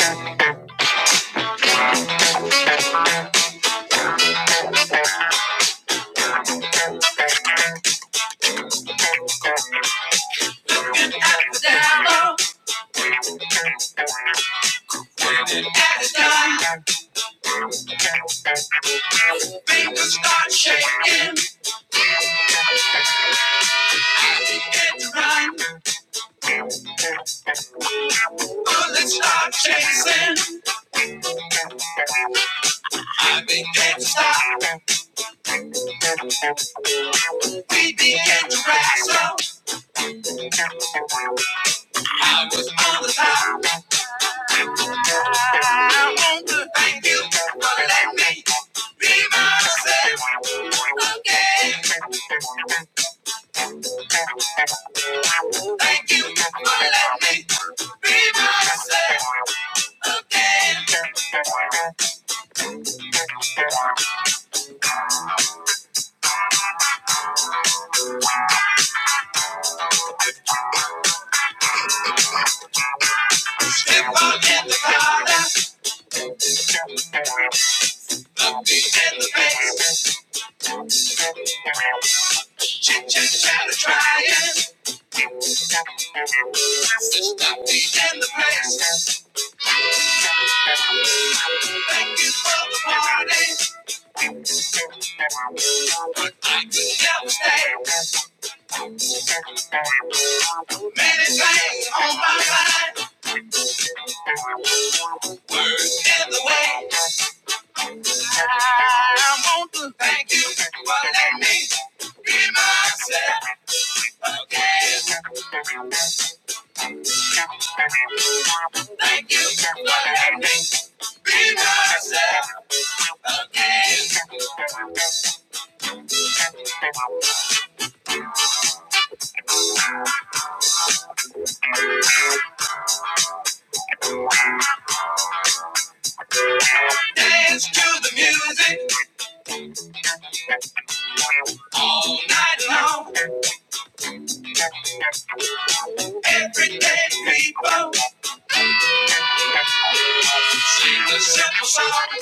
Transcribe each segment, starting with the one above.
Start shaking, I begin to run. Bullets start chasing, I begin to stop. We begin to wrestle. I was on the top. I want to thank you for letting me. Be myself again. Thank you for letting me be myself again. Step on in the collar, look me in the face. Chit chit chatter trying. Stop me in the place. Thank you for the party. Many things on my mind. Words in the way. I want to thank you for letting me be myself again. Thank you for letting me be myself again. Dance to the music all night long. Everyday people sing a simple song.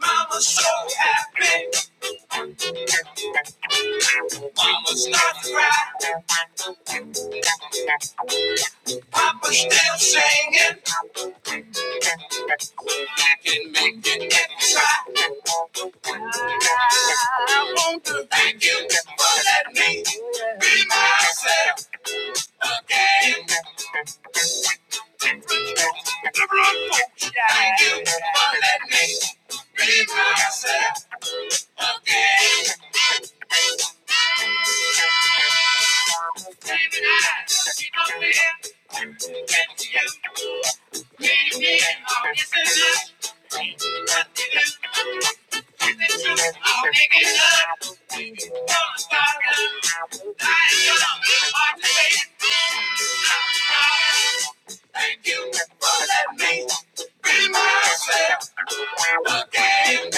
Mama's so happy. Mama starts to cry. Papa's still singing. I can make it inside. I want to thank you for letting me be myself again. The blood folks, thank you for letting me be myself again. Baby, I, you know, me, thank you. me, me, oh, yes, Thank you for letting me be myself again.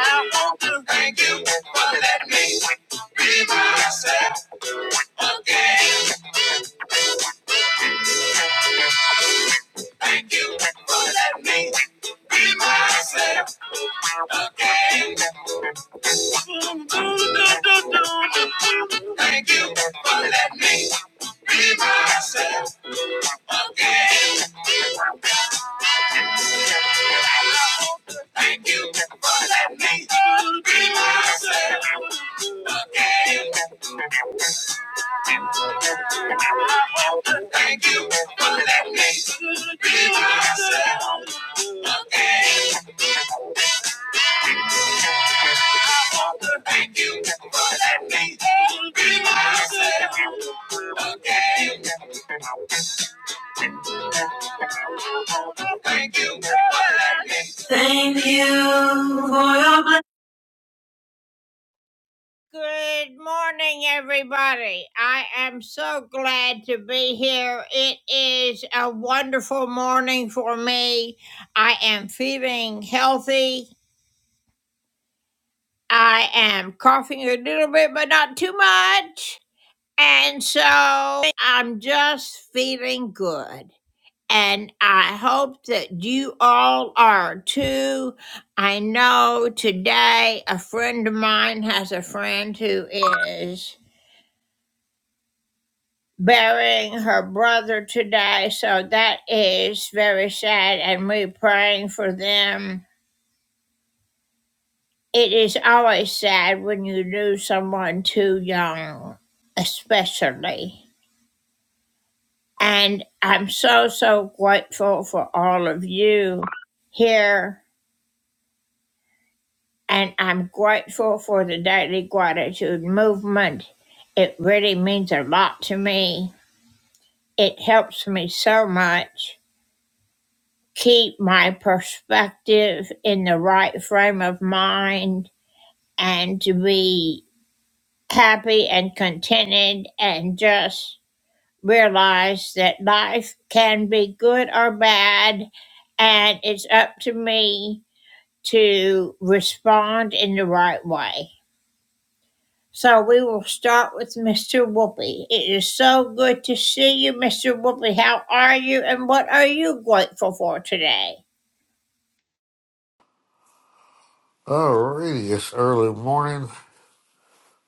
I want to thank you for letting me be myself again. Thank you for letting me be myself again. Thank you for letting me be myself again. Thank you for letting me be myself again. Thank you for letting me be myself again. Thank you for letting me be myself again. Thank you for letting me. Good morning, everybody. I am so glad to be here. It is a wonderful morning for me. I am feeling healthy. I am coughing a little bit, but not too much. And so I'm just feeling good. And I hope that you all are too. I know today a friend of mine has a friend who is burying her brother today. So that is very sad. And we're praying for them It is always sad when you lose someone too young, especially. And I'm so, so grateful for all of you here. And I'm grateful for the Daily Gratitude Movement. It really means a lot to me. It helps me so much keep my perspective in the right frame of mind and to be happy and contented and just realize that life can be good or bad, and it's up to me to respond in the right way. So we will start with Mr. Whoopi. It is so good to see you, Mr. Whoopi. How are you, and what are you grateful for today? Alrighty, it's early morning.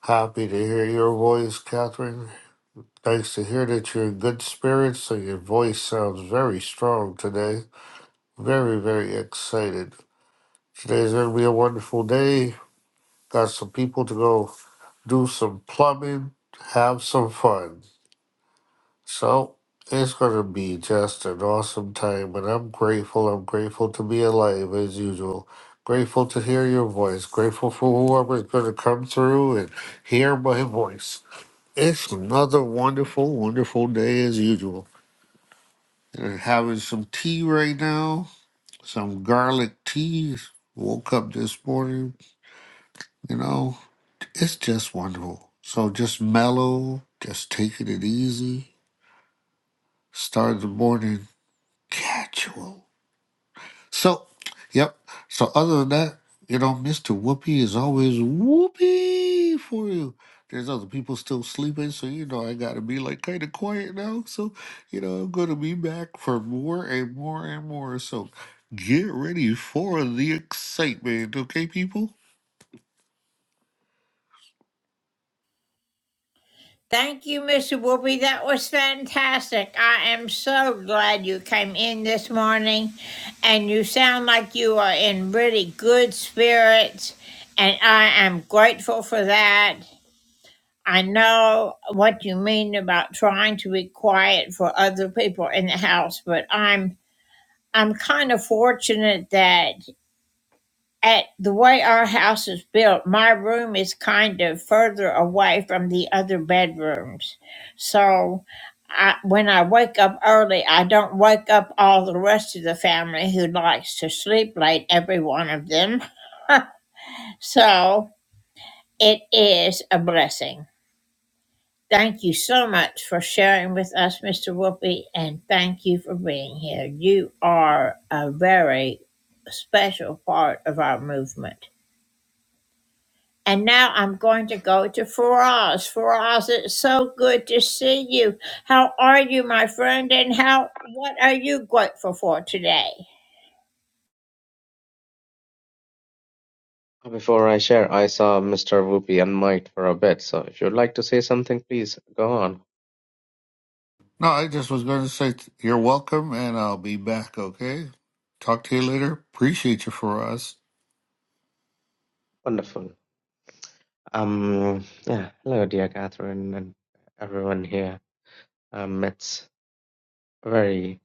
Happy to hear your voice, Catherine. Nice to hear that you're in good spirits and your voice sounds very strong today. Very, very excited. Today's going to be a wonderful day. Got some people to go do some plumbing, have some fun. So it's going to be just an awesome time, and I'm grateful. I'm grateful to be alive as usual. Grateful to hear your voice. Grateful for whoever's going to come through and hear my voice. It's another wonderful, wonderful day as usual. And having some tea right now, some garlic tea. Woke up this morning, you know, it's just wonderful. So just mellow, just taking it easy. Start the morning casual So, yep. So other than that, you know, Mr. Whoopi is always whoopee for you. There's other people still sleeping, so you know I gotta be like kind of quiet now. So, you know, I'm gonna be back for more and more and more. So, get ready for the excitement, okay, people? Thank you, Mr. Whoopi. That was fantastic. I am so glad you came in this morning and you sound like you are in really good spirits and I am grateful for that. I know what you mean about trying to be quiet for other people in the house, but I'm I'm kind of fortunate that at the way our house is built, my room is kind of further away from the other bedrooms. So I, when I wake up early, I don't wake up all the rest of the family who likes to sleep late, every one of them. so it is a blessing. Thank you so much for sharing with us, Mr. Whoopi, and thank you for being here. You are a very special part of our movement. And now I'm going to go to Faraz. Faraz, it's so good to see you. How are you, my friend? And how what are you grateful for today? Before I share, I saw Mr. Whoopi and Mike for a bit, so if you'd like to say something, please go on. No, I just was gonna say t- you're welcome, and I'll be back. Okay, talk to you later. Appreciate you for us. Wonderful. Um, yeah, hello, dear Catherine and everyone here. Um, it's very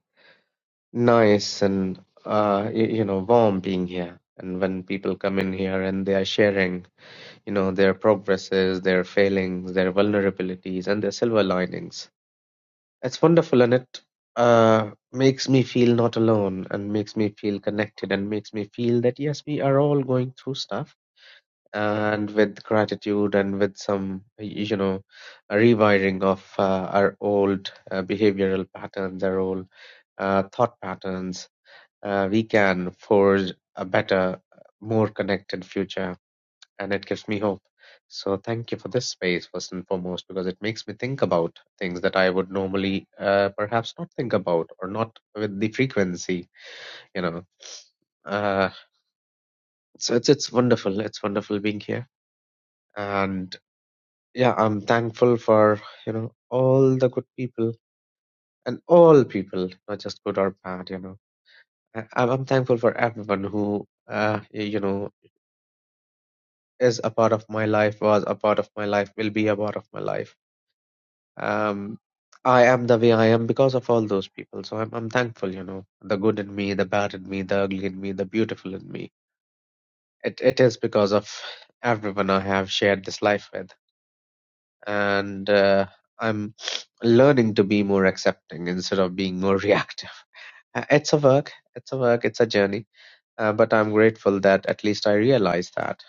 nice and uh, you, you know, warm being here. And when people come in here and they are sharing, you know, their progresses, their failings, their vulnerabilities, and their silver linings, It's wonderful and it uh, makes me feel not alone and makes me feel connected and makes me feel that yes, we are all going through stuff and with gratitude and with some, you know, a rewiring of uh, our old uh, behavioral patterns, our old uh, thought patterns, uh, we can forge a better, more connected future and it gives me hope. So thank you for this space first and foremost because it makes me think about things that I would normally uh, perhaps not think about or not with the frequency, you know. Uh, so it's it's wonderful. It's wonderful being here, and yeah, I'm thankful for you know all the good people and all people, not just good or bad, you know. I, I'm I'm thankful for everyone who uh, y- you know is a part of my life, was a part of my life, will be a part of my life um, I am the way I am because of all those people. So I'm I'm thankful, you know, the good in me, the bad in me, the ugly in me, the beautiful in me. It it is because of everyone I have shared this life with, and uh, I'm learning to be more accepting instead of being more reactive. Uh, It's a work. It's a work. It's a journey. Uh, but I'm grateful that at least I realize that.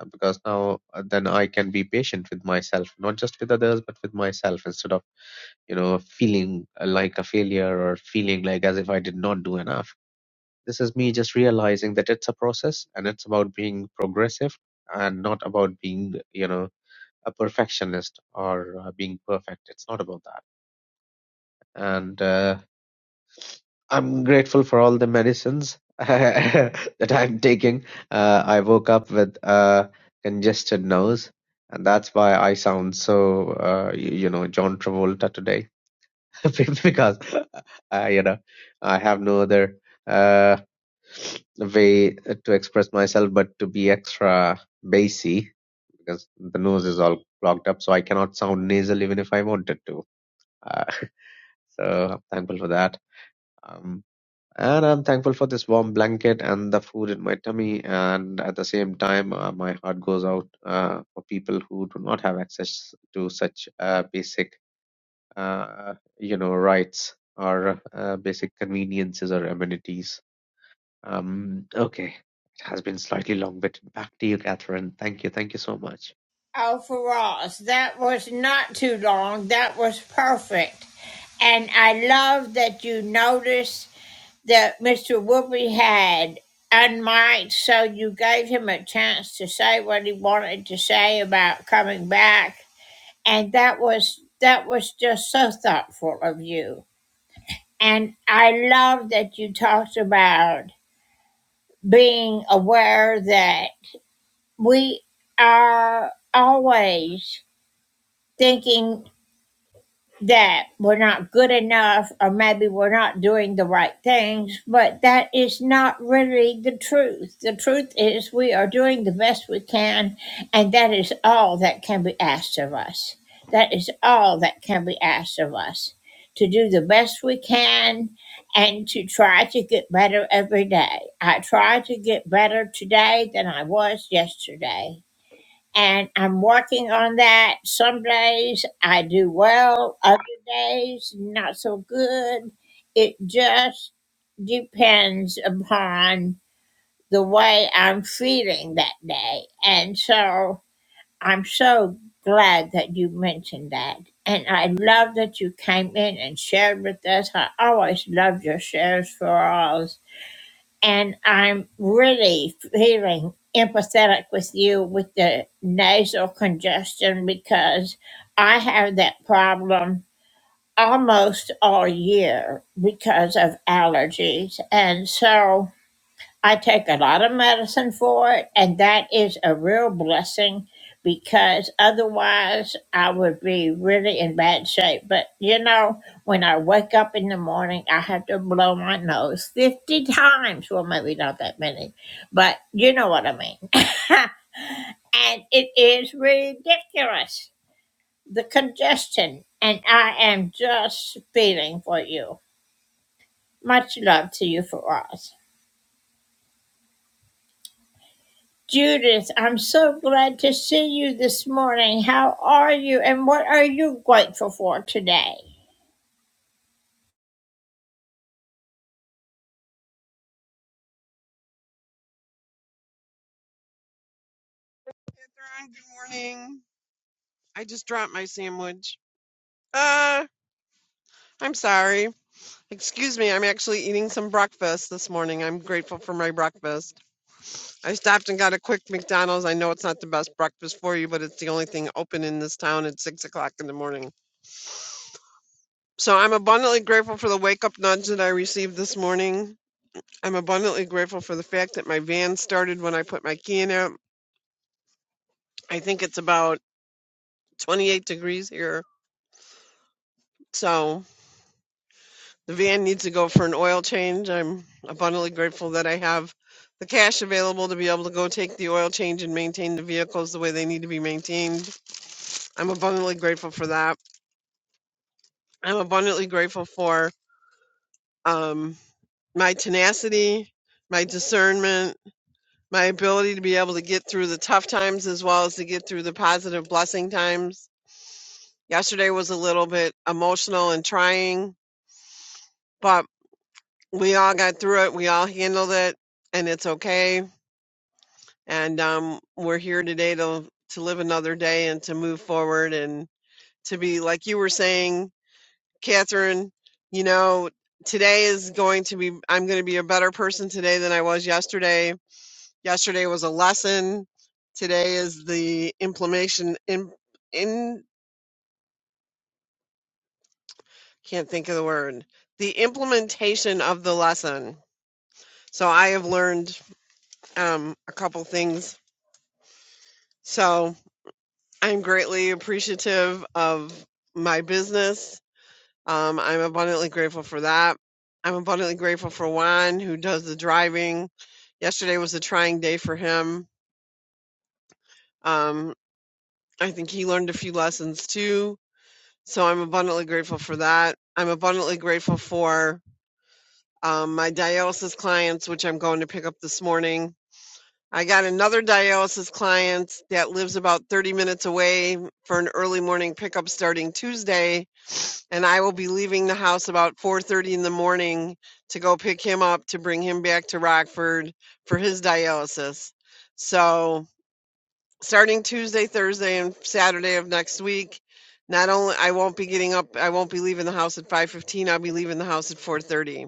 uh, Because now, uh, then I can be patient with myself, not just with others, but with myself, instead of you know, feeling like a failure or feeling like as if I did not do enough. This is me just realizing that it's a process and it's about being progressive and not about being, you know, a perfectionist or uh, being perfect. It's not about that. And uh, I'm grateful for all the medicines that I'm taking. Uh, I woke up with a congested nose, and that's why I sound so, uh, you, you know, John Travolta today because uh, you know I have no other uh, way to express myself but to be extra bassy because the nose is all clogged up, so I cannot sound nasal even if I wanted to. Uh, so I'm thankful for that. Um, and I'm thankful for this warm blanket and the food in my tummy. And at the same time, uh, my heart goes out uh, for people who do not have access to such uh, basic uh, you know, rights or uh, basic conveniences or amenities. Um, okay, it has been slightly long, but back to you, Catherine. Thank you. Thank you so much. Oh, Faraz, that was not too long. That was perfect. And I love that you noticed that Mr. Whoopi had unmiked, so you gave him a chance to say what he wanted to say about coming back. And that was that was just so thoughtful of you. And I love that you talked about being aware that we are always thinking that we're not good enough or maybe we're not doing the right things, but that is not really the truth. The truth is we are doing the best we can, and that is all that can be asked of us. That is all that can be asked of us to do the best we can and to try to get better every day. I try to get better today than I was yesterday and I'm working on that. Some days I do well, other days not so good. It just depends upon the way I'm feeling that day. And so I'm so glad that you mentioned that. And I love that you came in and shared with us. I always loved your shares for all and I'm really feeling empathetic with you with the nasal congestion because I have that problem almost all year because of allergies. And so I take a lot of medicine for it, and that is a real blessing because otherwise I would be really in bad shape. But you know, when I wake up in the morning, I have to blow my nose 50 times. Well, maybe not that many, but you know what I mean. and it is ridiculous the congestion, and I am just feeling for you. Much love to you for us. Judith, I'm so glad to see you this morning. How are you and what are you grateful for today? good morning. I just dropped my sandwich. Uh, I'm sorry. Excuse me, I'm actually eating some breakfast this morning. I'm grateful for my breakfast. I stopped and got a quick McDonald's. I know it's not the best breakfast for you, but it's the only thing open in this town at six o'clock in the morning. So I'm abundantly grateful for the wake up nudge that I received this morning. I'm abundantly grateful for the fact that my van started when I put my key in it. I think it's about 28 degrees here. So the van needs to go for an oil change. I'm abundantly grateful that I have the cash available to be able to go take the oil change and maintain the vehicles the way they need to be maintained. I'm abundantly grateful for that. I'm abundantly grateful for um, my tenacity, my discernment, my ability to be able to get through the tough times as well as to get through the positive blessing times. Yesterday was a little bit emotional and trying, but we all got through it. We all handled it, and it's okay and um, we're here today to to live another day and to move forward and to be like you were saying, Catherine. You know, today is going to be. I'm going to be a better person today than I was yesterday. Yesterday was a lesson. Today is the implementation. In, in can't think of the word. The implementation of the lesson. So I have learned um, a couple things. So I'm greatly appreciative of my business Um, I'm abundantly grateful for that. I'm abundantly grateful for Juan, who does the driving. Yesterday was a trying day for him. Um, I think he learned a few lessons too. So I'm abundantly grateful for that. I'm abundantly grateful for um, my dialysis clients, which I'm going to pick up this morning. I got another dialysis client that lives about 30 minutes away for an early morning pickup starting Tuesday and I will be leaving the house about 4:30 in the morning to go pick him up to bring him back to Rockford for his dialysis. So, starting Tuesday, Thursday, and Saturday of next week, not only I won't be getting up, I won't be leaving the house at 5:15. I'll be leaving the house at 4:30.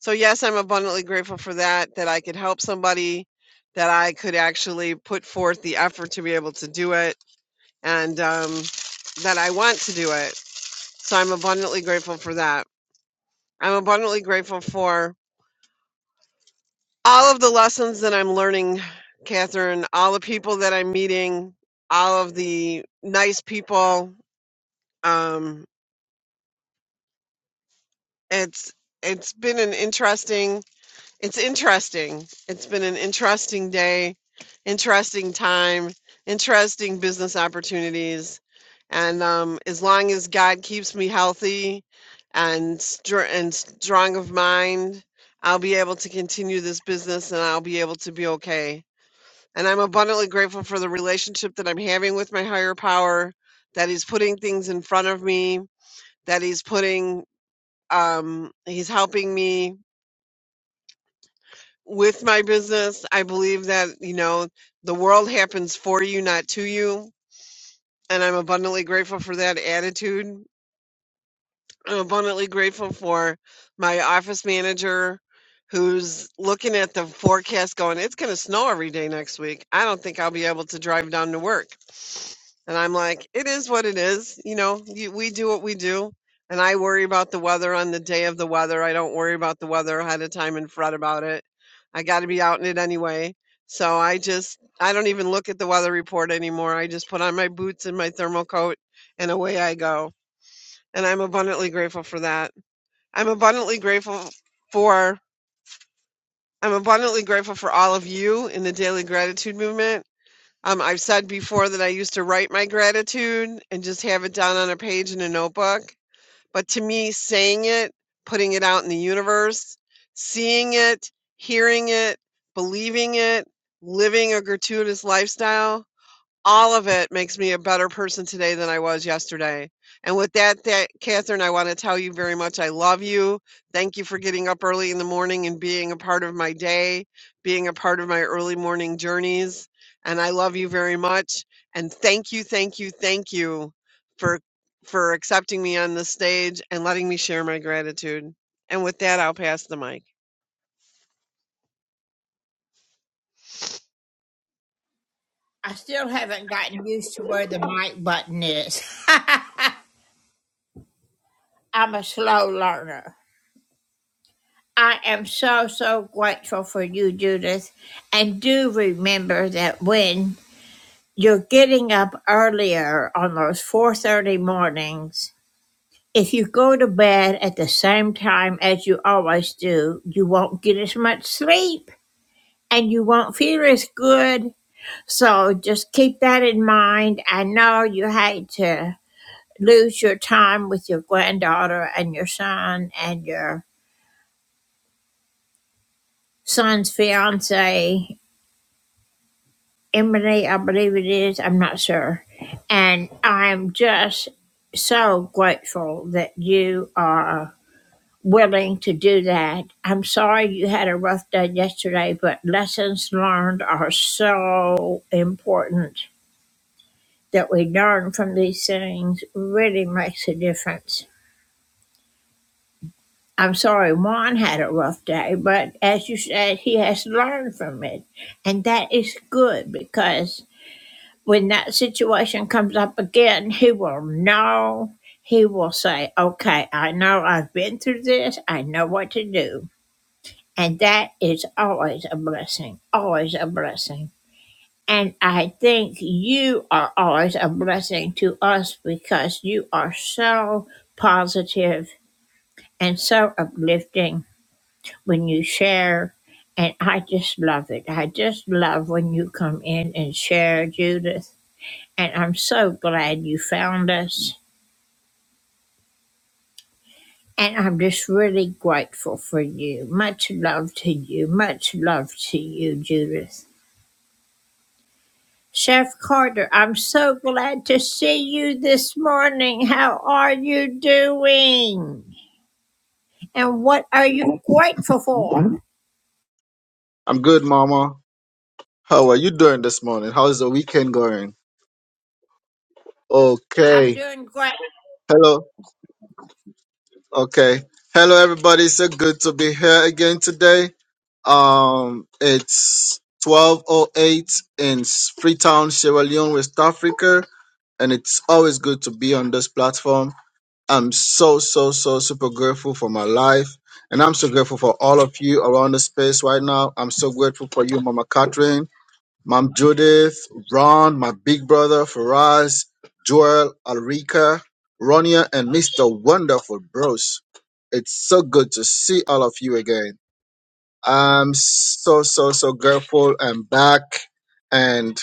So, yes, I'm abundantly grateful for that that I could help somebody, that I could actually put forth the effort to be able to do it, and um, that I want to do it. So, I'm abundantly grateful for that. I'm abundantly grateful for all of the lessons that I'm learning, Catherine, all the people that I'm meeting, all of the nice people. Um, it's it's been an interesting It's interesting. It's been an interesting day, interesting time, interesting business opportunities. And um, as long as God keeps me healthy and str- and strong of mind, I'll be able to continue this business and I'll be able to be okay. And I'm abundantly grateful for the relationship that I'm having with my higher power, that he's putting things in front of me, that he's putting um, he's helping me with my business, I believe that, you know, the world happens for you, not to you. And I'm abundantly grateful for that attitude. I'm abundantly grateful for my office manager who's looking at the forecast going, it's going to snow every day next week. I don't think I'll be able to drive down to work. And I'm like, it is what it is. You know, you, we do what we do. And I worry about the weather on the day of the weather. I don't worry about the weather ahead of time and fret about it. I got to be out in it anyway. So I just, I don't even look at the weather report anymore. I just put on my boots and my thermal coat and away I go and I'm abundantly grateful for that. I'm abundantly grateful for I'm abundantly grateful for all of you in the daily gratitude movement. Um, I've said before that I used to write my gratitude and just have it down on a page in a notebook. But to me, saying it, putting it out in the universe, seeing it, hearing it, believing it, living a gratuitous lifestyle all of it makes me a better person today than I was yesterday. And with that, that Catherine, I want to tell you very much I love you. Thank you for getting up early in the morning and being a part of my day, being a part of my early morning journeys. And I love you very much. And thank you, thank you, thank you for for accepting me on the stage and letting me share my gratitude. And with that, I'll pass the mic. I still haven't gotten used to where the mic button is. I'm a slow learner. I am so, so grateful for you, Judith. And do remember that when you're getting up earlier on those 4.30 mornings, if you go to bed at the same time as you always do, you won't get as much sleep. and you won't feel as good. So just keep that in mind. I know you hate to lose your time with your granddaughter and your son and your son's fiance, Emily, I believe it is. I'm not sure. And I'm just so grateful that you are willing to do that. I'm sorry you had a rough day yesterday, but lessons learned are so important that we learn from these things really makes a difference. I'm sorry Juan had a rough day, but as you said, he has learned from it. And that is good because when that situation comes up again, he will know. He will say, Okay, I know I've been through this. I know what to do. And that is always a blessing, always a blessing. And I think you are always a blessing to us because you are so positive and so uplifting when you share. And I just love it. I just love when you come in and share, Judith. And I'm so glad you found us. And I'm just really grateful for you. Much love to you. Much love to you, Judith. Chef Carter, I'm so glad to see you this morning. How are you doing? And what are you grateful for? I'm good, Mama. How are you doing this morning? How's the weekend going? I'm Okay. doing great. Hello. Okay. Hello, everybody. So good to be here again today. Um, it's 12:08 in Freetown, Sierra Leone, West Africa, and it's always good to be on this platform. I'm so so so super grateful for my life, and I'm so grateful for all of you around the space right now. I'm so grateful for you, Mama Catherine. Mom Judith, Ron, my big brother, Faraz, Joel, Alrika, Ronia, and Mr. Wonderful Bros. It's so good to see all of you again. I'm so, so, so grateful I'm back. and.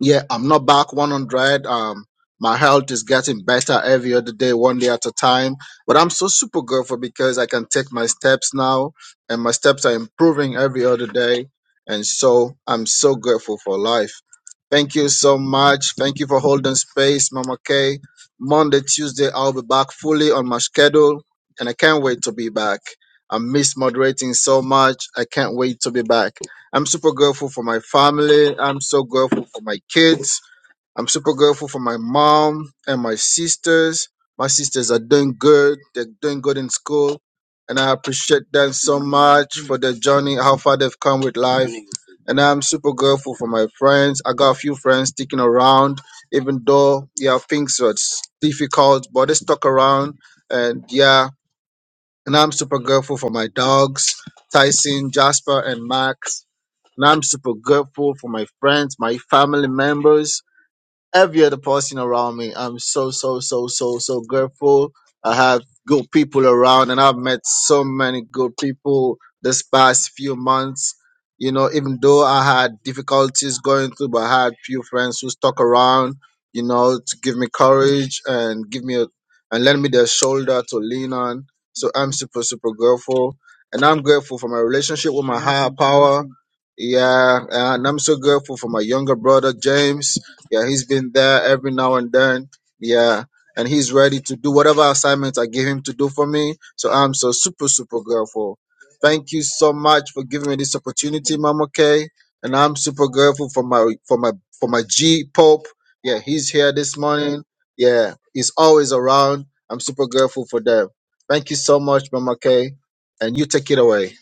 Yeah, I'm not back 100. Um, my health is getting better every other day, one day at a time. But I'm so super grateful because I can take my steps now, and my steps are improving every other day. And so I'm so grateful for life. Thank you so much. Thank you for holding space, Mama K. Monday, Tuesday, I'll be back fully on my schedule, and I can't wait to be back. I miss moderating so much. I can't wait to be back. I'm super grateful for my family. I'm so grateful for my kids. I'm super grateful for my mom and my sisters. My sisters are doing good. They're doing good in school. And I appreciate them so much for their journey, how far they've come with life. And I'm super grateful for my friends. I got a few friends sticking around, even though, yeah, things are difficult, but they stuck around. And yeah, and I'm super grateful for my dogs, Tyson, Jasper, and Max. And I'm super grateful for my friends, my family members, every other person around me. I'm so, so, so, so, so grateful. I have good people around and I've met so many good people this past few months. You know, even though I had difficulties going through, but I had few friends who stuck around, you know, to give me courage and give me a, and lend me their shoulder to lean on. So I'm super, super grateful. And I'm grateful for my relationship with my higher power. Yeah. And I'm so grateful for my younger brother, James yeah, he's been there every now and then. Yeah, and he's ready to do whatever assignments I give him to do for me. So I'm so super, super grateful. Thank you so much for giving me this opportunity, Mama K. And I'm super grateful for my for my for my G Pope. Yeah, he's here this morning. Yeah, he's always around. I'm super grateful for them. Thank you so much, Mama K. And you take it away.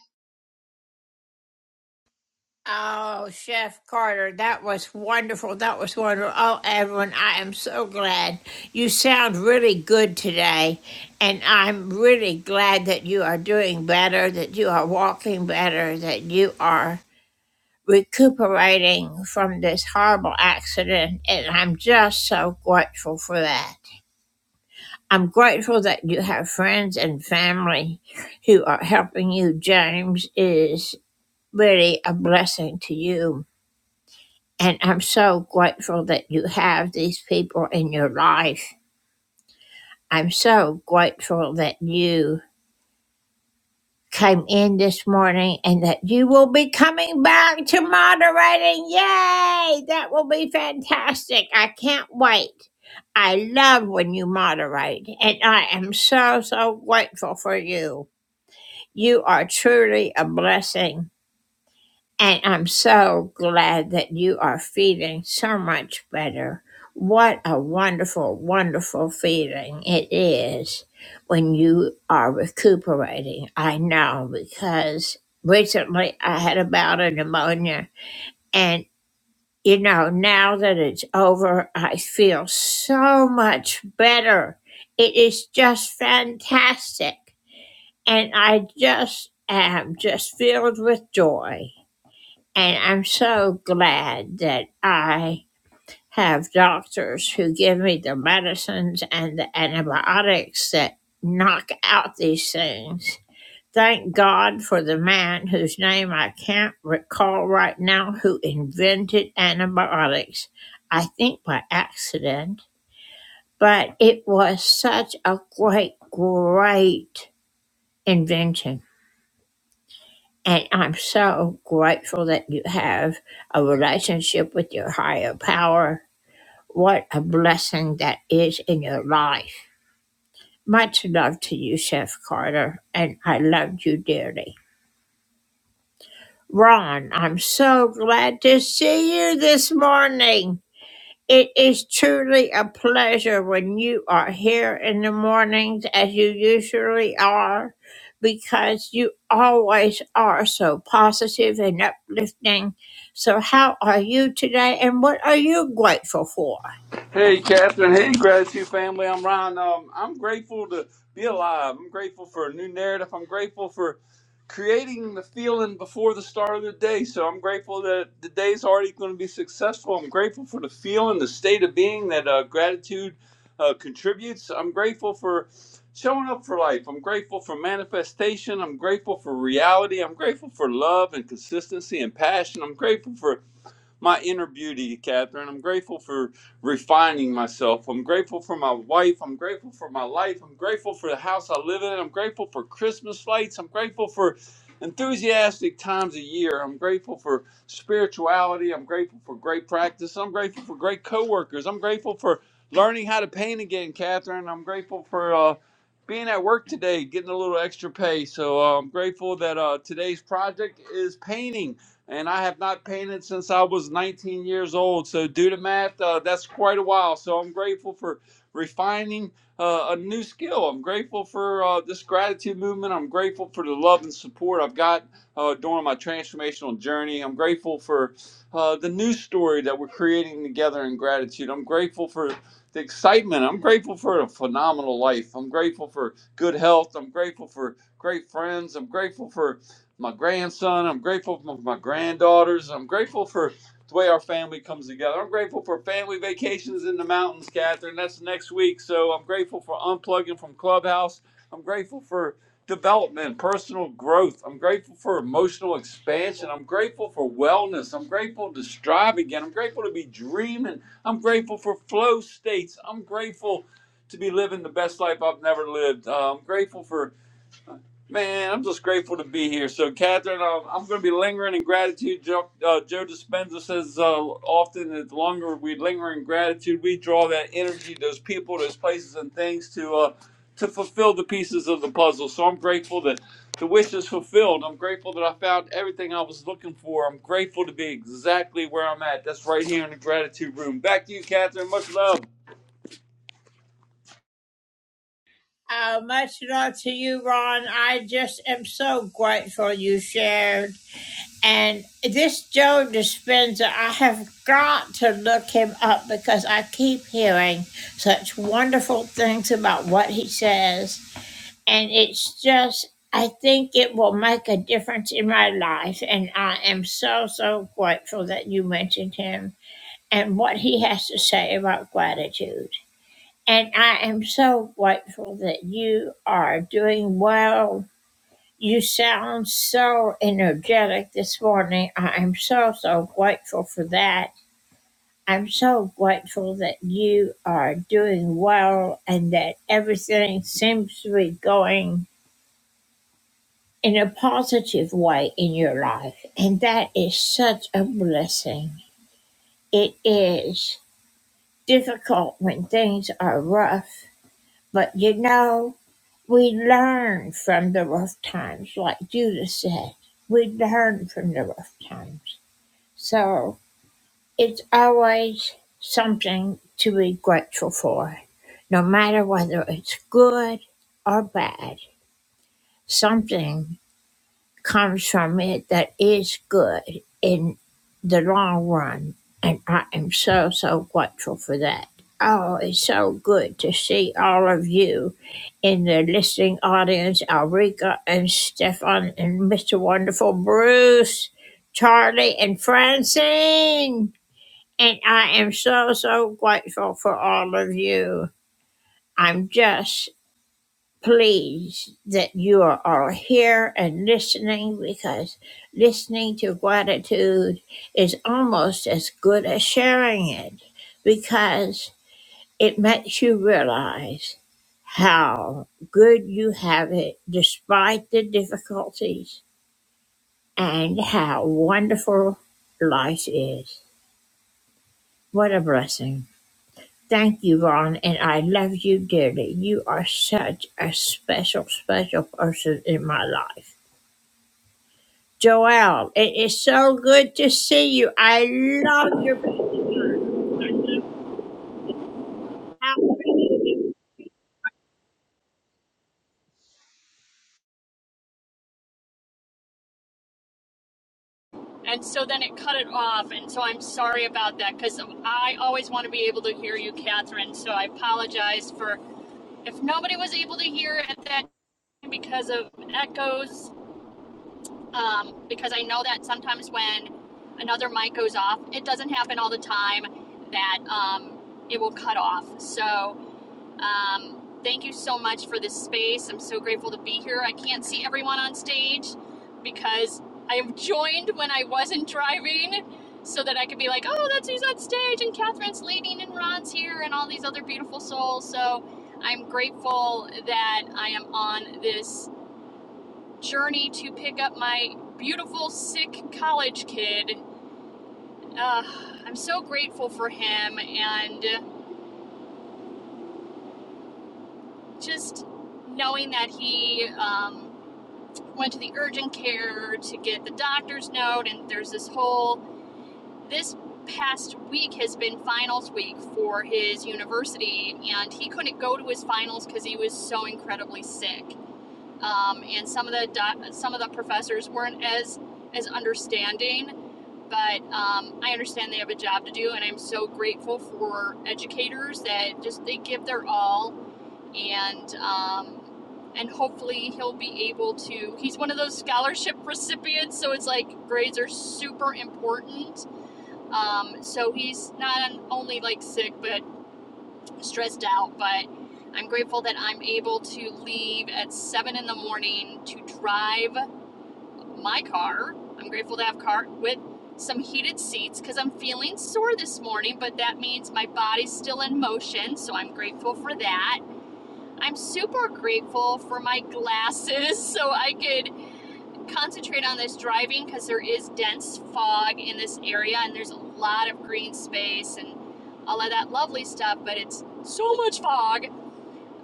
Oh, Chef Carter, that was wonderful. That was wonderful. Oh, everyone, I am so glad. You sound really good today, and I'm really glad that you are doing better, that you are walking better, that you are recuperating from this horrible accident, and I'm just so grateful for that. I'm grateful that you have friends and family who are helping you. James is really a blessing to you, and I'm so grateful that you have these people in your life. I'm so grateful that you came in this morning and that you will be coming back to moderating. Yay! That will be fantastic. I can't wait. I love when you moderate, and I am so, so grateful for you. You are truly a blessing. And I'm so glad that you are feeling so much better. What a wonderful, wonderful feeling it is when you are recuperating. I know because recently I had a bout of pneumonia, and you know, now that it's over, I feel so much better. It is just fantastic. And I just am just filled with joy. And I'm so glad that I have doctors who give me the medicines and the antibiotics that knock out these things. Thank God for the man whose name I can't recall right now who invented antibiotics. I think by accident, but it was such a great, great invention. And I'm so grateful that you have a relationship with your higher power. What a blessing that is in your life. Much love to you, Chef Carter, and I love you dearly. Ron, I'm so glad to see you this morning. It is truly a pleasure when you are here in the mornings, as you usually are, because you always are so positive and uplifting. So, how are you today, and what are you grateful for? Hey, Catherine. Hey, gratitude family. I'm Ryan. Um, I'm grateful to be alive. I'm grateful for a new narrative. I'm grateful for creating the feeling before the start of the day. So I'm grateful that the day's already going to be successful. I'm grateful for the feeling, the state of being that uh, gratitude uh, contributes. I'm grateful for showing up for life. I'm grateful for manifestation. I'm grateful for reality. I'm grateful for love and consistency and passion. I'm grateful for my inner beauty, Catherine. I'm grateful for refining myself. I'm grateful for my wife. I'm grateful for my life. I'm grateful for the house I live in. I'm grateful for Christmas lights. I'm grateful for enthusiastic times a year. I'm grateful for spirituality. I'm grateful for great practice. I'm grateful for great coworkers. I'm grateful for learning how to paint again, Catherine. I'm grateful for uh, being at work today, getting a little extra pay. So uh, I'm grateful that uh, today's project is painting and I have not painted since I was 19 years old. So, due to math, uh, that's quite a while. So, I'm grateful for refining uh, a new skill. I'm grateful for uh, this gratitude movement. I'm grateful for the love and support I've got uh, during my transformational journey. I'm grateful for uh, the new story that we're creating together in gratitude. I'm grateful for the excitement. I'm grateful for a phenomenal life. I'm grateful for good health. I'm grateful for great friends. I'm grateful for my grandson. I'm grateful for my granddaughters. I'm grateful for the way our family comes together. I'm grateful for family vacations in the mountains, Catherine. That's next week. So I'm grateful for unplugging from Clubhouse. I'm grateful for development, personal growth. I'm grateful for emotional expansion. I'm grateful for wellness. I'm grateful to strive again. I'm grateful to be dreaming. I'm grateful for flow states. I'm grateful to be living the best life I've never lived. Uh, I'm grateful for Man, I'm just grateful to be here. So, Catherine, uh, I'm going to be lingering in gratitude. Joe, uh, Joe Dispenza says uh, often that the longer we linger in gratitude, we draw that energy, those people, those places, and things to uh, to fulfill the pieces of the puzzle. So, I'm grateful that the wish is fulfilled. I'm grateful that I found everything I was looking for. I'm grateful to be exactly where I'm at. That's right here in the gratitude room. Back to you, Catherine. Much love. Oh, much love to you, Ron. I just am so grateful you shared. And this Joe Dispenza, I have got to look him up because I keep hearing such wonderful things about what he says. And it's just, I think it will make a difference in my life. And I am so, so grateful that you mentioned him and what he has to say about gratitude. And I am so grateful that you are doing well you sound so energetic this morning. I am so, so grateful for that. I'm so grateful that you are doing well and that everything seems to be going in a positive way in your life. And that is such a blessing. It is difficult when things are rough, but you know, we learn from the rough times, like Judah said. We learn from the rough times. So it's always something to be grateful for, no matter whether it's good or bad. Something comes from it that is good in the long run. And I am so, so grateful for that. Oh, it's so good to see all of you in the listening audience Alrika and Stefan and Mr. Wonderful Bruce, Charlie and Francine. And I am so, so grateful for all of you. I'm just pleased that you are all here and listening because listening to gratitude is almost as good as sharing it because it makes you realize how good you have it despite the difficulties and how wonderful life is. What a blessing. Thank you, Ron, and I love you dearly. You are such a special, special person in my life. Joelle, it is so good to see you. I love your personality. And so then it cut it off. And so I'm sorry about that because I always want to be able to hear you, Catherine. So I apologize for if nobody was able to hear at that time because of echoes. Um, because I know that sometimes when another mic goes off, it doesn't happen all the time that um, it will cut off. So um, thank you so much for this space. I'm so grateful to be here. I can't see everyone on stage because I joined when I wasn't driving so that I could be like, oh, that's who's on stage, and Catherine's leading, and Ron's here, and all these other beautiful souls. So I'm grateful that I am on this journey to pick up my beautiful, sick college kid. Uh, I'm so grateful for him and just knowing that he. Um, went to the urgent care to get the doctor's note and there's this whole this past week has been finals week for his university and he couldn't go to his finals because he was so incredibly sick um, and some of the doc- some of the professors weren't as as understanding but um, i understand they have a job to do and i'm so grateful for educators that just they give their all and um, and hopefully he'll be able to. He's one of those scholarship recipients, so it's like grades are super important. Um, so he's not only like sick but stressed out. But I'm grateful that I'm able to leave at seven in the morning to drive my car. I'm grateful to have a car with some heated seats because I'm feeling sore this morning, but that means my body's still in motion, so I'm grateful for that. I'm super grateful for my glasses so I could concentrate on this driving because there is dense fog in this area and there's a lot of green space and all of that lovely stuff, but it's so much fog.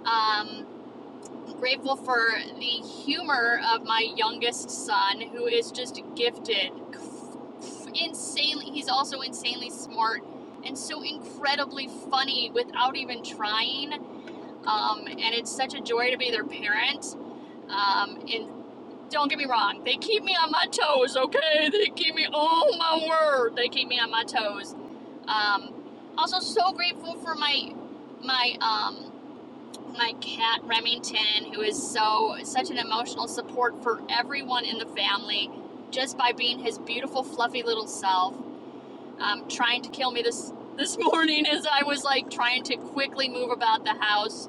Um, I'm grateful for the humor of my youngest son who is just gifted insanely he's also insanely smart and so incredibly funny without even trying um, and it's such a joy to be their parent um, and don't get me wrong, they keep me on my toes, okay? They keep me, oh my word, they keep me on my toes. Um, also, so grateful for my my um, my cat Remington, who is so such an emotional support for everyone in the family, just by being his beautiful, fluffy little self. Um, trying to kill me this this morning as I was like trying to quickly move about the house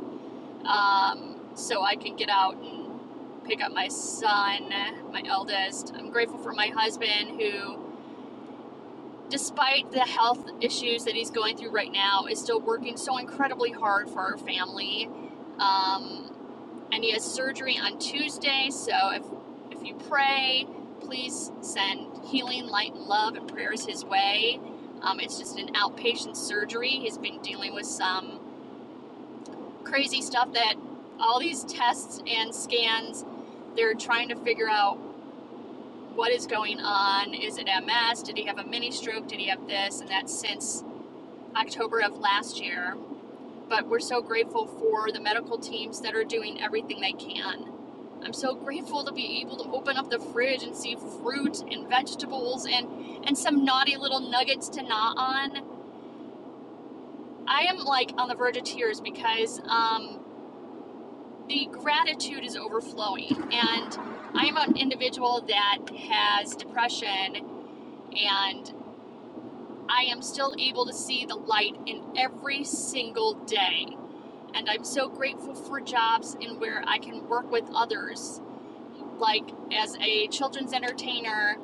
um, so I can get out and pick up my son, my eldest. I'm grateful for my husband who, despite the health issues that he's going through right now, is still working so incredibly hard for our family. Um, and he has surgery on Tuesday, so if if you pray, please send healing, light, and love and prayers his way. Um, it's just an outpatient surgery. He's been dealing with some crazy stuff that all these tests and scans, they're trying to figure out what is going on. Is it MS? Did he have a mini stroke? Did he have this? And that's since October of last year. But we're so grateful for the medical teams that are doing everything they can. I'm so grateful to be able to open up the fridge and see fruit and vegetables and, and some naughty little nuggets to gnaw on. I am like on the verge of tears because um, the gratitude is overflowing. And I'm an individual that has depression, and I am still able to see the light in every single day. And I'm so grateful for jobs in where I can work with others, like as a children's entertainer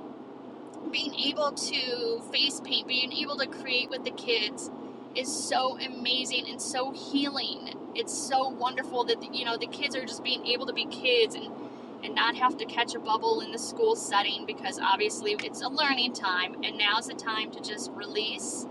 being able to face paint, being able to create with the kids is so amazing and so healing. It's so wonderful that you know the kids are just being able to be kids and and not have to catch a bubble in the school setting because obviously it's a learning time and now's the time to just release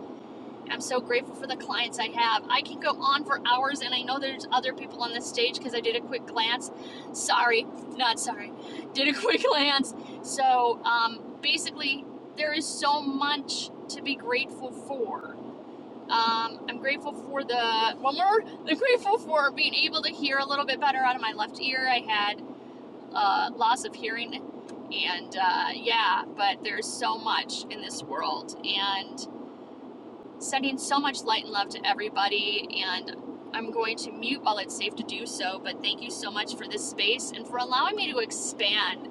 I'm so grateful for the clients I have. I can go on for hours, and I know there's other people on this stage because I did a quick glance. Sorry, not sorry. Did a quick glance. So um, basically, there is so much to be grateful for. Um, I'm grateful for the one more. I'm grateful for being able to hear a little bit better out of my left ear. I had uh, loss of hearing, and uh, yeah, but there's so much in this world, and sending so much light and love to everybody and I'm going to mute while it's safe to do so, but thank you so much for this space and for allowing me to expand.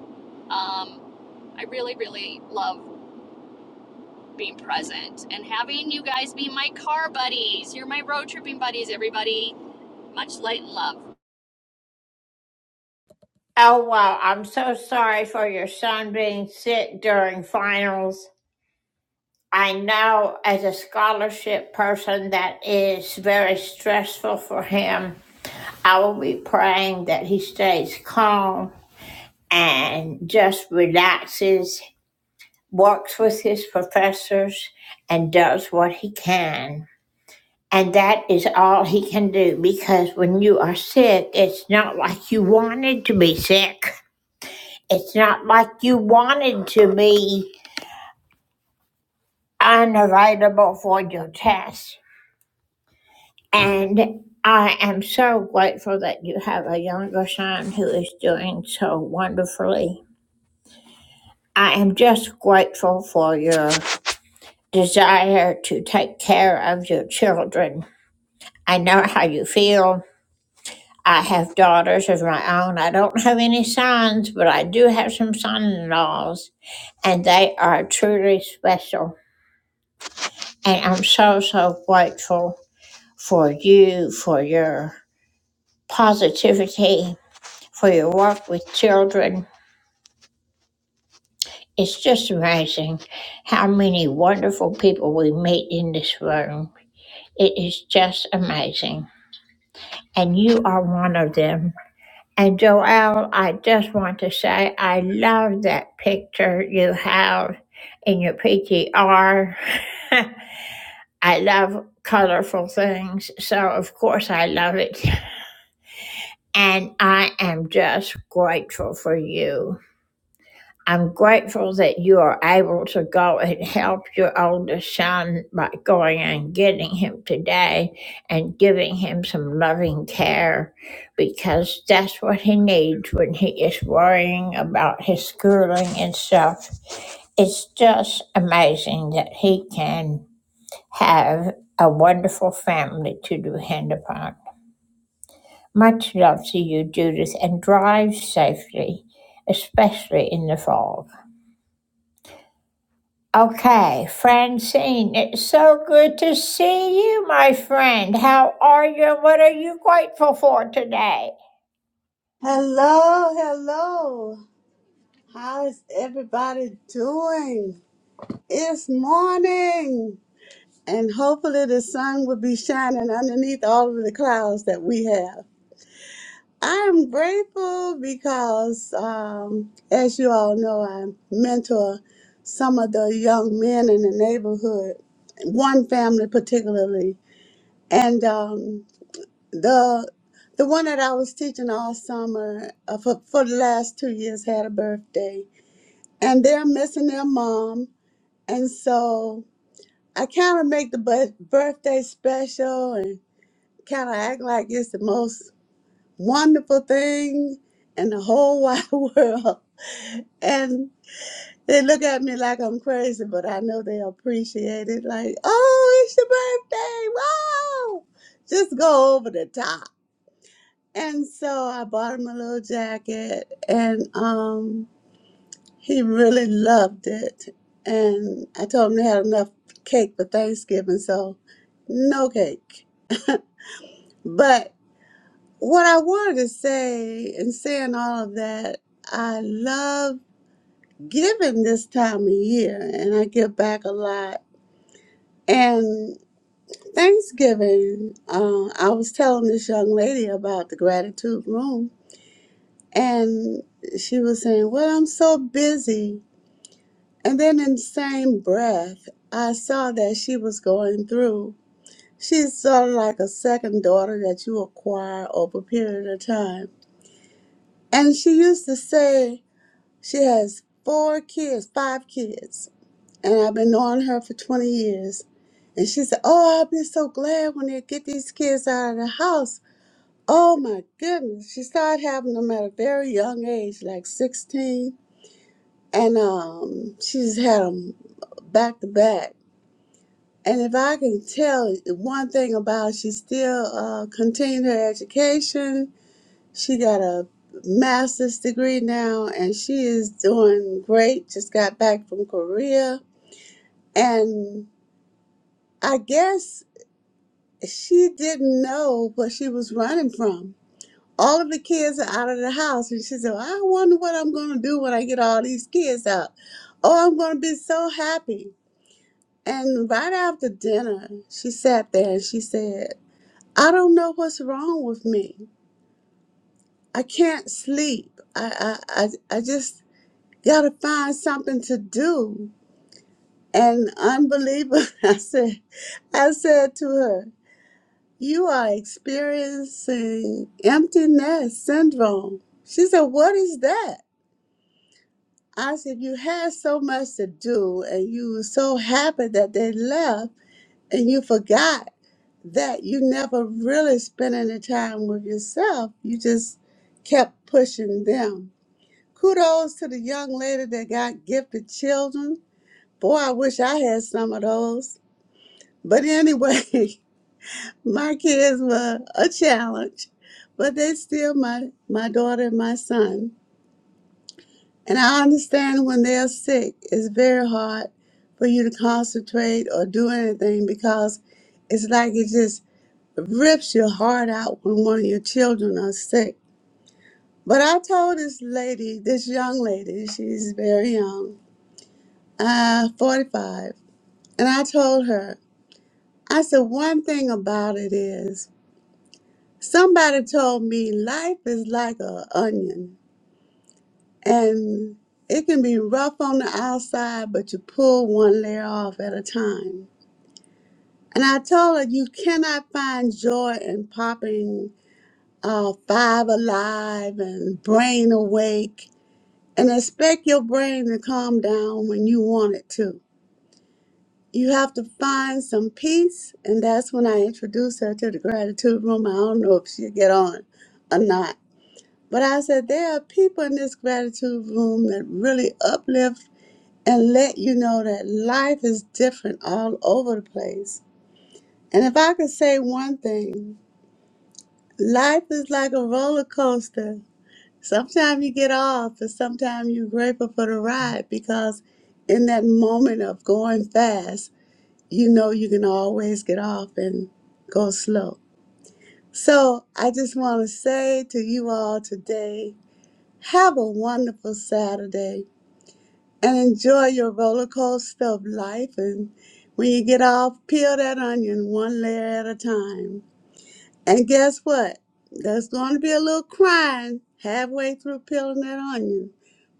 Um, I really, really love being present and having you guys be my car buddies. You're my road tripping buddies, everybody. Much light and love. Oh, wow. I'm so sorry for your son being sick during finals. I know as a scholarship person that is very stressful for him. I will be praying that he stays calm and just relaxes works with his professors and does what he can. And that is all he can do because when you are sick, it's not like you wanted to be sick. It's not like you wanted to be unavailable for your test. And I am so grateful that you have a younger son who is doing so wonderfully. I am just grateful for your desire to take care of your children I know how you feel. I have daughters of my own. I don't have any sons, but I do have some son in laws, and they are truly special. And I'm so, so grateful for you, for your positivity, for your work with children. It's just amazing how many wonderful people we meet in this room. It is just amazing. And you are one of them. And Joelle, I just want to say I love that picture you have in your PTR. I love colorful things, so of course I love it. And I am just grateful for you. I'm grateful that you are able to go and help your oldest son by going and getting him today and giving him some loving care because that's what he needs when he is worrying about his schooling and stuff. It's just amazing that he can have a wonderful family to depend upon. Much love to you, Judith, and drive safely, especially in the fall. Okay, Francine, it's so good to see you, my friend. How are you? What are you grateful for today? Hello, hello. How's everybody doing? It's morning, and hopefully the sun will be shining underneath all of the clouds that we have. I am grateful because, um, as you all know, I mentor some of the young men in the neighborhood, one family particularly, and um, the the one that I was teaching all summer uh, for, for the last two years had a birthday and they're missing their mom. And so I kind of make the bu- birthday special and kind of act like it's the most wonderful thing in the whole wide world. And they look at me like I'm crazy, but I know they appreciate it. Like, oh, it's your birthday. Wow. Just go over the top. And so I bought him a little jacket and, um, He really loved it. And I told him they had enough cake for Thanksgiving, so no cake. But what I wanted to say in saying all of that, I love giving this time of year, and I give back a lot. And Thanksgiving, uh, I was telling this young lady about the gratitude room, and she was saying, Well, I'm so busy And then in the same breath, I saw that she was going through. She's sort of like a second daughter that you acquire over a period of time. And she used to say she has four kids, five kids. And I've been knowing her for 20 years. And she said, Oh, I'll be so glad when they get these kids out of the house. Oh my goodness. She started having them at a very young age, like 16. And um, she's had them back to back And if I can tell one thing about, she still uh, continued her education. She got a master's degree now, and she is doing great. Just got back from Korea, and I guess she didn't know what she was running from. All of the kids are out of the house, and she said, well, "I wonder what I'm going to do when I get all these kids out. Oh, I'm going to be so happy." And right after dinner, she sat there and she said. I don't know what's wrong with me. I can't sleep. I I I, I just gotta find something to do. And unbelievable, I said, I said to her, "You are experiencing emptiness syndrome." She said, "What is that?" I said, "You had so much to do, and you were so happy that they left, and you forgot." that you never really spent any time with yourself. You just kept pushing them. Kudos to the young lady that got gifted children. Boy, I wish I had some of those. But anyway, my kids were a challenge, but they still my, my daughter and my son. And I understand when they're sick, it's very hard for you to concentrate or do anything because it's like it just rips your heart out when one of your children are sick. But I told this lady, this young lady, she's very young, uh, 45, and I told her, I said, one thing about it is, somebody told me life is like an onion, and it can be rough on the outside, but you pull one layer off at a time. And I told her, you cannot find joy in popping uh, Five Alive and Brain Awake and expect your brain to calm down when you want it to. You have to find some peace, and that's when I introduced her to the gratitude room. I don't know if she'll get on or not. But I said, there are people in this gratitude room that really uplift and let you know that life is different all over the place. And if I could say one thing, life is like a roller coaster. Sometimes you get off, but sometimes you're grateful for the ride because in that moment of going fast, you know you can always get off and go slow. So I just want to say to you all today have a wonderful Saturday and enjoy your roller coaster of life. And when you get off, peel that onion one layer at a time. And guess what? There's going to be a little crying halfway through peeling that onion.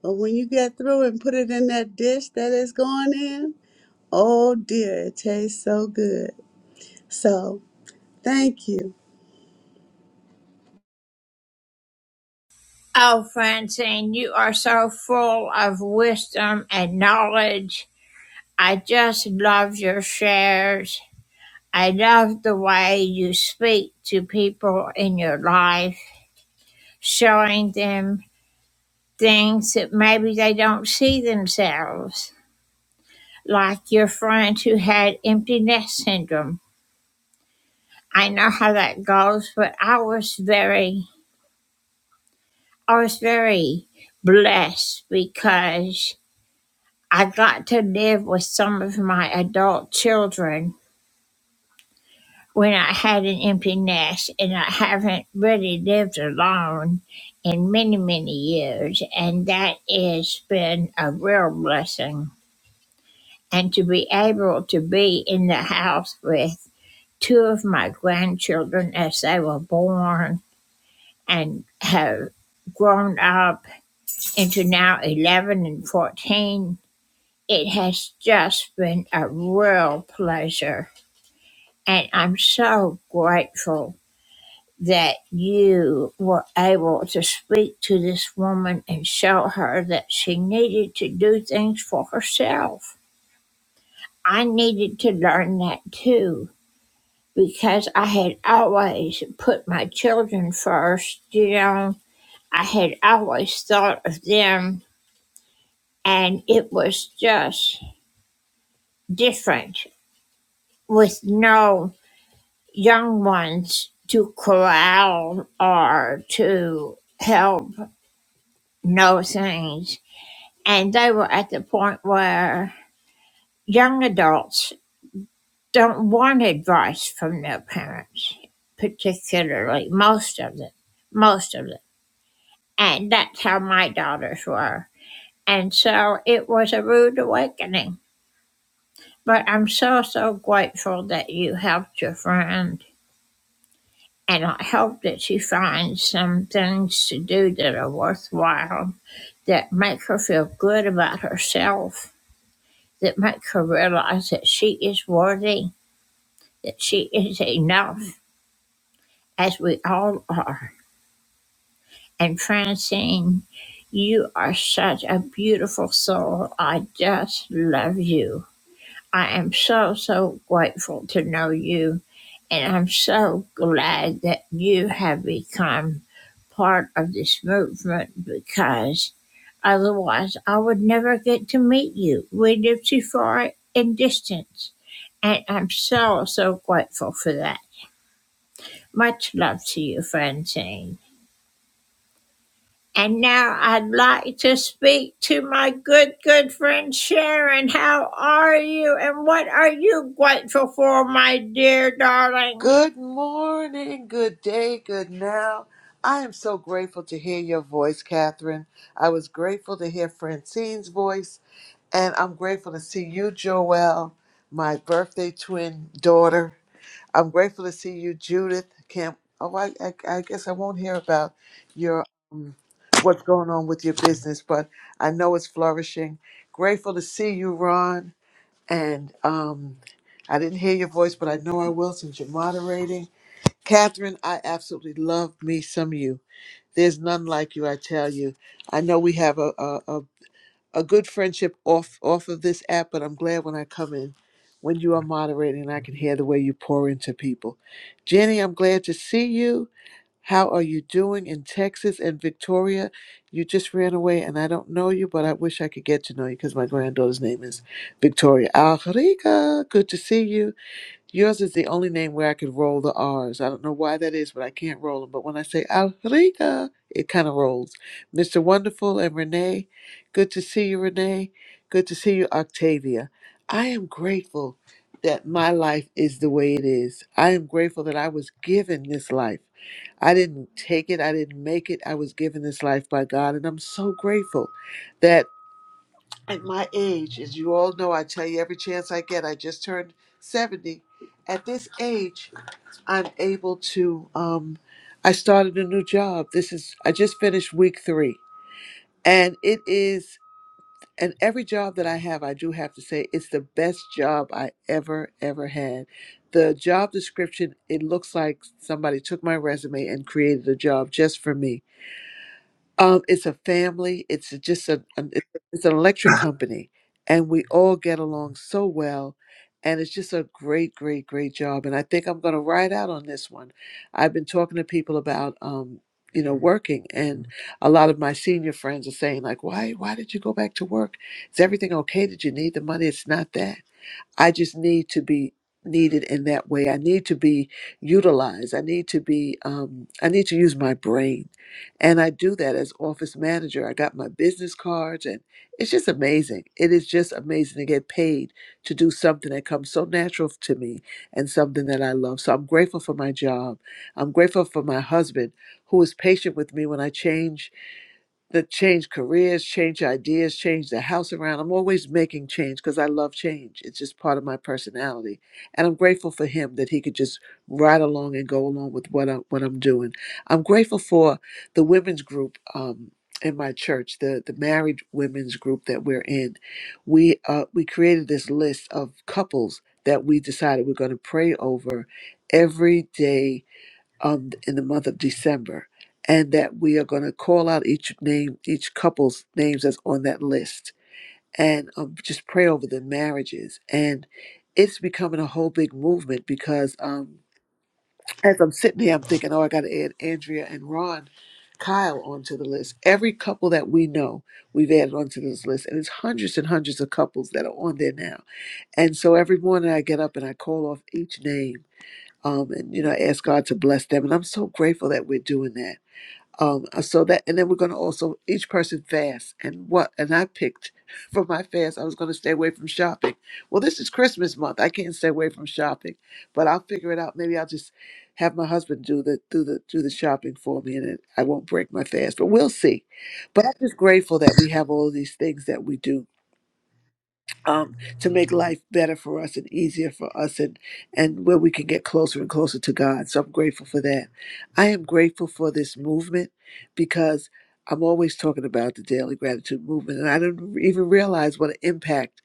But when you get through and put it in that dish that it's going in, oh dear, it tastes so good. So thank you. Oh, Francine, you are so full of wisdom and knowledge. I just love your shares. I love the way you speak to people in your life, showing them things that maybe they don't see themselves, like your friend who had empty nest syndrome. I know how that goes, but I was very, I was very blessed because I got to live with some of my adult children when I had an empty nest, and I haven't really lived alone in many, many years, and that has been a real blessing. And to be able to be in the house with two of my grandchildren as they were born and have grown up into now 11 and 14. It has just been a real pleasure. And I'm so grateful that you were able to speak to this woman and show her that she needed to do things for herself. I needed to learn that too because I had always put my children first, you know. I had always thought of them and it was just different with no young ones to corral or to help know things. And they were at the point where young adults don't want advice from their parents, particularly most of them, most of them. And that's how my daughters were. And so it was a rude awakening. But I'm so, so grateful that you helped your friend. And I hope that you find some things to do that are worthwhile, that make her feel good about herself, that make her realize that she is worthy, that she is enough, as we all are. And Francine, you are such a beautiful soul. I just love you. I am so, so grateful to know you, and I'm so glad that you have become part of this movement because otherwise I would never get to meet you. We live too far in distance, and I'm so, so grateful for that. Much love to you, Francine. And now I'd like to speak to my good, good friend Sharon. How are you? And what are you grateful for, my dear darling? Good morning, good day, good now. I am so grateful to hear your voice, Catherine. I was grateful to hear Francine's voice, and I'm grateful to see you, Joelle, my birthday twin daughter. I'm grateful to see you, Judith. Can't, oh, I, I, I guess I won't hear about your what's going on with your business, but I know it's flourishing. Grateful to see you, Ron. And um, I didn't hear your voice, but I know I will since you're moderating. Catherine, I absolutely love me some you. There's none like you, I tell you. I know we have a a, a, a good friendship off off of this app, but I'm glad when I come in, when you are moderating, I can hear the way you pour into people. Jenny, I'm glad to see you. How are you doing in Texas and Victoria? You just ran away, and I don't know you, but I wish I could get to know you because my granddaughter's name is Victoria Alrica. Good to see you. Yours is the only name where I could roll the R's. I don't know why that is, but I can't roll them. But when I say Alrika, it kind of rolls. Mr. Wonderful and Renee, good to see you, Renee. Good to see you, Octavia. I am grateful that my life is the way it is. I am grateful that I was given this life. I didn't take it, I didn't make it. I was given this life by God, and I'm so grateful that. At my age, as you all know, I tell you every chance I get, I just turned 70. At this age, I'm able to, um, I started a new job. This is, I just finished week three. And it is, and every job that I have, I do have to say, it's the best job I ever, ever had. The job description, it looks like somebody took my resume and created a job just for me um, it's a family. It's just a, an- it's it's an electric company, and we all get along so well, and it's just a great, great, great job. And I think I'm going to ride out on this one. I've been talking to people about, um, you know, working, and a lot of my senior friends are saying like, "Why, why did you go back to work? Is everything okay? Did you need the money? It's not that." I just need to be needed in that way. I need to be utilized. I need to be, um, I need to use my brain. And I do that as office manager. I got my business cards and it's just amazing. It is just amazing to get paid to do something that comes so natural to me and something that I love. So I'm grateful for my job. I'm grateful for my husband who is patient with me when I change that change careers, change ideas, change the house around. I'm always making change because I love change. It's just part of my personality, and I'm grateful for him that he could just ride along and go along with what I'm what I'm doing. I'm grateful for the women's group um, in my church, the the married women's group that we're in. We uh, we created this list of couples that we decided we're going to pray over every day um, in the month of December, and that we are going to call out each name, each couple's names that's on that list, and um, just pray over the marriages. And it's becoming a whole big movement because um, as I'm sitting here, I'm thinking, oh, I got to add Andrea and Ron. Kyle onto the list. Every couple that we know, we've added onto this list, and it's hundreds and hundreds of couples that are on there now. And so every morning I get up and I call off each name um, and you know, ask God to bless them. And I'm so grateful that we're doing that. Um, uh, so that, and then we're going to also each person fast. And what? And I picked for my fast, I was going to stay away from shopping. Well, this is Christmas month. I can't stay away from shopping, but I'll figure it out. Maybe I'll just have my husband do the do the do the shopping for me, and it, I won't break my fast. But we'll see. But I'm just grateful that we have all of these things that we do um, to make life better for us and easier for us and, and where we can get closer and closer to God. So I'm grateful for that. I am grateful for this movement because I'm always talking about the daily gratitude movement and I didn't even realize what an impact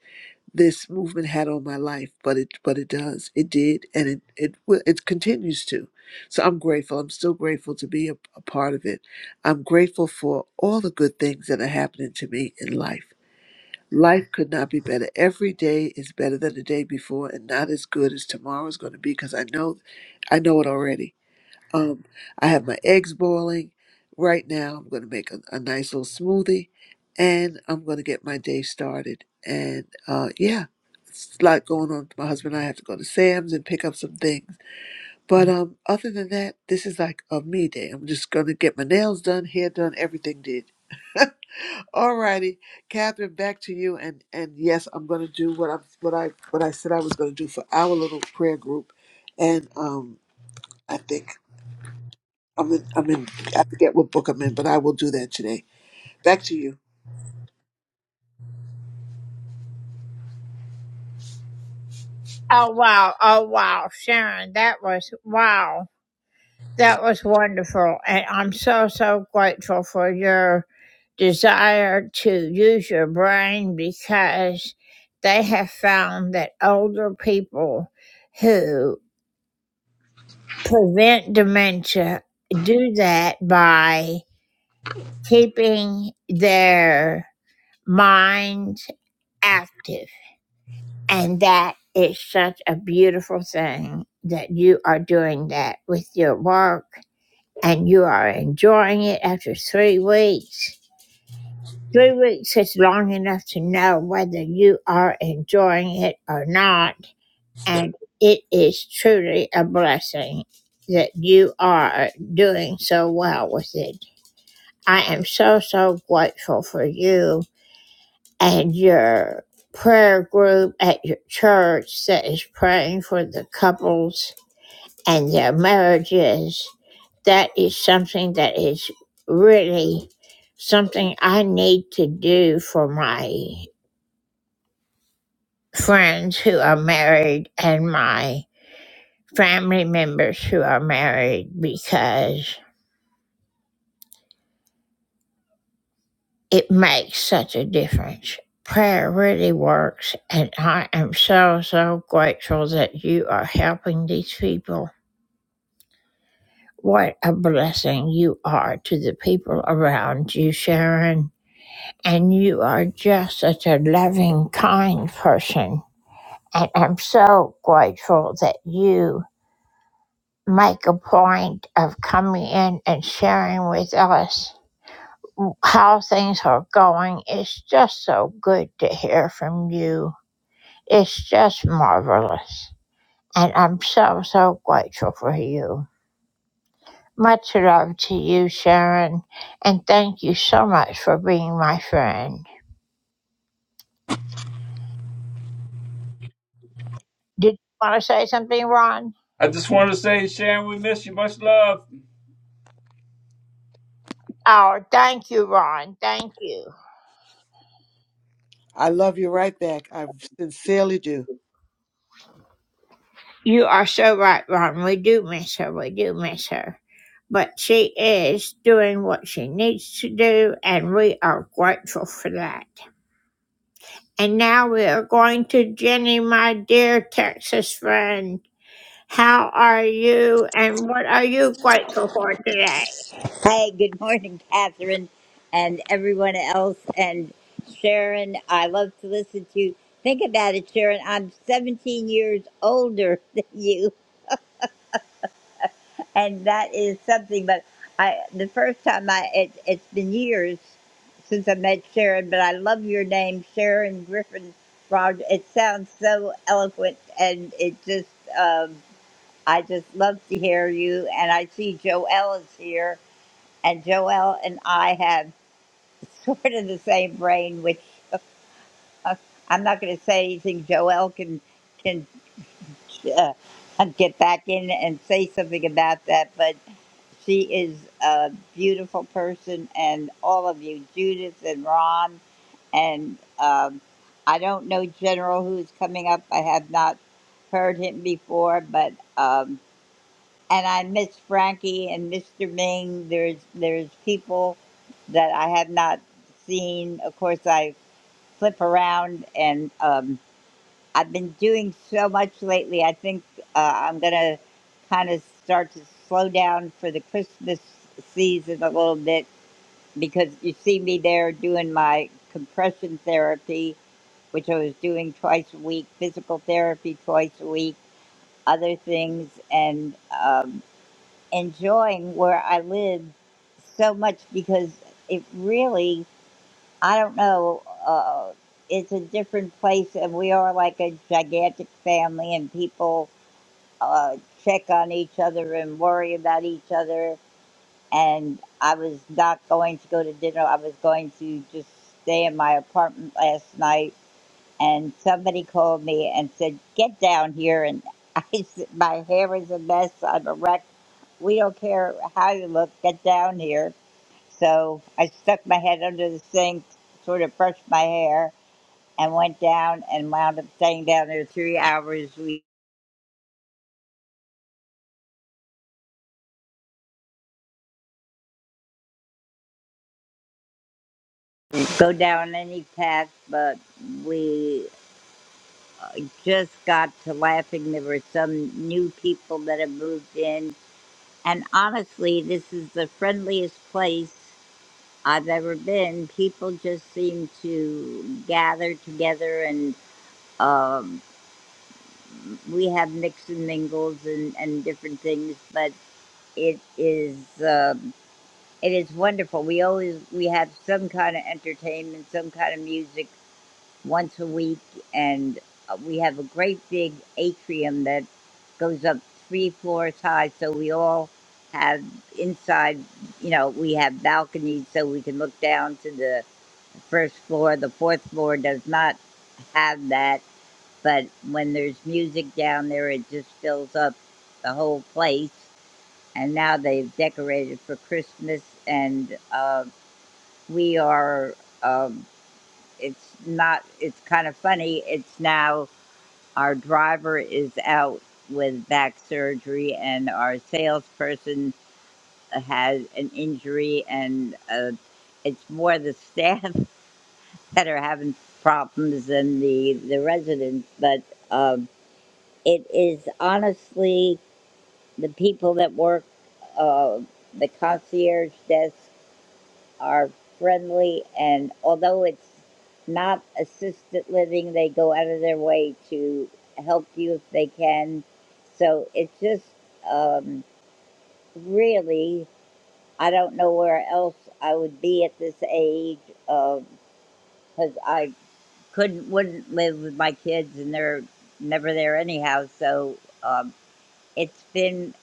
this movement had on my life, but it but it does. It did and it it will it continues to. So I'm grateful. I'm still grateful to be a, a part of it. I'm grateful for all the good things that are happening to me in life. Life could not be better. Every day is better than the day before, and not as good as tomorrow is going to be because I know, I know it already. Um, I have my eggs boiling right now. I'm going to make a, a nice little smoothie, and I'm going to get my day started. And uh, yeah, it's a lot going on. My husband and I have to go to Sam's and pick up some things. But um, other than that, this is like a me day. I'm just going to get my nails done, hair done, everything did. All righty, Catherine, back to you. And and yes, I'm going to do what I what I what I said I was going to do for our little prayer group. And um, I think I'm in, I'm in. I forget what book I'm in, but I will do that today. Back to you. Oh, wow. Oh, wow. Sharon, that was wow. That was wonderful. And I'm so, so grateful for your desire to use your brain because they have found that older people who prevent dementia do that by keeping their minds active. And that is such a beautiful thing that you are doing that with your work and you are enjoying it after three weeks. Three weeks is long enough to know whether you are enjoying it or not. And it is truly a blessing that you are doing so well with it. I am so, so grateful for you and your prayer group at your church that is praying for the couples and their marriages, that is something that is really something I need to do for my friends who are married and my family members who are married because It makes such a difference. Prayer really works, and I am so, so grateful that you are helping these people. What a blessing you are to the people around you, Sharon. And you are just such a loving, kind person. And I'm so grateful that you make a point of coming in and sharing with us how things are going. It's just so good to hear from you. It's just marvelous. And I'm so, so grateful for you. Much love to you, Sharon. And thank you so much for being my friend. Did you want to say something, Ron? I just want to say, Sharon, we miss you. Much love. Oh, thank you, Ron. Thank you. I love you right back. I sincerely do. You are so right, Ron. We do miss her. We do miss her. But she is doing what she needs to do, and we are grateful for that. And now we are going to Jenny, my dear Texas friend. How are you and what are you grateful for today? Hi, good morning, Catherine, and everyone else, and Sharon. I love to listen to you. Think about it, Sharon. I'm 17 years older than you, and that is something. But I, the first time I, it, it's been years since I met Sharon, but I love your name, Sharon Griffin Rogers. It sounds so eloquent, and it just, um, I just love to hear you. And I see Joelle is here, and Joelle and I have. sort of the same brain, which uh, uh, I'm not going to say anything. Joel can can uh, uh, get back in and say something about that, but she is a beautiful person, and all of you, Judith and Ron, and um, I don't know General who's coming up. I have not heard him before, but um, and I miss Frankie and Mr. Ming. There's there's people that I have not seen. Of course, I flip around and um, i've been doing so much lately i think uh, i'm gonna kind of start to slow down for the christmas season a little bit because you see me there doing my compression therapy which i was doing twice a week physical therapy twice a week other things and um, enjoying where i live so much because it really I don't know. Uh, it's a different place, and we are like a gigantic family, and people uh, check on each other and worry about each other. And I was not going to go to dinner. I was going to just stay in my apartment last night, and somebody called me and said, "Get down here!" And I said, "My hair is a mess. I'm a wreck. We don't care how you look. Get down here." So I stuck my head under the sink, sort of brushed my hair, and went down and wound up staying down there three hours. We didn't go down any path, but we just got to laughing. There were some new people that had moved in, and honestly, this is the friendliest place I've ever been. People just seem to gather together and. Um, we have mix and mingles and, and different things, but it is uh, It is wonderful. We always we have some kind of entertainment, some kind of music once a week, and uh, we have a great big atrium that goes up three floors high. So we all have inside, you know, we have balconies so we can look down to the first floor. The fourth floor does not have that, but when there's music down there, it just fills up the whole place. And now they've decorated for Christmas and. uh, we are um, it's not it's kind of funny it's now our driver is out with back surgery and our salesperson has an injury and uh, it's more the staff that are having problems than the the residents but um, it is honestly the people that work uh, the concierge desk are friendly, and although it's not assisted living, they go out of their way to help you if they can. So it's just um, really, I don't know where else I would be at this age because um, I couldn't, wouldn't live with my kids, and they're never there anyhow. So um, it's been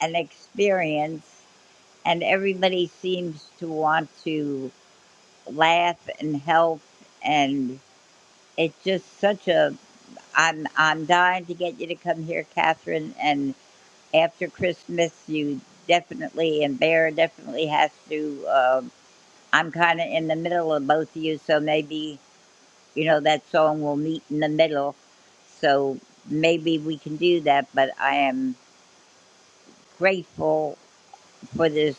an experience, and everybody seems to want to laugh and help and it's just such a I'm I'm dying to get you to come here, Catherine, and after Christmas you definitely and Bear definitely has to um I'm kinda in the middle of both of you, so maybe, you know, that song will meet in the middle. So maybe we can do that, but I am grateful for this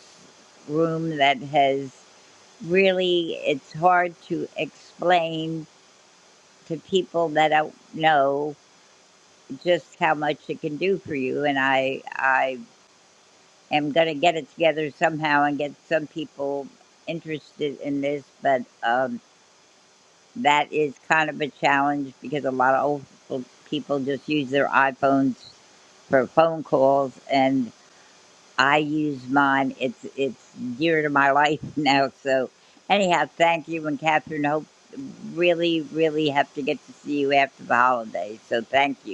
room that has really it's hard to explain to people that don't know just how much it can do for you. And I, I am going to get it together somehow and get some people interested in this. But um, that is kind of a challenge because a lot of old people- just use their iPhones for phone calls, and I use mine. It's it's dear to my life now. So anyhow, thank you and Catherine. Hope really really have to get to see you after the holidays. So thank you.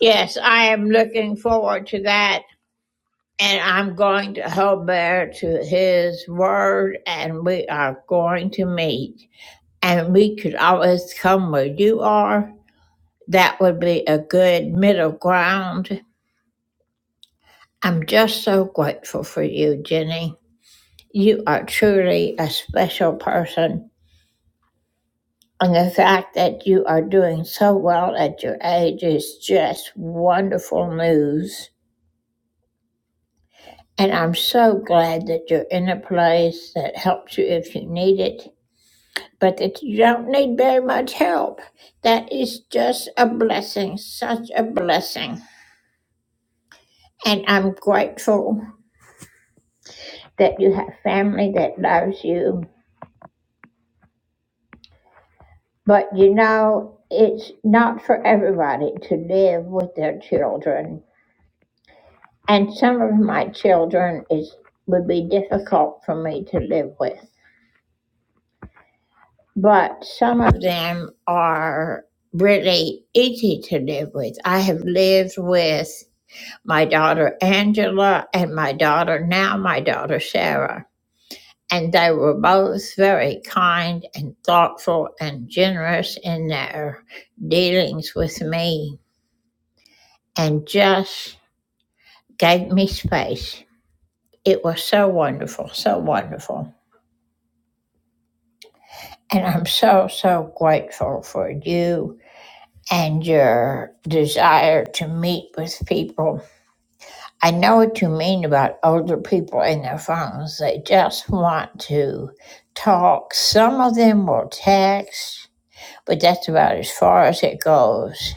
Yes, I am looking forward to that. And I'm going to hold bear to his word and we are going to meet. And we could always come where you are. That would be a good middle ground. I'm just so grateful for you, Jenny. You are truly a special person And the fact that you are doing so well at your age is just wonderful news. And I'm so glad that you're in a place that helps you if you need it, but that you don't need very much help. That is just a blessing, such a blessing. And I'm grateful that you have family that loves you. But you know, it's not for everybody to live with their children and some of my children is would be difficult for me to live with but some of them are really easy to live with i have lived with my daughter angela and my daughter now my daughter sarah and they were both very kind and thoughtful and generous in their dealings with me and just gave me space it was so wonderful so wonderful And I'm so, so grateful for you and your desire to meet with people. I know what you mean about older people and their phones. They just want to talk. Some of them will text, but that's about as far as it goes.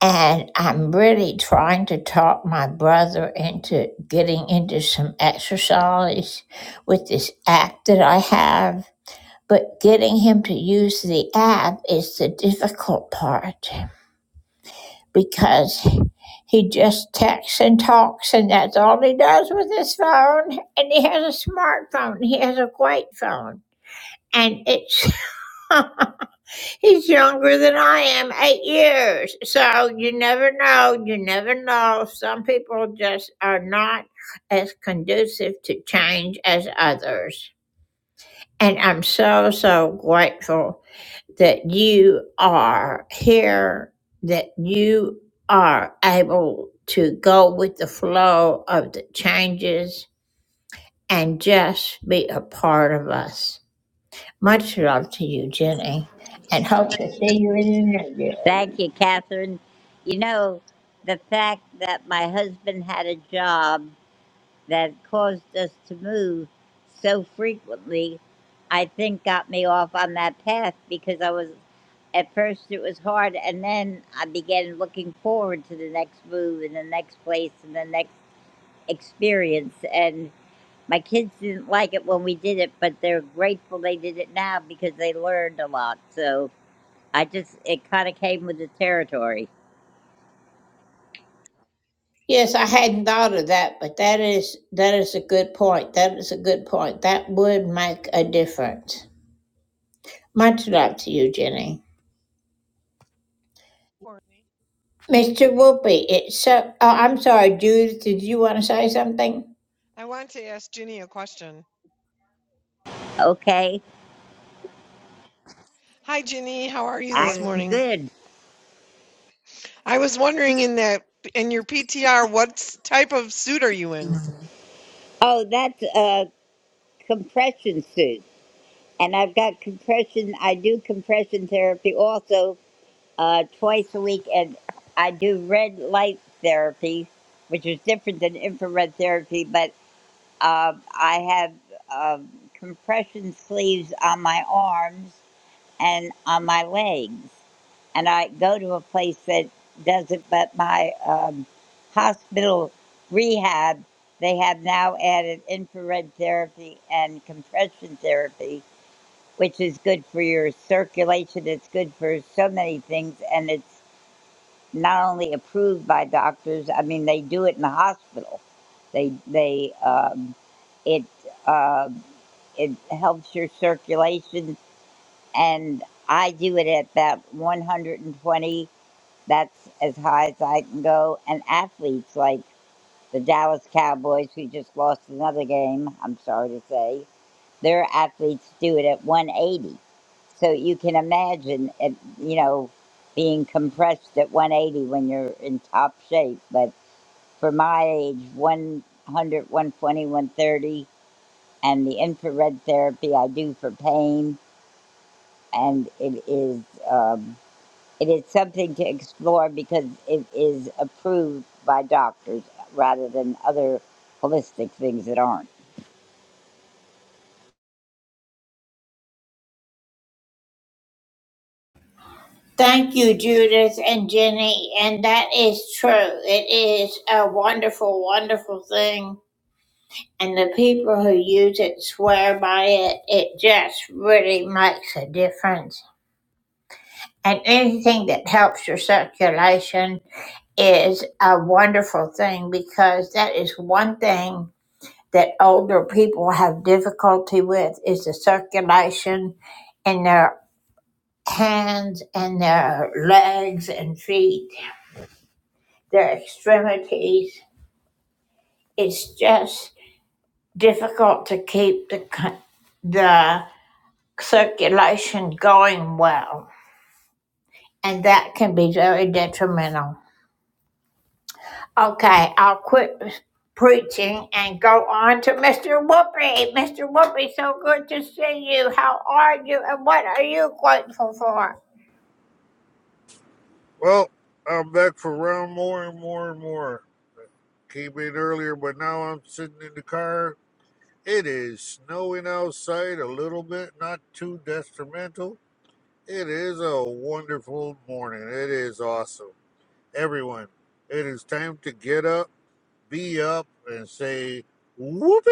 And I'm really trying to talk my brother into getting into some exercise with this app that I have But getting him to use the app is the difficult part because he just texts and talks, and that's all he does with his phone. And he has a smartphone, he has a great phone. And it's, he's younger than I am, eight years. So you never know, you never know. Some people just are not as conducive to change as others. And I'm so, so grateful that you are here, that you are able to go with the flow of the changes and just be a part of us. Much love to you, Jenny, and hope to see you in the new year. Thank you, Catherine. You know, the fact that my husband had a job that caused us to move so frequently, I think got me off on that path because I was, at first it was hard, and then I began looking forward to the next move and the next place and the next experience. And my kids didn't like it when we did it, but they're grateful they did it now because they learned a lot. So I just, it kind of came with the territory. Yes, I hadn't thought of that, but that is that is a good point. That is a good point. That would make a difference. Much love to you, Jenny. Mr. Whoopi, it's so. Oh, I'm sorry, Judith. Did you want to say something? I want to ask Ginny a question. Okay, Hi, Ginny. How are you Yeah. this I'm morning? good. I was wondering in that in your PTR, what type of suit are you in? Oh, that's a compression suit, and I've got compression. I do compression therapy also uh, twice a week, and I do red light therapy, which is different than infrared therapy. But uh, I have um compression sleeves on my arms, and on my legs. And I go to a place that does it, but my um, hospital rehab, they have now added infrared therapy and compression therapy, which is good for your circulation. It's good for so many things. And it's not only approved by doctors, I mean, they do it in the hospital. They, they, um, it, um, it helps your circulation and I do it at about 120. That's as high as I can go. And athletes like the Dallas Cowboys, who just lost another game, I'm sorry to say, their athletes do it at 180. So you can imagine, it, you know, being compressed at 180 when you're in top shape. But for my age, one hundred, one twenty, one thirty, and the infrared therapy I do for pain, and it is. Um, It is something to explore because it is approved by doctors rather than other holistic things that aren't. Thank you, Judith and Jenny. And that is true. It is a wonderful, wonderful thing. And the people who use it swear by it. It just really makes a difference. And anything that helps your circulation is a wonderful thing because that is one thing that older people have difficulty with is the circulation in their hands and their legs and feet their extremities. It's just difficult to keep the the circulation going well, and that can be very detrimental. Okay, I'll quit preaching and go on to Mr. Whoopi. Mr. Whoopi, so good to see you. How are you, and what are you grateful for? Well, I'm back for round more and more and more. Came in earlier, but now I'm sitting in the car. It is snowing outside a little bit, not too detrimental. It is a wonderful morning. It is awesome. Everyone, it is time to get up be up and say, Whoopee!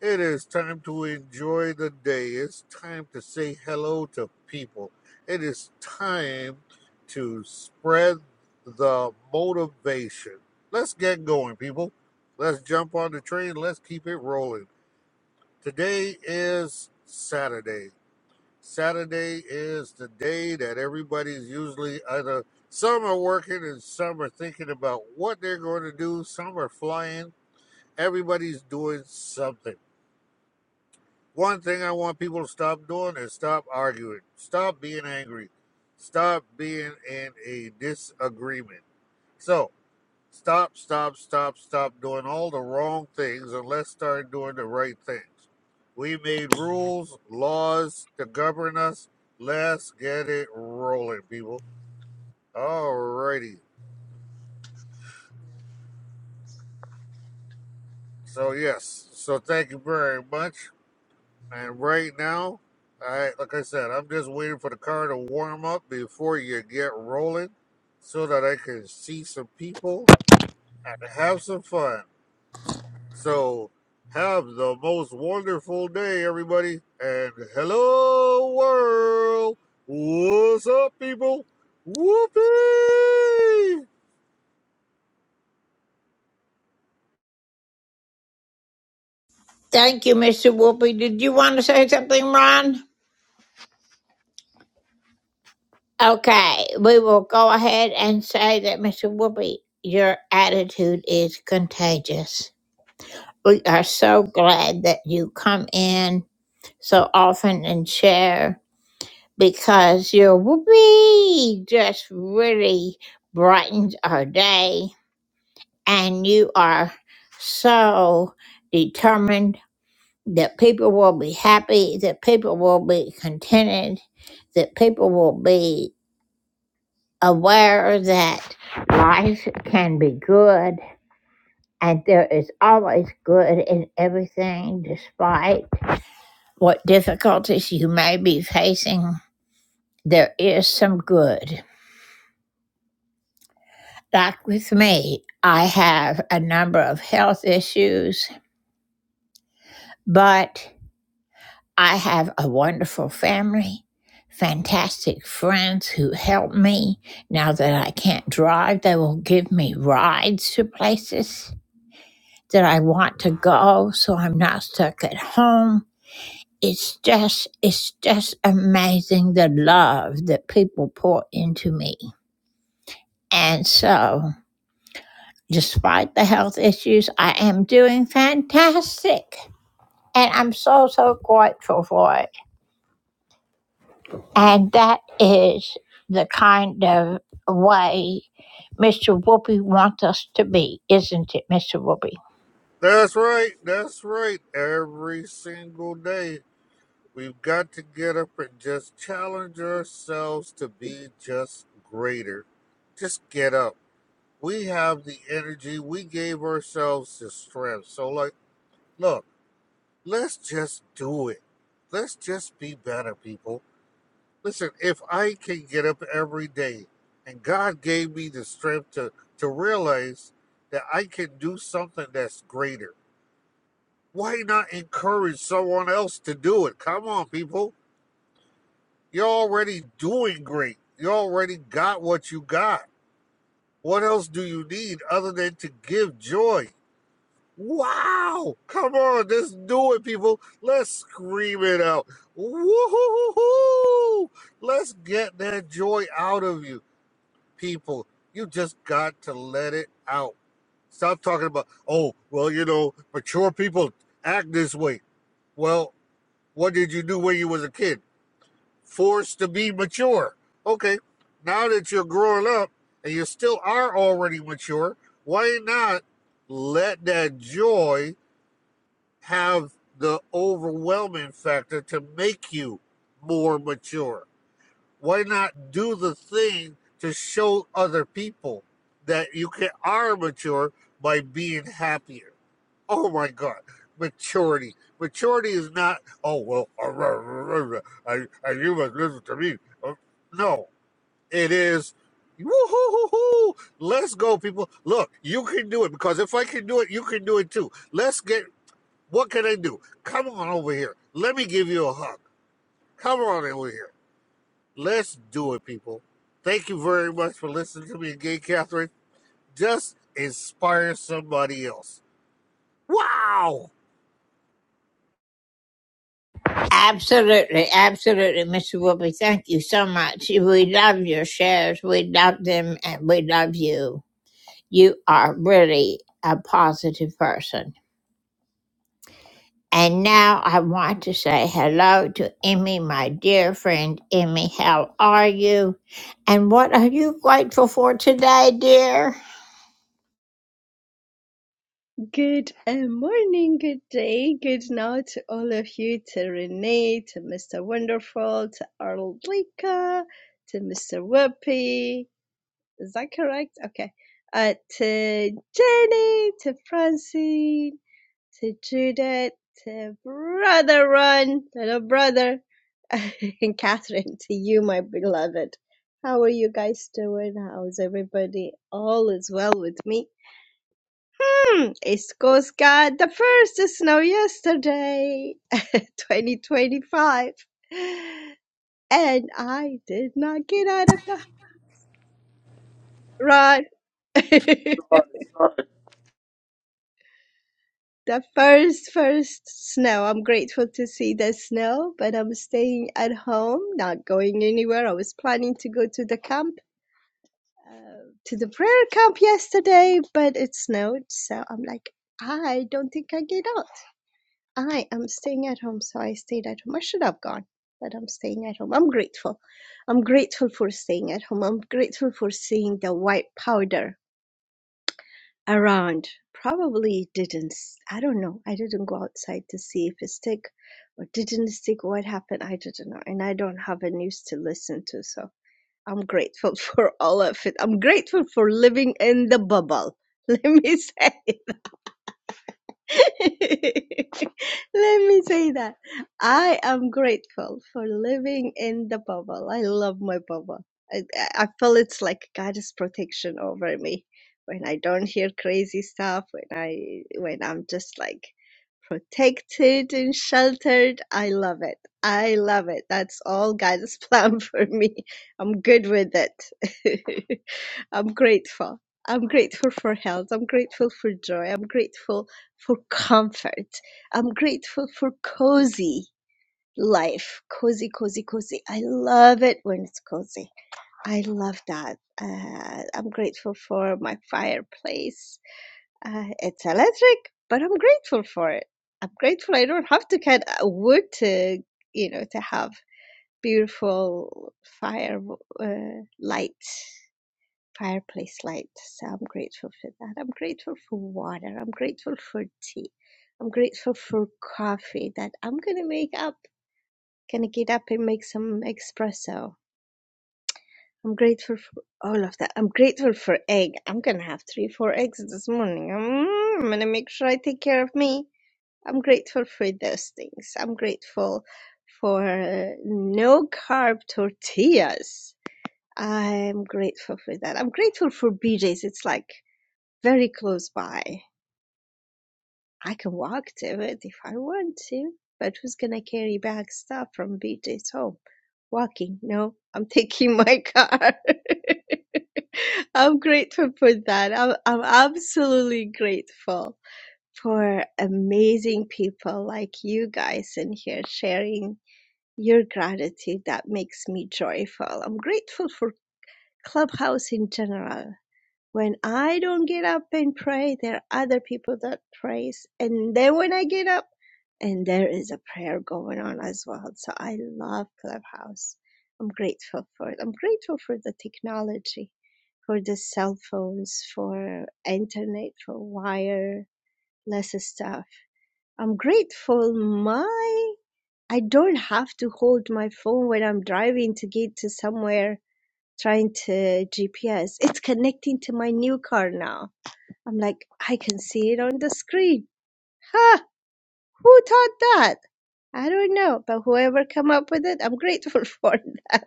It is time to enjoy the day. It's time to say hello to people. It is time to spread the motivation. Let's get going, people. Let's jump on the train. Let's keep it rolling. Today is Saturday. Saturday is the day that everybody's usually either some are working and some are thinking about what they're going to do, some are flying. Everybody's doing something. One thing I want people to stop doing is stop arguing, stop being angry, stop being in a disagreement. So, Stop, stop, stop, stop doing all the wrong things and let's start doing the right things. We made rules, laws to govern us. Let's get it rolling, people. Alrighty. So yes. So thank you very much. And right now, I like I said, I'm just waiting for the car to warm up before you get rolling so that I can see some people and have some fun. So have the most wonderful day, everybody. And hello, world. What's up, people? Whoopee! Thank you, Mr. Whoopi. Did you want to say something, Ron? Okay, we will go ahead and say that Mr. Whoopi, your attitude is contagious. We are so glad that you come in so often and share because your Whoopi just really brightens our day and you are so determined that people will be happy, that people will be contented, that people will be aware that life can be good and there is always good in everything despite what difficulties you may be facing there is some good like with me i have a number of health issues but i have a wonderful family fantastic friends who help me now that i can't drive they will give me rides to places that I want to go so I'm not stuck at home. It's just it's just amazing the love that people pour into me. And so, despite the health issues, I am doing fantastic. And I'm so so grateful for it. And that is the kind of way Mr. Whoopi wants us to be, isn't it, Mr. Whoopi? That's right. That's right. Every single day, we've got to get up and just challenge ourselves to be just greater. Just get up. We have the energy. We gave ourselves the strength. So, like, look. let's just do it. Let's just be better, people. Listen, if I can get up every day and God gave me the strength to, to realize that I can do something that's greater, why not encourage someone else to do it? Come on, people. You're already doing great. You already got what you got. What else do you need other than to give joy? Wow! Come on, let's do it, people. Let's scream it out. Woo-hoo-hoo-hoo! Let's get that joy out of you, people. You just got to let it out. Stop talking about, oh, well, you know, mature people act this way. Well, what did you do when you was a kid? Forced to be mature. Okay, now that you're growing up and you still are already mature, why not let that joy? have the overwhelming factor to make you more mature? Why not do the thing to show other people that you can are mature by being happier? Oh my God, maturity. Maturity is not, oh, well, uh, you must listen to me. Uh, No, it is, woo-hoo-hoo-hoo, let's go, people. Look, you can do it because if I can do it, you can do it too. Let's get what can I do? Come on over here. Let me give you a hug. Come on over here. Let's do it, people. Thank you very much for listening to me Gay Catherine. Just inspire somebody else. Wow! Absolutely, absolutely, Mr. Whoopi. Thank you so much. We love your shares. We love them and we love you. You are really a positive person. And now I want to say hello to Emmy, my dear friend Emmy. How are you? And what are you grateful for today, dear? Good uh, morning, good day, good now to all of you, to Renee, to Mr. Wonderful, to Arlika, to Mr. Whoopi. Is that correct? Okay. Uh, to Jenny, to Francine, to Judith, to Brother Ron, little brother, and Catherine, to you, my beloved. How are you guys doing? How's everybody? All is well with me. Esco's got the first snow yesterday, 2025. And I did not get out of the run. the Sorry, sorry. first, first snow. I'm grateful to see the snow, but I'm staying at home, not going anywhere. I was planning to go to the camp, uh, to the prayer camp yesterday, but it snowed. So I'm like, I don't think I get out. I am staying at home, so I stayed at home. I should have gone, but I'm staying at home. I'm grateful. I'm grateful for staying at home. I'm grateful for seeing the white powder around. Probably didn't, s- I don't know. I didn't go outside to see if it stick or didn't stick. What happened? I didn't know. And I don't have a news to listen to, so I'm grateful for all of it. I'm grateful for living in the bubble. Let me say. Let me say that I am grateful for living in the bubble. I love my bubble. I, I feel it's like God's protection over me when I don't hear crazy stuff. When I when I'm just like protected and sheltered. I love it. I love it. That's all God's plan for me. I'm good with it. I'm grateful. I'm grateful for health. I'm grateful for joy. I'm grateful for comfort. I'm grateful for cozy life. Cozy, cozy, cozy. I love it when it's cozy. I love that. Uh, I'm grateful for my fireplace. Uh, it's electric, but I'm grateful for it. I'm grateful I don't have to cut a wood to, you know, to have beautiful fire uh, light, fireplace light. So I'm grateful for that. I'm grateful for water. I'm grateful for tea. I'm grateful for coffee that I'm gonna make up. Gonna get up and make some espresso. I'm grateful for all of that. I'm grateful for egg. I'm gonna have three, four eggs this morning. Mm, I'm gonna make sure I take care of me. I'm grateful for those things. I'm grateful for uh, no carb tortillas. I'm grateful for that. I'm grateful for BJ's. It's like very close by. I can walk to it if I want to, but who's gonna carry back stuff from BJ's home? Walking? No, I'm taking my car. I'm grateful for that. I'm, I'm absolutely grateful for amazing people like you guys in here sharing your gratitude. That makes me joyful. I'm grateful for Clubhouse in general. When I don't get up and pray, there are other people that prays. And then when I get up, and there is a prayer going on as well. So I love Clubhouse. I'm grateful for it. I'm grateful for the technology, for the cell phones, for internet, for wireless stuff I'm grateful my I don't have to hold my phone when I'm driving to get to somewhere trying to GPS. It's connecting to my new car now. I'm like I can see it on the screen. Ha! Who taught that? I don't know, but whoever come up with it, I'm grateful for them.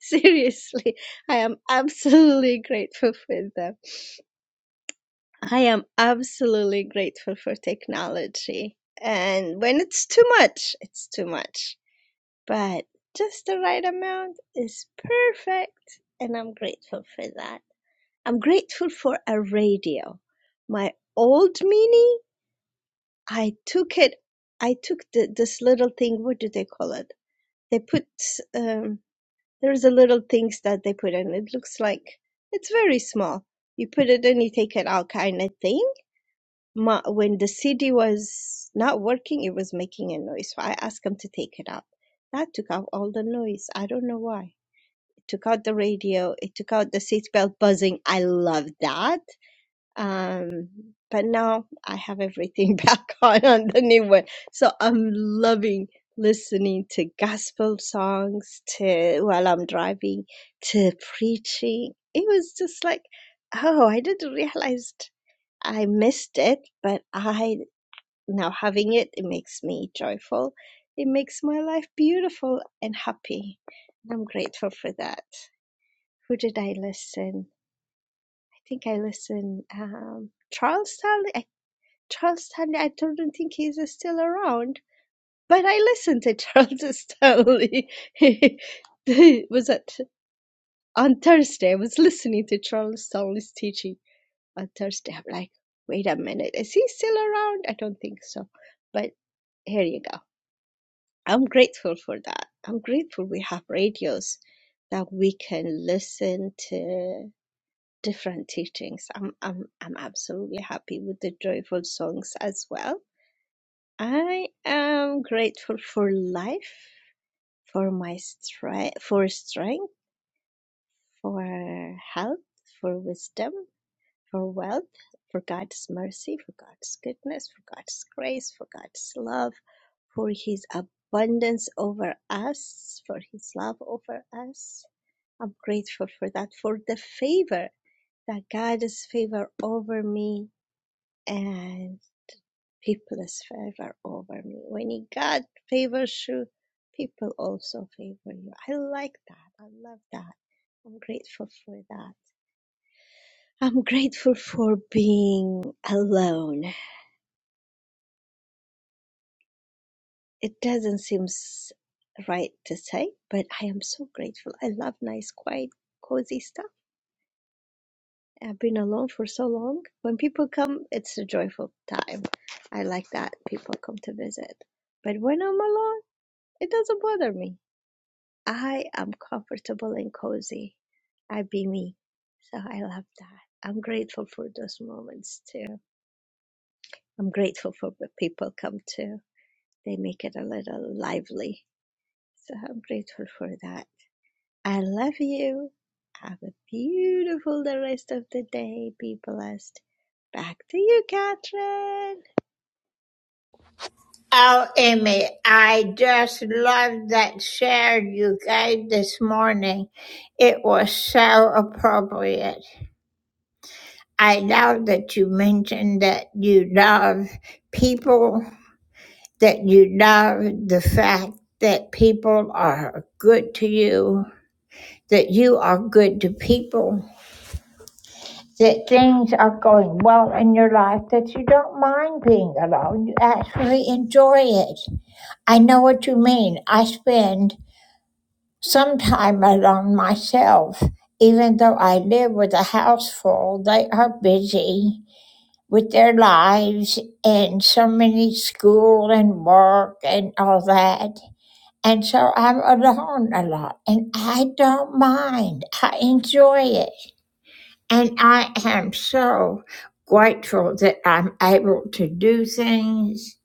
Seriously, I am absolutely grateful for them. I am absolutely grateful for technology. And when it's too much, it's too much but just the right amount is perfect. And I'm grateful for that. I'm grateful for a radio. My old mini, I took it, I took the, this little thing, what do they call it? They put, um, there's a little things that they put in. It looks like it's very small. You put it in, you take it out kind of thing. My, when the CD was not working, it was making a noise. So I asked them to take it out. That took out all the noise. I don't know why took out the radio, it took out the seatbelt buzzing. I love that. Um, but now I have everything back on on the new one. So I'm loving listening to gospel songs to while I'm driving to preaching. It was just like, oh, I didn't realize I missed it, but I now having it, it makes me joyful. It makes my life beautiful and happy. I'm grateful for that. Who did I listen? I think I listened um, Charles Stanley. I, Charles Stanley. I don't think he's still around, but I listened to Charles Stanley. was it on Thursday? I was listening to Charles Stanley's teaching on Thursday. I'm like, wait a minute, is he still around? I don't think so. But here you go. I'm grateful for that. I'm grateful we have radios that we can listen to different teachings. I'm I'm I'm absolutely happy with the joyful songs as well. I am grateful for life, for my strength, for strength, for health, for wisdom, for wealth, for God's mercy, for God's goodness, for God's grace, for God's love, for His abundance over us, for His love over us. I'm grateful for that, for the favor that God is favor over me and people's favor over me. When you God favors you, people also favor you. I like that. I love that. I'm grateful for that. I'm grateful for being alone. It doesn't seem s- right to say, but I am so grateful. I love nice, quiet, cozy stuff. I've been alone for so long. When people come, it's a joyful time. I like that people come to visit. But when I'm alone, it doesn't bother me. I am comfortable and cozy. I be me. So I love that. I'm grateful for those moments too. I'm grateful for the people come too. They make it a little lively. So I'm grateful for that. I love you. Have a beautiful the rest of the day. Be blessed. Back to you, Catherine. Oh, Emmy, I just love that share you gave this morning. It was so appropriate. I love that you mentioned that you love people that you know the fact that people are good to you, that you are good to people, that things are going well in your life, that you don't mind being alone. You actually enjoy it. I know what you mean. I spend some time alone myself. Even though I live with a house full, they are busy with their lives and so many school and work and all that And so I'm alone a lot, and I don't mind. I enjoy it. And I am so grateful that I'm able to do things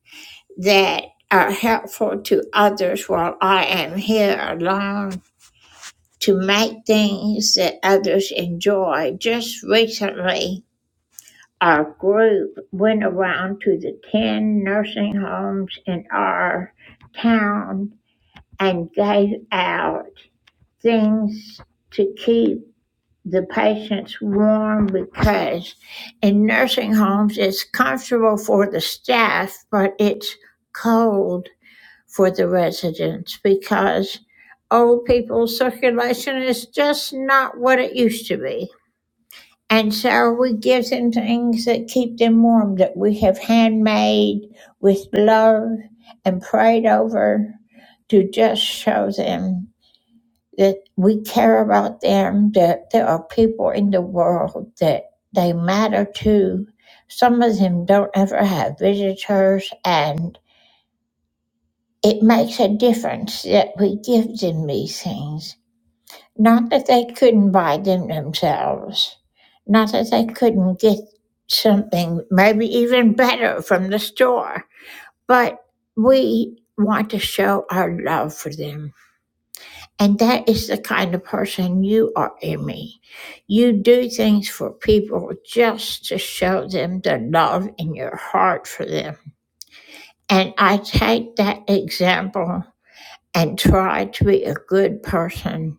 that are helpful to others while I am here alone, to make things that others enjoy. Just recently, our group went around to the 10 nursing homes in our town and gave out. things to keep the patients warm because in nursing homes it's comfortable for the staff, but it's cold for the residents because old people's circulation is just not what it used to be. And so we give them things that keep them warm that we have handmade with love and prayed over to just show them that we care about them, that there are people in the world that they matter to. Some of them don't ever have visitors, and it makes a difference that we give them these things. Not that they couldn't buy them themselves, not that they couldn't get something maybe even better from the store, but we want to show our love for them. And that is the kind of person you are, Emmy. You do things for people just to show them the love in your heart for them. And I take that example and try to be a good person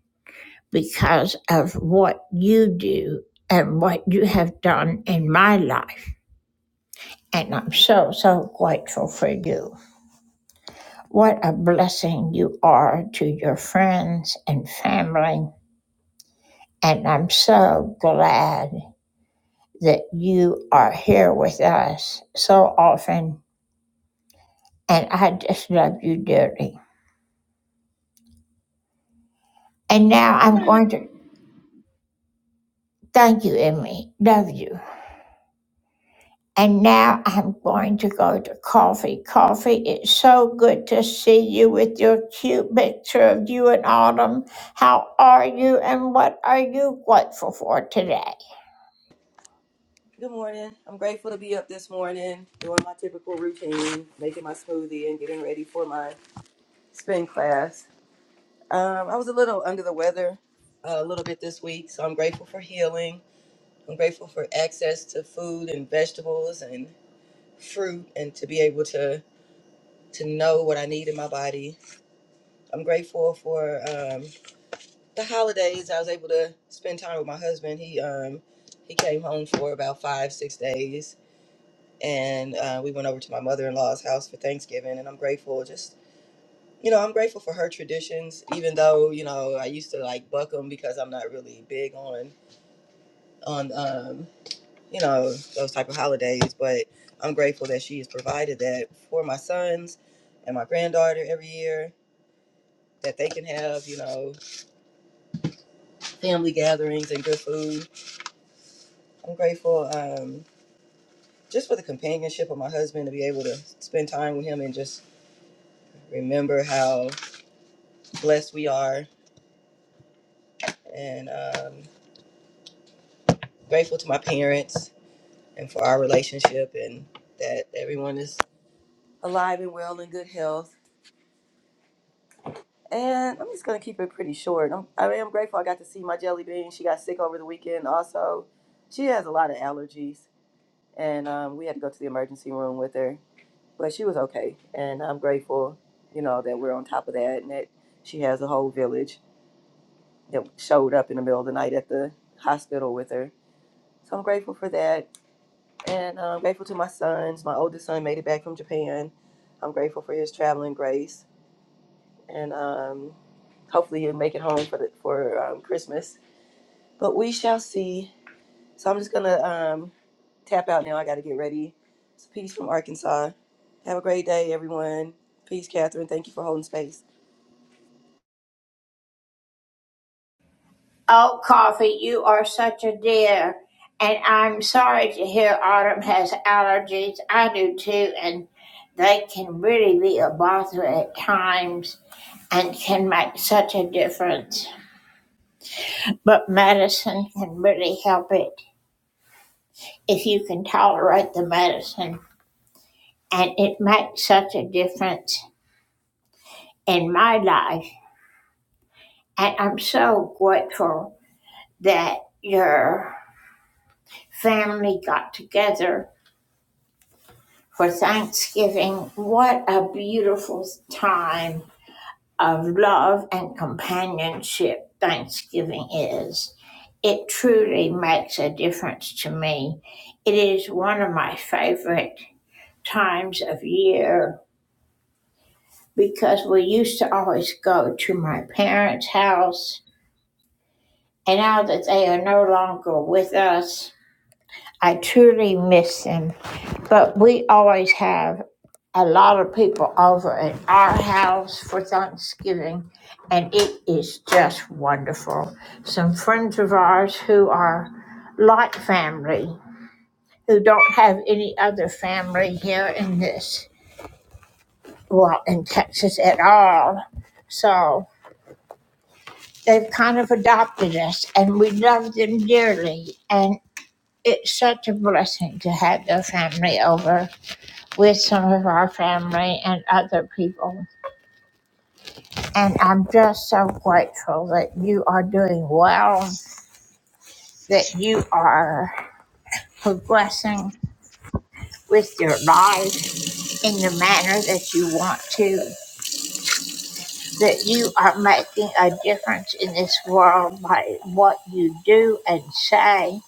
because of what you do and what you have done in my life. And I'm so, so grateful for you. What a blessing you are to your friends and family. And I'm so glad that you are here with us so often, and I just love you dearly. And now Oh, I'm my going to thank you, Emily. Love you. And now I'm going to go to coffee. Coffee, it's so good to see you with your cute picture of you and Autumn. How are you and what are you grateful for today? Good morning. I'm grateful to be up this morning, doing my typical routine, making my smoothie and getting ready for my spin class. Um, I was a little under the weather uh, a little bit this week, so I'm grateful for healing. I'm grateful for access to food and vegetables and fruit and to be able to to know what I need in my body. I'm grateful for um, the holidays. I was able to spend time with my husband. He um, he came home for about five, six days and uh, we went over to my mother-in-law's house for thanksgiving and i'm grateful just you know i'm grateful for her traditions even though you know i used to like buck them because i'm not really big on on um, you know those type of holidays but i'm grateful that she has provided that for my sons and my granddaughter every year that they can have you know family gatherings and good food i'm grateful um, just for the companionship of my husband to be able to spend time with him and just remember how blessed we are and um, grateful to my parents and for our relationship and that everyone is alive and well in good health. And I'm just gonna keep it pretty short. I'm, I am grateful I got to see my jelly bean. She got sick over the weekend. Also, she has a lot of allergies, and um, we had to go to the emergency room with her, but she was okay. And I'm grateful, you know, that we're on top of that and that she has a whole village that showed up in the middle of the night at the hospital with her. So I'm grateful for that And uh, I'm grateful to my sons. My oldest son made it back from Japan. I'm grateful for his traveling grace. And um, hopefully he'll make it home for, the, for um, Christmas. But we shall see. So I'm just going to um, tap out now. I got to get ready. It's peace from Arkansas. Have a great day, everyone. Peace, Catherine. Thank you for holding space. Oh, Coffee, you are such a dear. And I'm sorry to hear Autumn has allergies. I do too, and they can really be a bother at times and can make such a difference. But medicine can really help it if you can tolerate the medicine. And it makes such a difference in my life. And I'm so grateful that your family got together for Thanksgiving. What a beautiful time of love and companionship Thanksgiving is. It truly makes a difference to me. It is one of my favorite times of year because we used to always go to my parents' house, and now that they are no longer with us, I truly miss him. But we always have a lot of people over at our house for Thanksgiving, and it is just wonderful. Some friends of ours who are like family, who don't have any other family here in this, well, in Texas at all. So they've kind of adopted us, and we love them dearly. And it's such a blessing to have their family over with some of our family and other people. And I'm just so grateful that you are doing well, that you are progressing with your life in the manner that you want to, that you are making a difference in this world by what you do and say,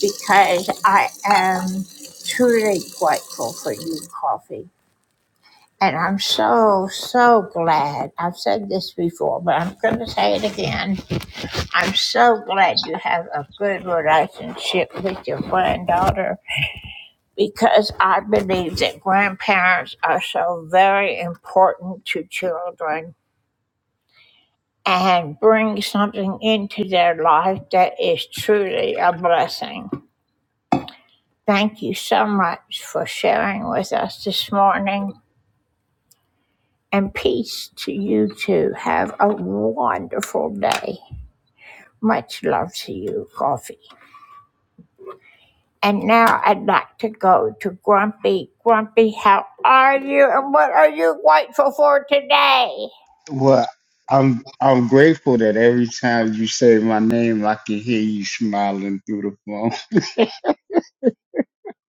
because I am truly grateful for you, Coffee. And I'm so, so glad. I've said this before, but I'm going to say it again. I'm so glad you have a good relationship with your granddaughter because I believe that grandparents are so very important to children and bring something into their life that is truly a blessing. Thank you so much for sharing with us this morning and peace to you two. Have a wonderful day. Much love to you, Coffee. And now I'd like to go to Grumpy. Grumpy, how are you and what are you grateful for today? Well, I'm I'm grateful that every time you say my name, I can hear you smiling through the phone.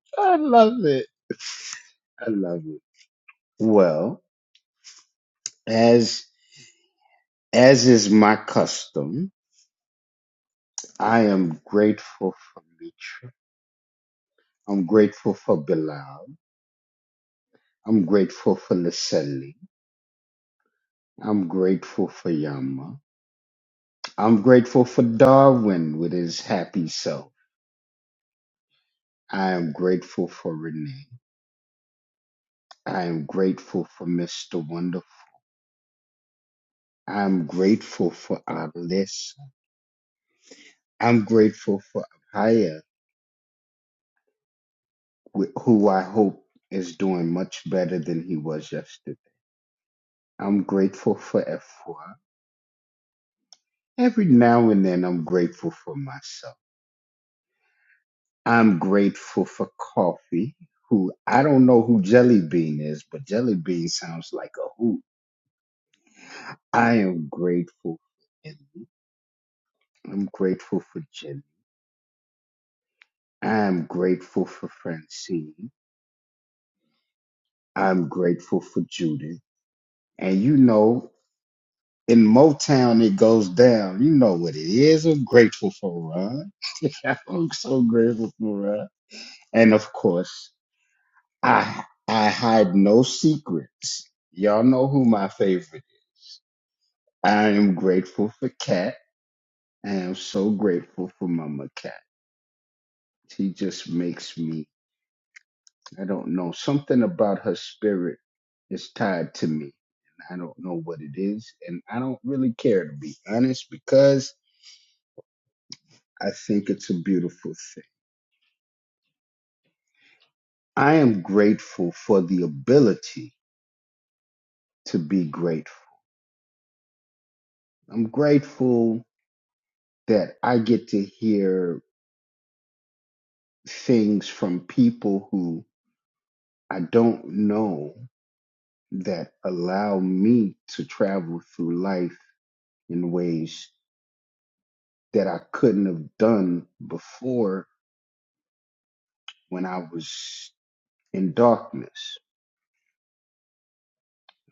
I love it. I love it. Well, as as is my custom, I am grateful for Mitra. I'm grateful for Bilal. I'm grateful for Laselli. I'm grateful for Yama. I'm grateful for Darwin with his happy self. I am grateful for Renee. I am grateful for Mr. Wonderful. I'm grateful for Arliss. I'm grateful for Abhaya, wh- who I hope is doing much better than he was yesterday. I'm grateful for F4. Every now and then, I'm grateful for myself. I'm grateful for Coffee, who I don't know who Jelly Bean is, but Jelly Bean sounds like a hoot. I am grateful for Ellie. I'm grateful for Jenny. I am grateful for Francine. I'm grateful for Judith. And you know, In Motown, it goes down. You know what it is. I'm grateful for Ron. I'm so grateful for Ron. And of course, I I hide no secrets. Y'all know who my favorite. I am grateful for Cat. I am so grateful for Mama Cat. She just makes me. I don't know something about her spirit is tied to me. I don't know what it is, and I don't really care to be honest because I think it's a beautiful thing. I am grateful for the ability to be grateful. I'm grateful that I get to hear things from people who I don't know that allow me to travel through life in ways that I couldn't have done before when I was in darkness.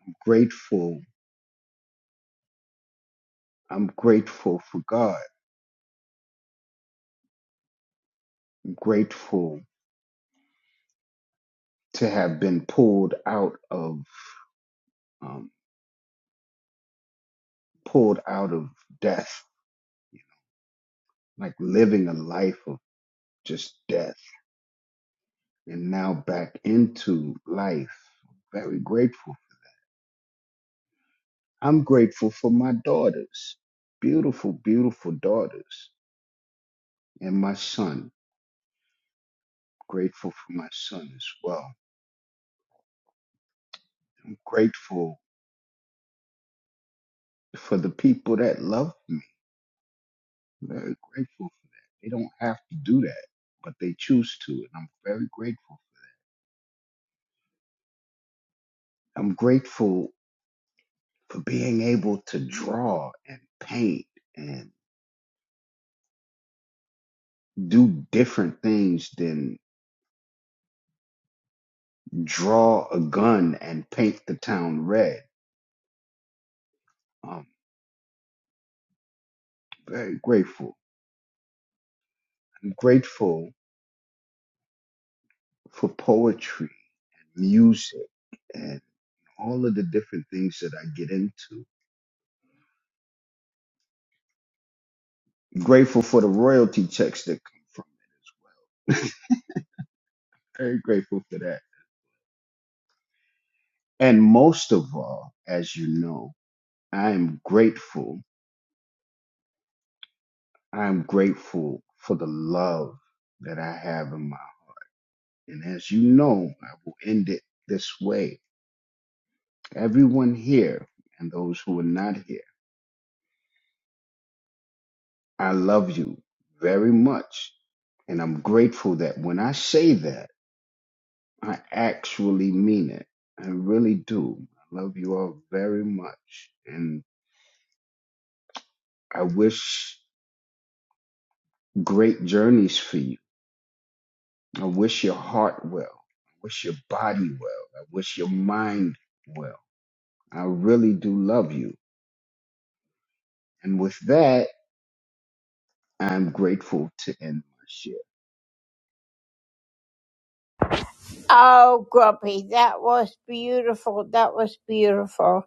I'm grateful. I'm grateful for God. I'm grateful to have been pulled out of um, pulled out of death, like living a life of just death, and now back into life. Very grateful. I'm grateful for my daughters, beautiful, beautiful daughters, and my son. Grateful for my son as well. I'm grateful for the people that love me. Very grateful for that. They don't have to do that, but they choose to, and I'm very grateful. I'm grateful for being able to draw and paint and. do different things than draw a gun and paint the town red. I'm very grateful. I'm grateful for poetry, music, and all of the different things that I get into. I'm grateful for the royalty checks that come from. Very grateful for that. And most of all, as you know, I am grateful. I am grateful for the love that I have in my. And as you know, I will end it this way. everyone here and those who are not here, I love you very much. And I'm grateful that when I say that, I actually mean it. I really do. I love you all very much. And I wish great journeys for you. I wish your heart well. I wish your body well. I wish your mind well. I really do love you. And with that, I'm grateful to end my share. Oh, Grumpy, that was beautiful. That was beautiful.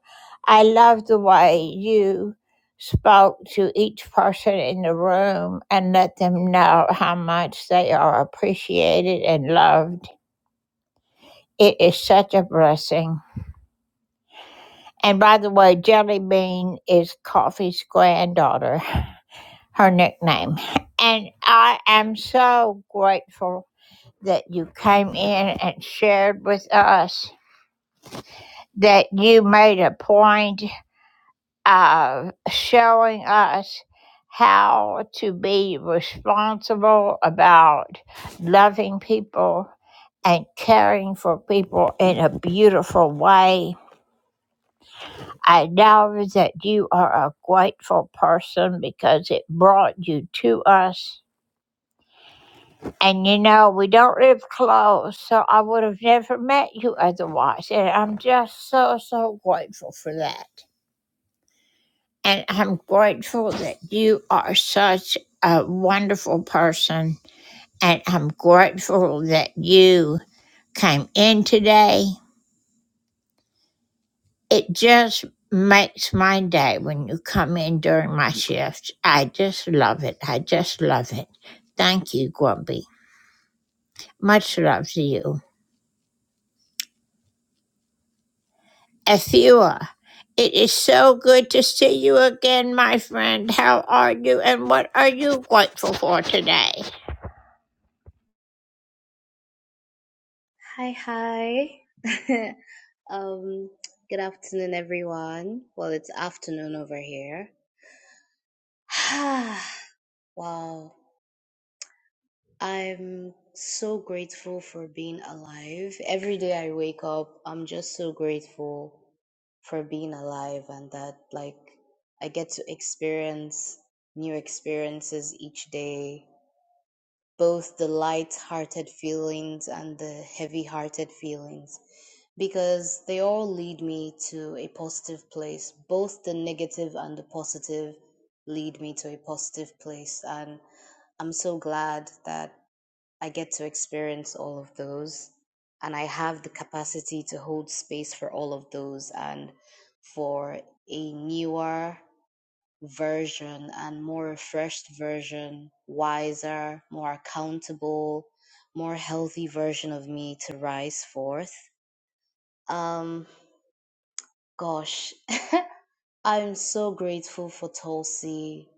I love the way you spoke to each person in the room and let them know how much they are appreciated and loved. It is such a blessing. And by the way, Jelly Bean is Coffee's granddaughter, her nickname. And I am so grateful that you came in and shared with us, that you made a point of showing us how to be responsible about loving people and caring for people in a beautiful way I know that you are a grateful person because it brought you to us. And you know, we don't live close, so I would have never met you otherwise. And I'm just so, so grateful for that. And I'm grateful that you are such a wonderful person. And I'm grateful that you came in today. It just makes my day when you come in during my shift. I just love it. I just love it. Thank you, Grumpy. Much love to you. Ethua, it is so good to see you again, my friend. How are you and what are you grateful for today? Hi, hi. um, good afternoon, everyone. Well, it's afternoon over here. wow. I'm so grateful for being alive. Every day I wake up, I'm just so grateful for being alive and that, like, I get to experience new experiences each day both the light-hearted feelings and the heavy-hearted feelings because they all lead me to a positive place. Both the negative and the positive lead me to a positive place and I'm so glad that I get to experience all of those and I have the capacity to hold space for all of those and for a newer version and more refreshed version, wiser, more accountable, more healthy version of me to rise forth. Um, gosh, I'm so grateful for Tulsi.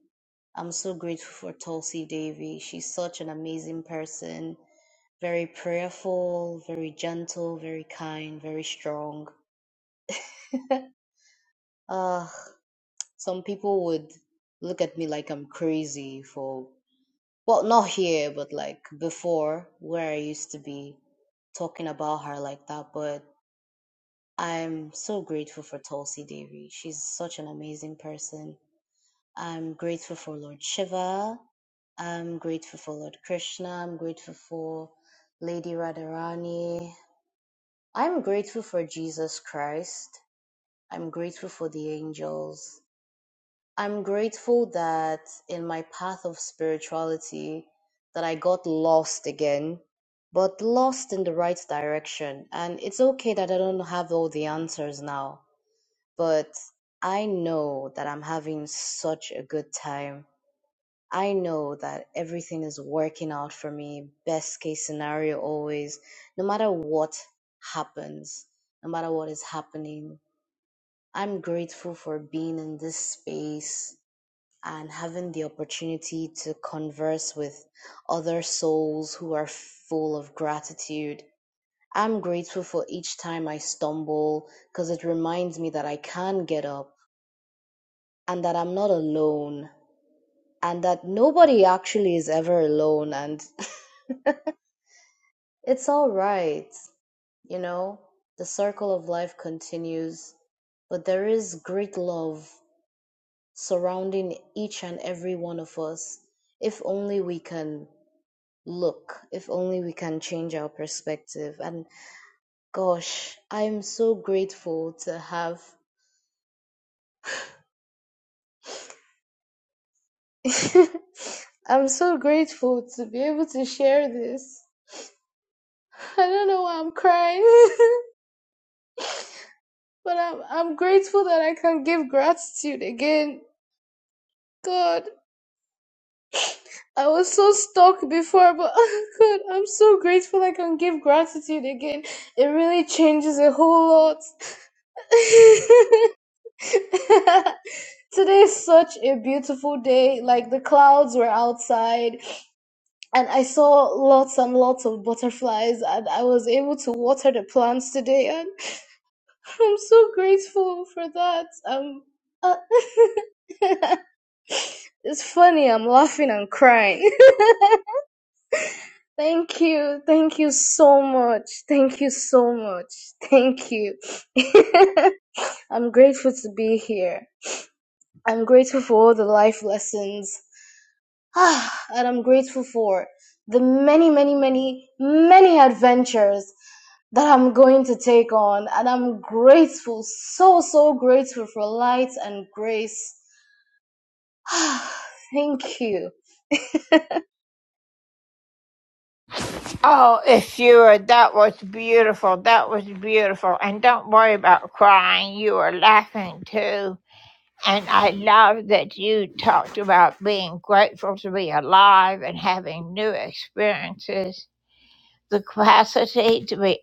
I'm so grateful for Tulsi Devi. She's such an amazing person, very prayerful, very gentle, very kind, very strong. Ugh, some people would look at me like I'm crazy for well, not here, but like before, where I used to be talking about her like that. But I'm so grateful for Tulsi Devi. She's such an amazing person. I'm grateful for Lord Shiva. I'm grateful for Lord Krishna. I'm grateful for Lady Radharani. I'm grateful for Jesus Christ. I'm grateful for the angels. I'm grateful that in my path of spirituality that I got lost again, but lost in the right direction. And it's okay that I don't have all the answers now, but I know that I'm having such a good time. I know that everything is working out for me, best case scenario always, no matter what happens, no matter what is happening. I'm grateful for being in this space and having the opportunity to converse with other souls who are full of gratitude. I'm grateful for each time I stumble because it reminds me that I can get up and that I'm not alone and that nobody actually is ever alone and it's all right. You know, the circle of life continues, but there is great love surrounding each and every one of us if only we can look, if only we can change our perspective. And gosh, I'm so grateful to have. I'm so grateful to be able to share this. I don't know why I'm crying, but I'm I'm grateful that I can give gratitude again. God, I was so stuck before, but God, I'm so grateful I can give gratitude again. It really changes a whole lot. Today is such a beautiful day. Like the clouds were outside, and I saw lots and lots of butterflies, and I was able to water the plants today, and I'm so grateful for that. Um, uh, it's funny. I'm laughing and crying. Thank you. Thank you so much. Thank you so much. Thank you. I'm grateful to be here. I'm grateful for all the life lessons Ah, and I'm grateful for the many, many, many, many adventures that I'm going to take on. And I'm grateful, so, so grateful for light and grace. Ah, Thank you. Oh, Ethua, that was beautiful. That was beautiful. And don't worry about crying. You were laughing too. And I love that you talked about being grateful to be alive and having new experiences, the capacity to be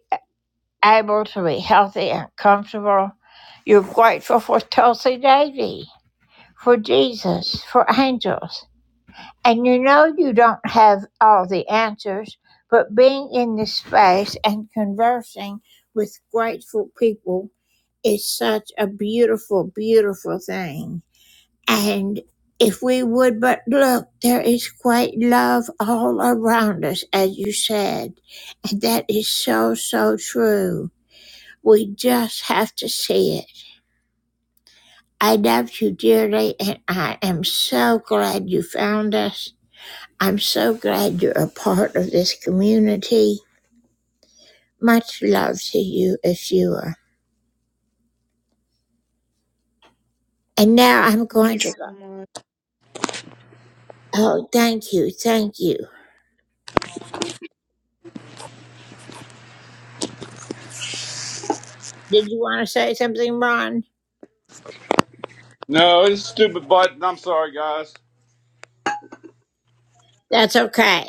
able to be healthy and comfortable. You're grateful for Tulsi Davy, for Jesus, for angels. And you know you don't have all the answers, but being in this space and conversing with grateful people is such a beautiful, beautiful thing and if we would but look, there is great love all around us, as you said. And that is so, so true. We just have to see it. I love you dearly, and I am so glad you found us. I'm so glad you're a part of this community. Much love to you, Ashua. And now I'm Thank going you to. go. so much. Oh, thank you. Thank you. Did you want to say something, Ron? No, it's stupid button. I'm sorry, guys. That's okay.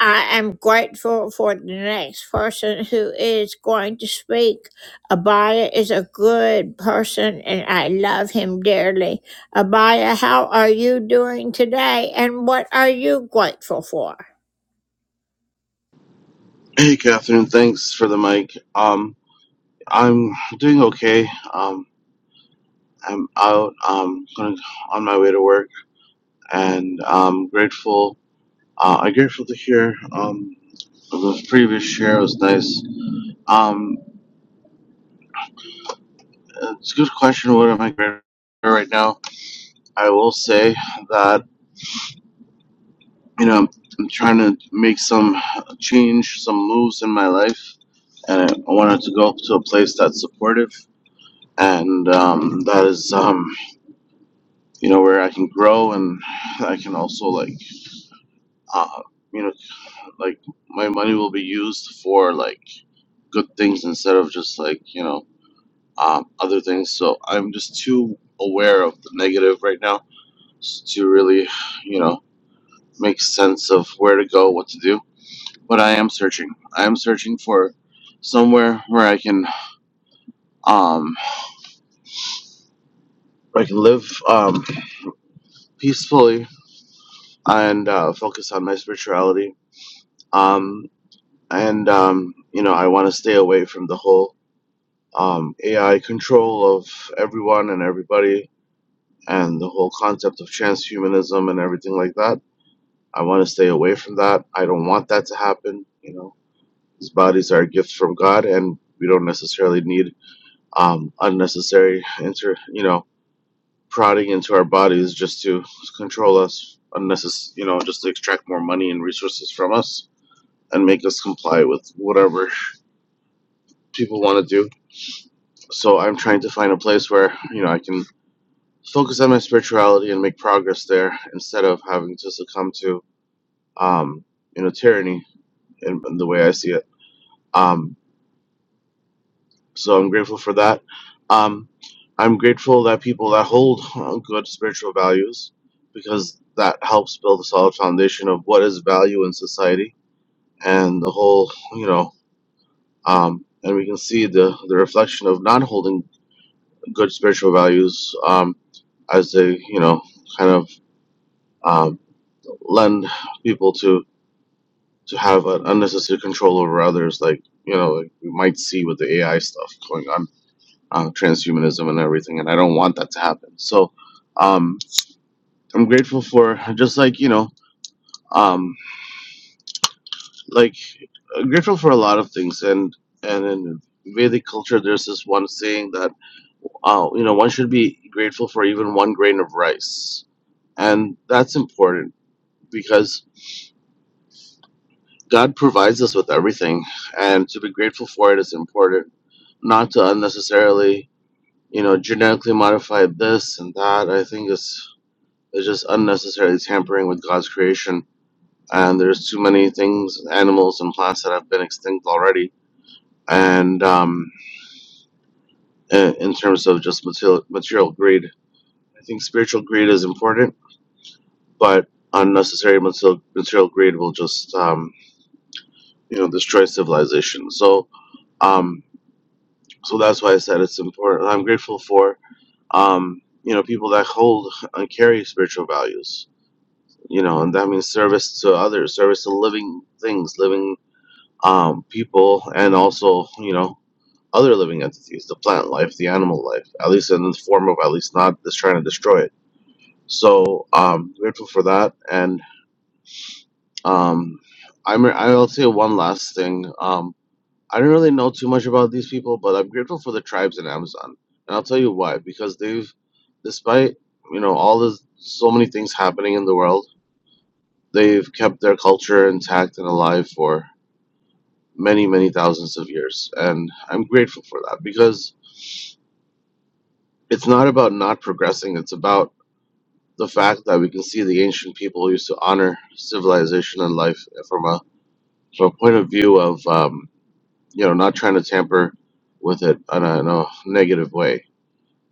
I am grateful for the next person who is going to speak. Abaya is a good person and I love him dearly. Abaya, how are you doing today and what are you grateful for? Hey, Catherine. Thanks for the mic. Um, I'm doing okay. Um, I'm out. I'm going on my way to work, and I'm grateful. Uh, I'm grateful to hear. Um, the previous share was nice. Um, it's a good question. What am I grateful for right now? I will say that you know I'm trying to make some change, some moves in my life, and I wanted to go to a place that's supportive, and um, that is. Um, you know where I can grow and I can also like uh you know like my money will be used for like good things instead of just like you know um, other things so I'm just too aware of the negative right now to really you know make sense of where to go what to do but I am searching I am searching for somewhere where I can um where I can live um peacefully and uh, focus on my spirituality um and um, you know I want to stay away from the whole um, AI control of everyone and everybody and the whole concept of transhumanism and everything like that. I want to stay away from that. I don't want that to happen. You know, these bodies are a gift from God, and we don't necessarily need um, unnecessary inter you know prodding into our bodies just to control us unnecessary you know just to extract more money and resources from us and make us comply with whatever people want to do So I'm trying to find a place where, you know, I can focus on my spirituality and make progress there instead of having to succumb to, um, you know, tyranny in, in the way I see it. Um, so I'm grateful for that. Um, I'm grateful that people that hold uh, good spiritual values because that helps build a solid foundation of what is value in society and the whole, you know, um, and we can see the, the reflection of not holding good spiritual values um, as they, you know, kind of um, lend people to to have an unnecessary control over others. Like you know, like we might see with the AI stuff going on, uh, transhumanism and everything, and I don't want that to happen. So um, I'm grateful for just like you know, um, like uh, grateful for a lot of things, and and in Vedic culture, there's this one saying that uh, you know one should be grateful for even one grain of rice and that's important because God provides us with everything, and to be grateful for it is important. Not to unnecessarily, you know, genetically modify this and that. I think it's it's just unnecessarily tampering with God's creation. And there's too many things, animals and plants that have been extinct already. And um, in, in terms of just material material greed, I think spiritual greed is important, but unnecessary material, material greed will just um, you know destroy civilization. So. Um, So that's why I said it's important. I'm grateful for um, you know people that hold and carry spiritual values. You know, and that means service to others, service to living things, living um, people, and also you know other living entities, the plant life, the animal life, at least in the form of at least not just trying to destroy it. So um, grateful for that, and um, I'm I'll say one last thing. Um, I don't really know too much about these people, but I'm grateful for the tribes in Amazon, and I'll tell you why. Because they've, despite you know all the so many things happening in the world, they've kept their culture intact and alive for many many thousands of years, and I'm grateful for that because it's not about not progressing. It's about the fact that we can see the ancient people used to honor civilization and life from a from a point of view of um, you know not trying to tamper with it in a, in a negative way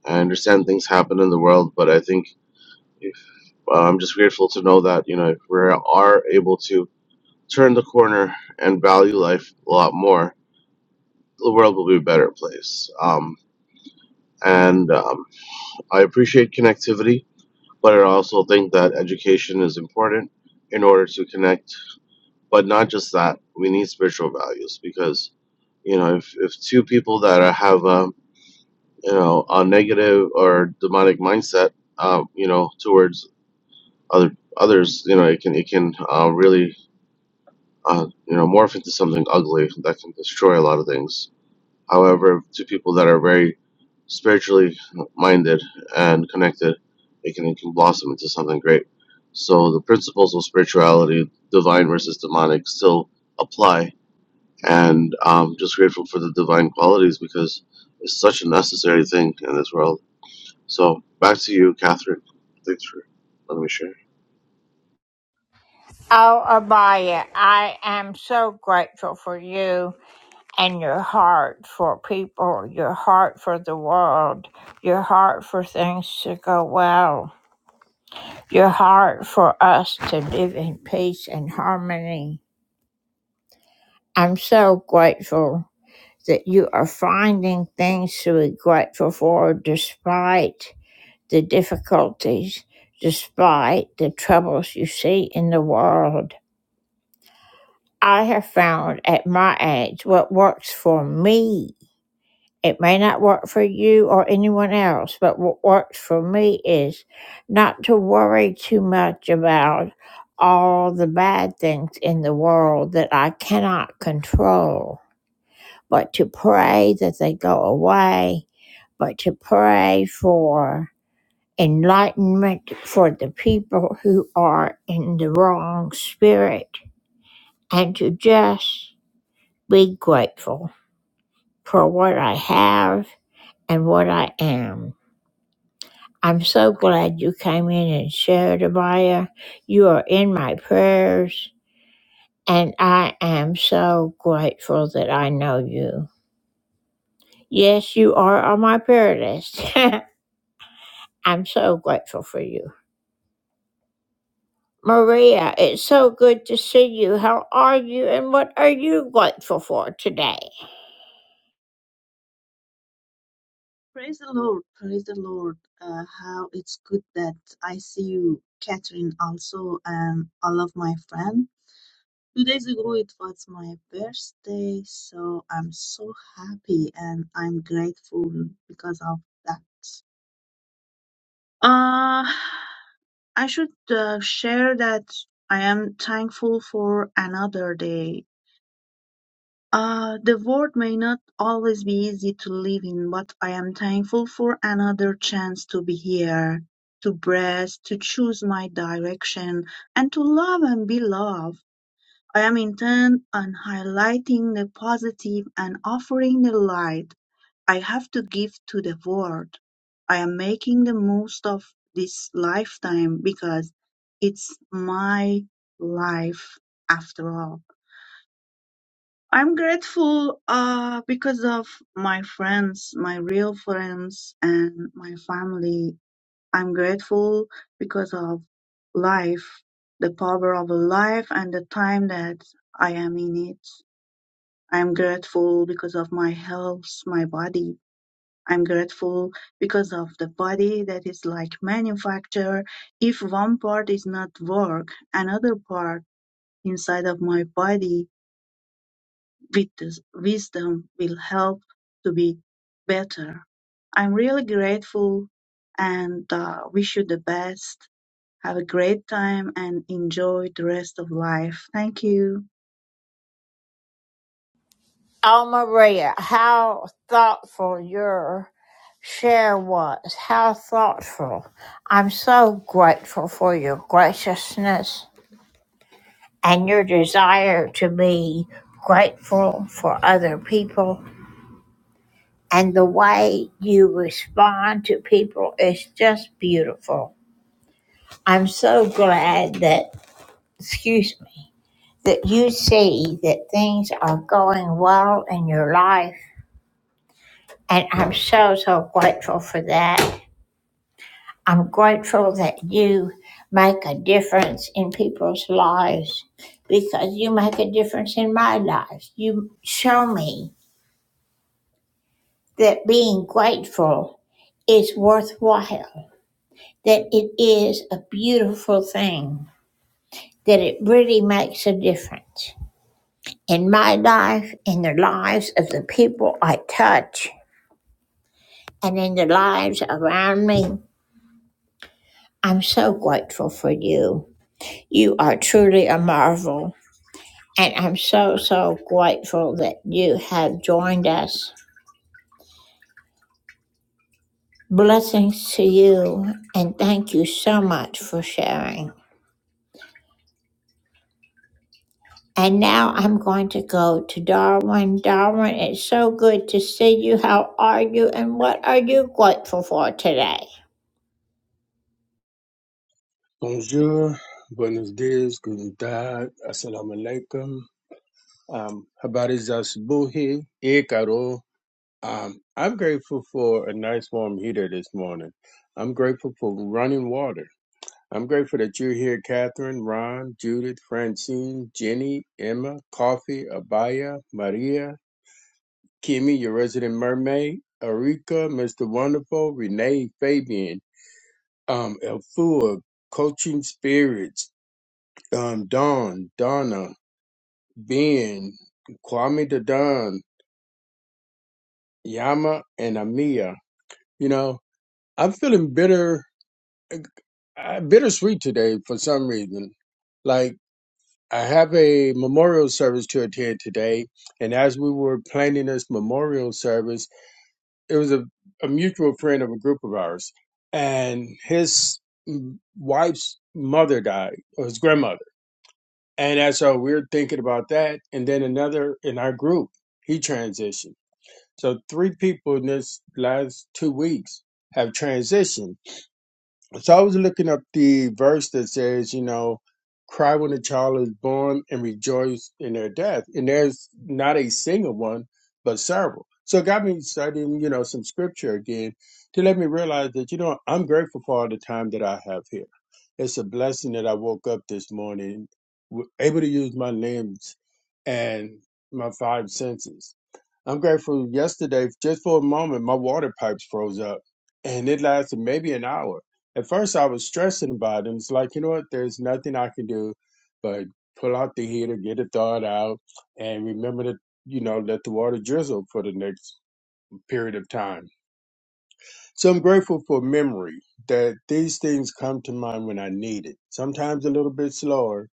I understand things happen in the world, but I think if, uh, I'm just grateful to know that you know if we are able to turn the corner and value life a lot more, the world will be a better place. Um, and um, I appreciate connectivity, but I also think that education is important in order to connect. But not just that, we need spiritual values because you know if, if two people that are- have a you know a negative or demonic mindset, um, you know towards Other others, you know, it can it can uh, really uh, you know morph into something ugly that can destroy a lot of things. However, to people that are very spiritually minded and connected, it can it can blossom into something great. So the principles of spirituality, divine versus demonic, still apply, and I'm just grateful for the divine qualities because it's such a necessary thing in this world. So back to you, Catherine. Thanks for letting me share. Oh, Abaya, I am so grateful for you and your heart for people, your heart for the world, your heart for things to go well, your heart for us to live in peace and harmony. I'm so grateful that you are finding things to be grateful for despite the difficulties, despite the troubles you see in the world. I have found at my age what works for me. It may not work for you or anyone else, but what works for me is not to worry too much about all the bad things in the world that I cannot control, but to pray that they go away, but to pray for enlightenment for the people who are in the wrong spirit, and to just be grateful. for what I have and what I am. I'm so glad you came in and shared, Abaya. You are in my prayers, and I am so grateful that I know you. Yes, you are on my prayer list. I'm so grateful for you. Maria, it's so good to see you. How are you, and what are you grateful for today? Praise the Lord, praise the Lord. Uh, how it's good that I see you, Catherine, also, and all of my friends. Two days ago, it was my birthday, so I'm so happy and I'm grateful because of that. Uh, I should uh, share that I am thankful for another day. Uh, the world may not always be easy to live in, but I am thankful for another chance to be here, to breathe, to choose my direction, and to love and be loved. I am intent on highlighting the positive and offering the light I have to give to the world. I am making the most of this lifetime because it's my life after all. I'm grateful uh, because of my friends, my real friends, and my family. I'm grateful because of life, the power of life, and the time that I am in it. I'm grateful because of my health, my body. I'm grateful because of the body that is like manufacture. If one part is not work, another part inside of my body Wit- wisdom will help to be better. I'm really grateful and uh, wish you the best. Have a great time and enjoy the rest of life. Thank you. Oh, Maria, how thoughtful your share was. How thoughtful. I'm so grateful for your graciousness and your desire to be grateful for other people. And the way you respond to people is just beautiful. I'm so glad that, excuse me, that you see that things are going well in your life. And I'm so, so grateful for that. I'm grateful that you make a difference in people's lives because you make a difference in my life. You show me that being grateful is worthwhile, that it is a beautiful thing, that it really makes a difference in my life, in the lives of the people I touch, and in the lives around me. I'm so grateful for you. You are truly a marvel. And I'm so, so grateful that you have joined us. Blessings to you, and thank you so much for sharing. And now I'm going to go to Darwin. Darwin, it's so good to see you. How are you, and what are you grateful for today? Bonjour, buenos dias, guten tag, assalamu alaikum. Um, habari za subuhi, e karo. Um, I'm grateful for a nice warm heater this morning. I'm grateful for running water. I'm grateful that you're here, Catherine, Ron, Judith, Francine, Jenny, Emma, Coffee, Abaya, Maria, Kimmy, your resident mermaid, Erika, Mr. Wonderful, Renee, Fabian, um, Elfua, Coaching Spirits, um, Don, Donna, Ben, Kwame the Don, Yama, and Amia. You know, I'm feeling bitter, uh, bittersweet today for some reason. Like, I have a memorial service to attend today, and as we were planning this memorial service, it was a, a mutual friend of a group of ours, and his mm, wife's mother died, or his grandmother And that's so we're thinking about that. And then another in our group, he transitioned. So three people in this last two weeks have transitioned. So I was looking up the verse that says, you know, cry when a child is born and rejoice in their death. And there's not a single one, but several. So it got me studying, you know, some scripture again to let me realize that, you know, I'm grateful for all the time that I have here. It's a blessing that I woke up this morning, w- able to use my limbs and my five senses. I'm grateful yesterday, just for a moment, my water pipes froze up and it lasted maybe an hour. At first, I was stressing about it. and It's like, you know what? There's nothing I can do but pull out the heater, get it thawed out, and remember to, you know, let the water drizzle for the next period of time. So I'm grateful for memory that these things come to mind when I need it. Sometimes a little bit slower,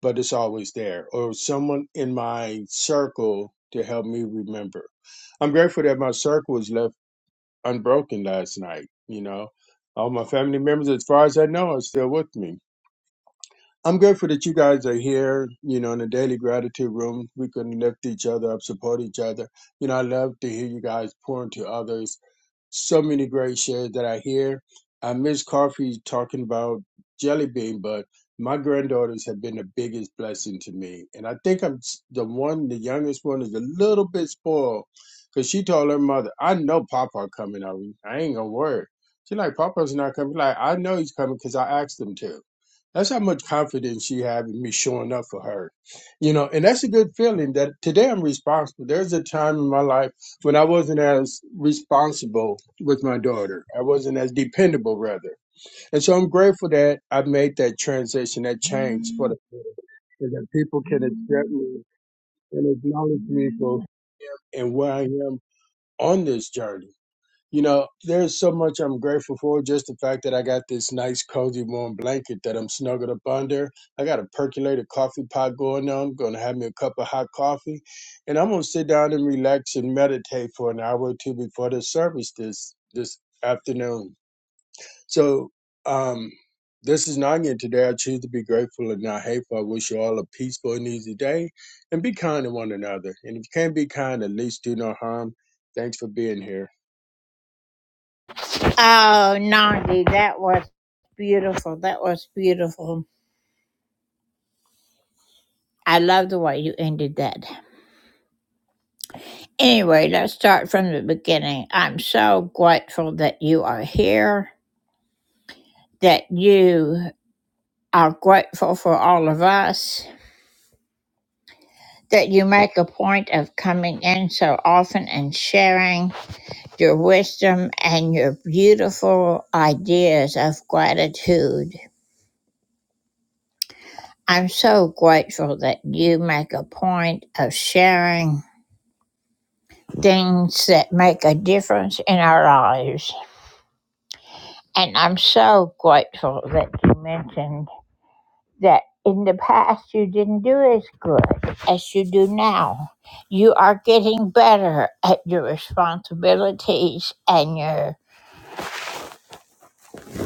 but it's always there, or someone in my circle to help me remember. I'm grateful that my circle was left unbroken last night. You know, all my family members, as far as I know, are still with me. I'm grateful that you guys are here, you know, in the daily gratitude room. We can lift each other up, support each other. You know, I love to hear you guys pour into others so many great shares that I hear. I miss coffee talking about jelly bean, but my granddaughters have been the biggest blessing to me. And I think I'm s- the one, the youngest one is a little bit spoiled because she told her mother, I know Papa coming. I, I ain't gonna worry. She's like, Papa's not coming. Like, I know he's coming because I asked him to. That's how much confidence she have in me showing up for her. You know, and that's a good feeling that today I'm responsible. There's a time in my life when I wasn't as responsible with my daughter. I wasn't as dependable, rather. And so I'm grateful that I made that transition, that change for the better, and that people can accept me and acknowledge me for and where I am on this journey. You know, there's so much I'm grateful for. Just the fact that I got this nice, cozy, warm blanket that I'm snuggled up under. I got a percolator coffee pot going on. Gonna have me a cup of hot coffee, and I'm gonna sit down and relax and meditate for an hour or two before the service this this afternoon so um, this is Nanya. Today I choose to be grateful and not hateful. I wish you all a peaceful and easy day and be kind to one another. And if you can't be kind, at least do no harm. Thanks for being here. Oh, Nandi, that was beautiful. That was beautiful. I love the way you ended that. Anyway, let's start from the beginning. I'm so grateful that you are here. that you are grateful for all of us, that you make a point of coming in so often and sharing your wisdom and your beautiful ideas of gratitude. I'm so grateful that you make a point of sharing things that make a difference in our lives. And I'm so grateful that you mentioned that in the past you didn't do as good as you do now. You are getting better at your responsibilities and your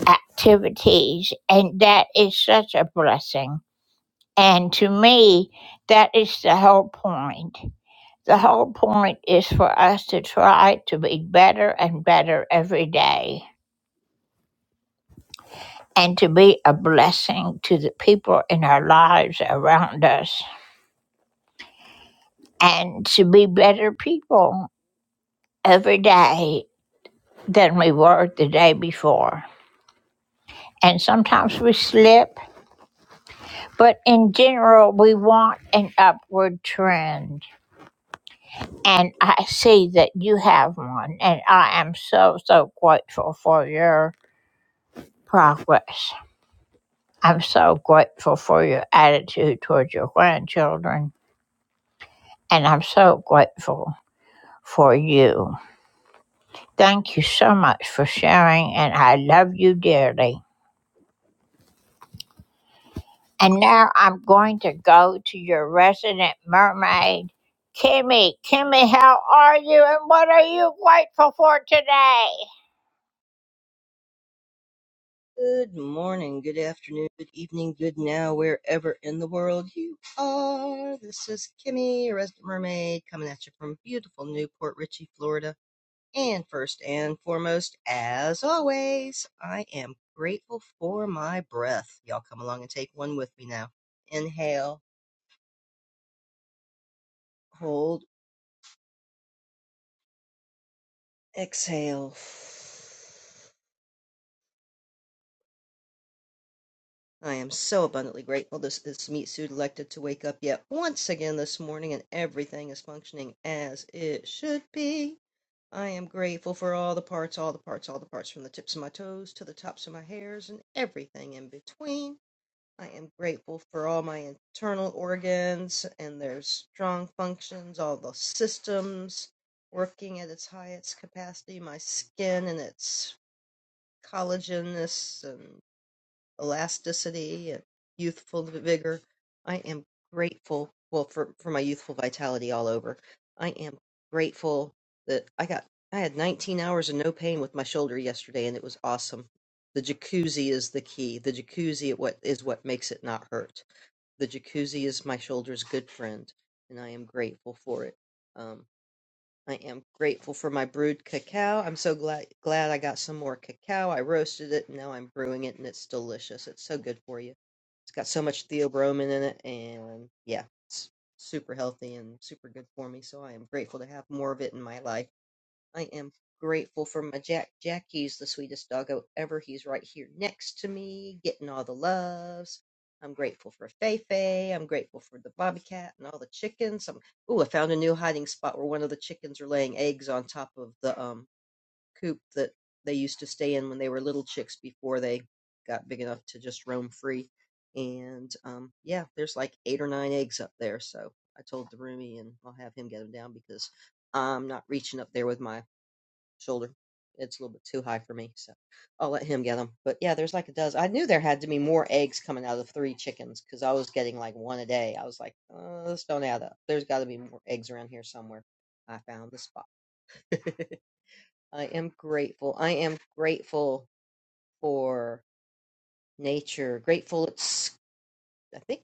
activities, and that is such a blessing. And to me, that is the whole point. The whole point is for us to try to be better and better every day and to be a blessing to the people in our lives around us and to be better people every day than we were the day before. And sometimes we slip, but in general, we want an upward trend. And I see that you have one, and I am so, so grateful for your progress. I'm so grateful for your attitude towards your grandchildren, and I'm so grateful for you. Thank you so much for sharing, and I love you dearly. And now I'm going to go to your resident mermaid, Kimmy. Kimmy, how are you and what are you grateful for today? Good morning, good afternoon, good evening, good now, wherever in the world you are. This is Kimmy, your Resident Mermaid, coming at you from beautiful Newport Richey, Florida. And first and foremost, as always, I am grateful for my breath. Y'all come along and take one with me now. Inhale, hold, exhale. I am so abundantly grateful this, this meat suit elected to wake up yet once again this morning and everything is functioning as it should be. I am grateful for all the parts, all the parts, all the parts from the tips of my toes to the tops of my hairs and everything in between. I am grateful for all my internal organs and their strong functions, all the systems working at its highest capacity, my skin and its collagenous and elasticity and youthful vigor. I am grateful, well, for, for my youthful vitality all over. I am grateful that I got, I had 19 hours of no pain with my shoulder yesterday, and it was awesome. The jacuzzi is the key. The jacuzzi is what is what makes it not hurt. The jacuzzi is my shoulder's good friend, and I am grateful for it. Um, I am grateful for my brewed cacao. I'm so glad glad I got some more cacao. I roasted it, and now I'm brewing it, and it's delicious. It's so good for you. It's got so much theobromine in it, and yeah, it's super healthy and super good for me. So I am grateful to have more of it in my life. I am grateful for my Jack. Jackie's the sweetest doggo ever. He's right here next to me, getting all the loves. I'm grateful for Feifei. I'm grateful for the bobcat and all the chickens. I'm, ooh, I found a new hiding spot where one of the chickens are laying eggs on top of the um, coop that they used to stay in when they were little chicks before they got big enough to just roam free. And um, yeah, there's like eight or nine eggs up there. So I told the roomie, and I'll have him get them down because I'm not reaching up there with my shoulder. It's a little bit too high for me, so I'll let him get them. But yeah, there's like a dozen. I knew there had to be more eggs coming out of three chickens because I was getting like one a day. I was like, uh, this don't add up. There's got to be more eggs around here somewhere. I found the spot. I am grateful. I am grateful for nature. Grateful it's. I think.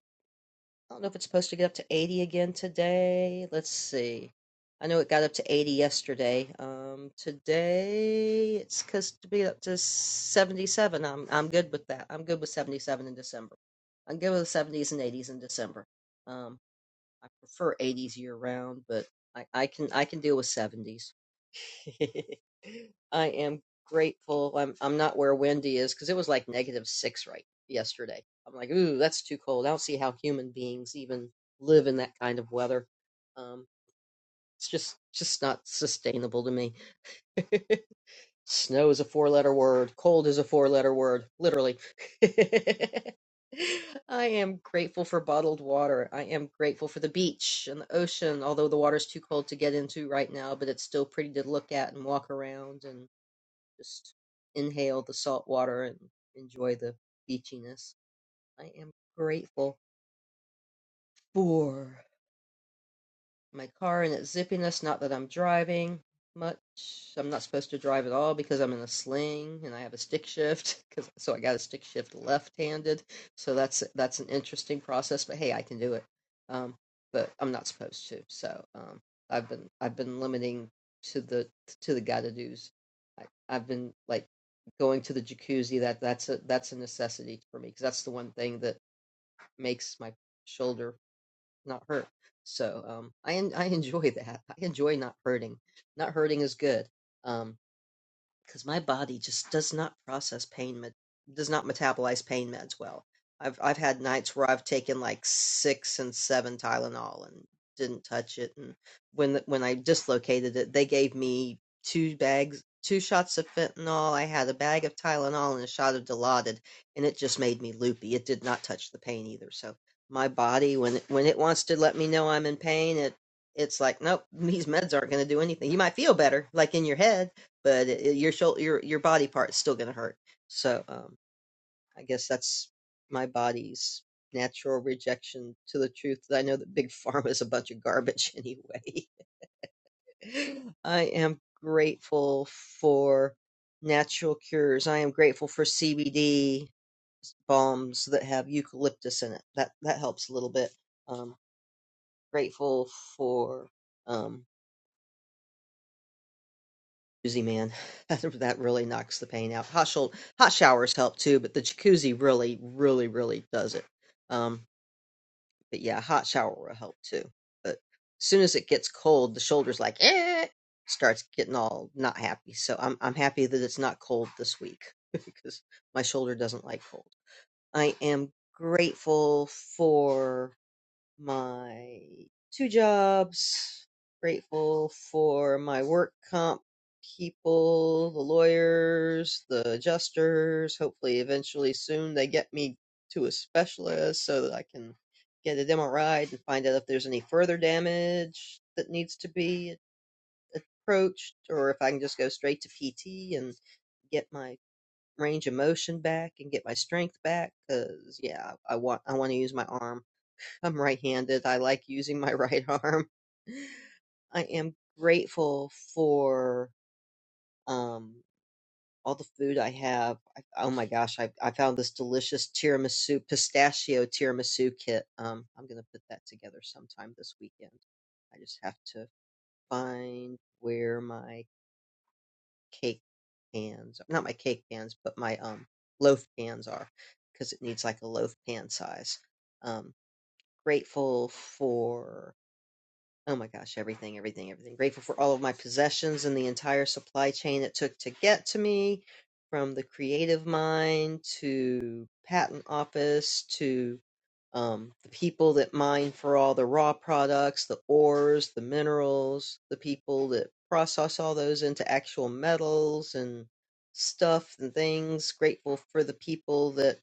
I don't know if it's supposed to get up to 80 again today. Let's see. I know it got up to 80 yesterday. Um, today it's supposed to be up to 77. I'm I'm good with that. I'm good with 77 in December. I'm good with 70s and 80s in December. Um, I prefer 80s year round, but I, I can I can deal with 70s. I am grateful. I'm I'm not where Wendy is because it was like negative six right yesterday. I'm like, ooh, that's too cold. I don't see how human beings even live in that kind of weather. Um, it's just just not sustainable to me. Snow is a four letter word. Cold is a four letter word. Literally. I am grateful for bottled water. I am grateful for the beach and the ocean, although the water's too cold to get into right now, but it's still pretty to look at and walk around. and just inhale the salt water and enjoy the beachiness. I am grateful for. my car and its zippiness. Not that I'm driving much. I'm not supposed to drive at all because I'm in a sling and I have a stick shift. Cause so I got a stick shift left-handed. So that's that's an interesting process. But hey, I can do it. Um, but I'm not supposed to. So um, I've been I've been limiting to the to the gotta dos. I, I've been like going to the jacuzzi. That that's a that's a necessity for me because that's the one thing that makes my shoulder not hurt. So um, I en- I enjoy that. I enjoy not hurting. Not hurting is good. Um, 'Cause my body just does not process pain med does not metabolize pain meds well. I've I've had nights where I've taken like six and seven Tylenol and didn't touch it. And when the, when I dislocated it, they gave me two bags, two shots of fentanyl. I had a bag of Tylenol and a shot of Dilaudid, and it just made me loopy. It did not touch the pain either. So my body, when it, when it wants to let me know I'm in pain, it it's like, nope, these meds aren't going to do anything. You might feel better, like in your head, but it, it- your shoulder, your your body part's still gonna hurt. So um, I guess that's my body's natural rejection to the truth that I know that big pharma is a bunch of garbage anyway. I am grateful for natural cures. I am grateful for CBD balms that have eucalyptus in it. That that helps a little bit. Um, grateful for um jacuzzi, man. That that really knocks the pain out. Hot shou- hot showers help too, but the jacuzzi really, really, really does it. Um, but yeah, hot shower will help too. But as soon as it gets cold, the shoulders like eh starts getting all not happy. So I'm I'm happy that it's not cold this week because my shoulder doesn't like cold. I am grateful for my two jobs, grateful for my work comp people, the lawyers, the adjusters. Hopefully, eventually, soon, they get me to a specialist so that I can get an MRI and find out if there's any further damage that needs to be approached or if I can just go straight to PT and get my range of motion back and get my strength back because yeah i want i want to use my arm I'm right-handed. I like using my right arm. I am grateful for um, all the food I have. I, oh my gosh, I, I found this delicious tiramisu, pistachio tiramisu kit. Um, I'm going to put that together sometime this weekend. I just have to find where my cake pans, not my cake pans, but my um, loaf pans are because it needs like a loaf pan size. Um, grateful for Oh my gosh, everything, everything, everything. Grateful for all of my possessions and the entire supply chain it took to get to me, from the creative mind to patent office to um, the people that mine for all the raw products, the ores, the minerals, the people that process all those into actual metals and stuff and things. Grateful for the people that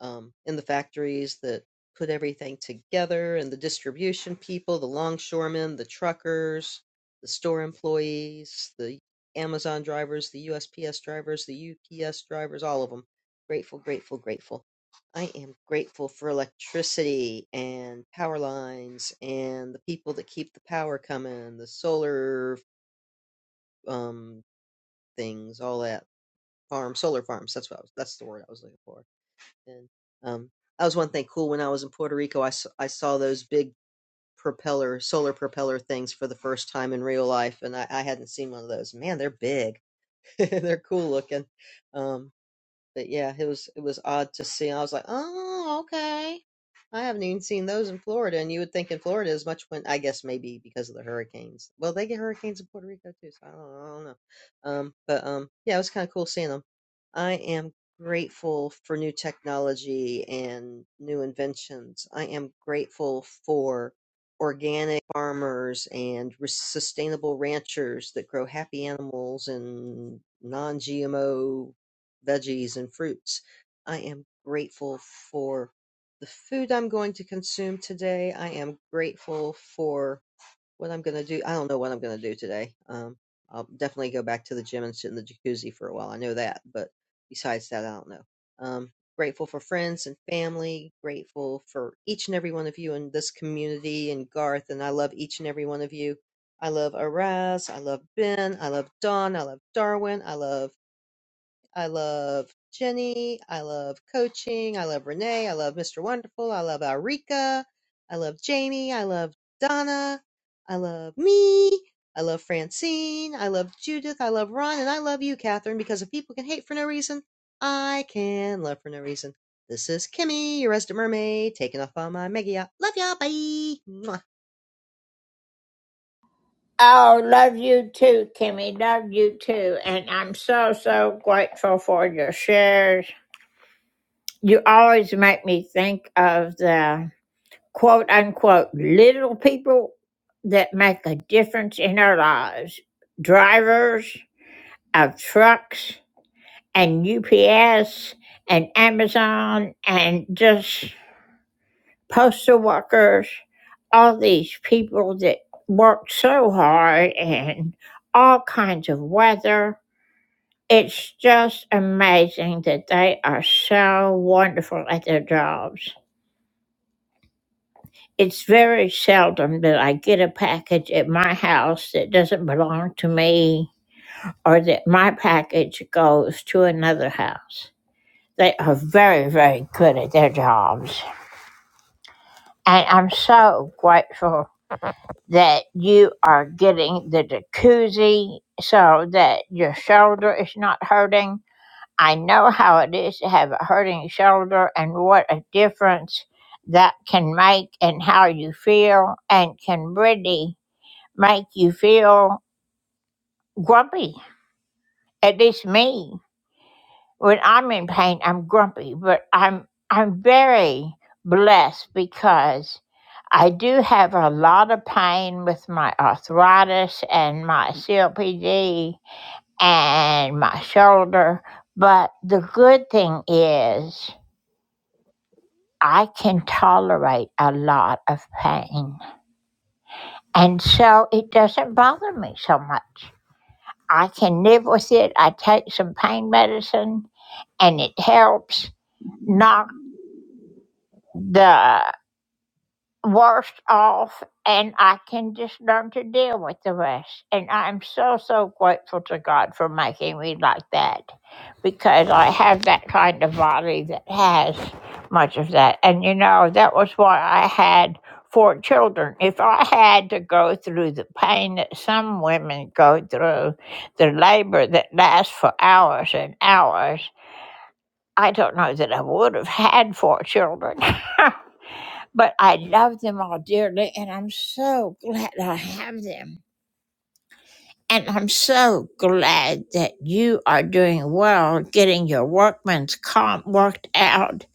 um, in the factories that put everything together and the distribution people, the longshoremen, the truckers, the store employees, the Amazon drivers, the USPS drivers, the UPS drivers, all of them. Grateful, grateful, grateful I am grateful for electricity and power lines and the people that keep the power coming, the solar um things, all that farm, solar farms. That's what I was, that's the word I was looking for. And um, that was one thing cool when I was in Puerto Rico. I s- I saw those big propeller solar propeller things for the first time in real life, and I, I hadn't seen one of those. Man, they're big. they're cool looking. Um, but yeah, it was it was odd to see. I was like, oh, okay. I haven't even seen those in Florida, and you would think in Florida as much when I guess maybe because of the hurricanes. Well, they get hurricanes in Puerto Rico too, so I don't, I don't know. Um, but um, yeah, it was kind of cool seeing them. I am grateful for new technology and new inventions. I am grateful for organic farmers and res- sustainable ranchers that grow happy animals and non-GMO veggies and fruits. I am grateful for the food I'm going to consume today. I am grateful for what I'm going to do. I don't know what I'm going to do today. Um, I'll definitely go back to the gym and sit in the jacuzzi for a while. I know that, but besides that, I don't know. Um, grateful for friends and family. Grateful for each and every one of you in this community and Garth. And I love each and every one of you. I love Araz. I love Ben. I love Don. I love Darwin. I love I love Jenny. I love coaching. I love Renee. I love Mr. Wonderful. I love Alrika. I love Jamie. I love Donna. I love me. I love Francine. I love Judith. I love Ron. And I love you, Catherine, because if people can hate for no reason, I can love for no reason. This is Kimmy, your resident mermaid, taking off on my mega yacht. Love y'all. Bye. Mwah. Oh, love you too, Kimmy. Love you too. And I'm so, so grateful for your shares. You always make me think of the quote unquote little people that make a difference in our lives drivers of trucks and UPS and Amazon and just postal workers, all these people that work so hard in all kinds of weather. It's just amazing that they are so wonderful at their jobs. It's very seldom that I get a package at my house that doesn't belong to me or that my package goes to another house. They are very, very good at their jobs. And I'm so grateful that you are getting the jacuzzi so that your shoulder is not hurting. I know how it is to have a hurting shoulder and what a difference that can make in how you feel and can really make you feel grumpy. At least me. when I'm in pain, I'm grumpy, but I'm I'm very blessed because I do have a lot of pain with my arthritis and my COPD and my shoulder. But the good thing is I can tolerate a lot of pain. And so it doesn't bother me so much. I can live with it. I take some pain medicine and it helps knock the worse off and I can just learn to deal with the rest. And I'm so, so grateful to God for making me like that because I have that kind of body that has much of that. And you know, that was why I had four children. If I had to go through the pain that some women go through, the labor that lasts for hours and hours, I don't know that I would have had four children. but I love them all dearly, and I'm so glad I have them. And I'm so glad that you are doing well getting your workman's comp worked out,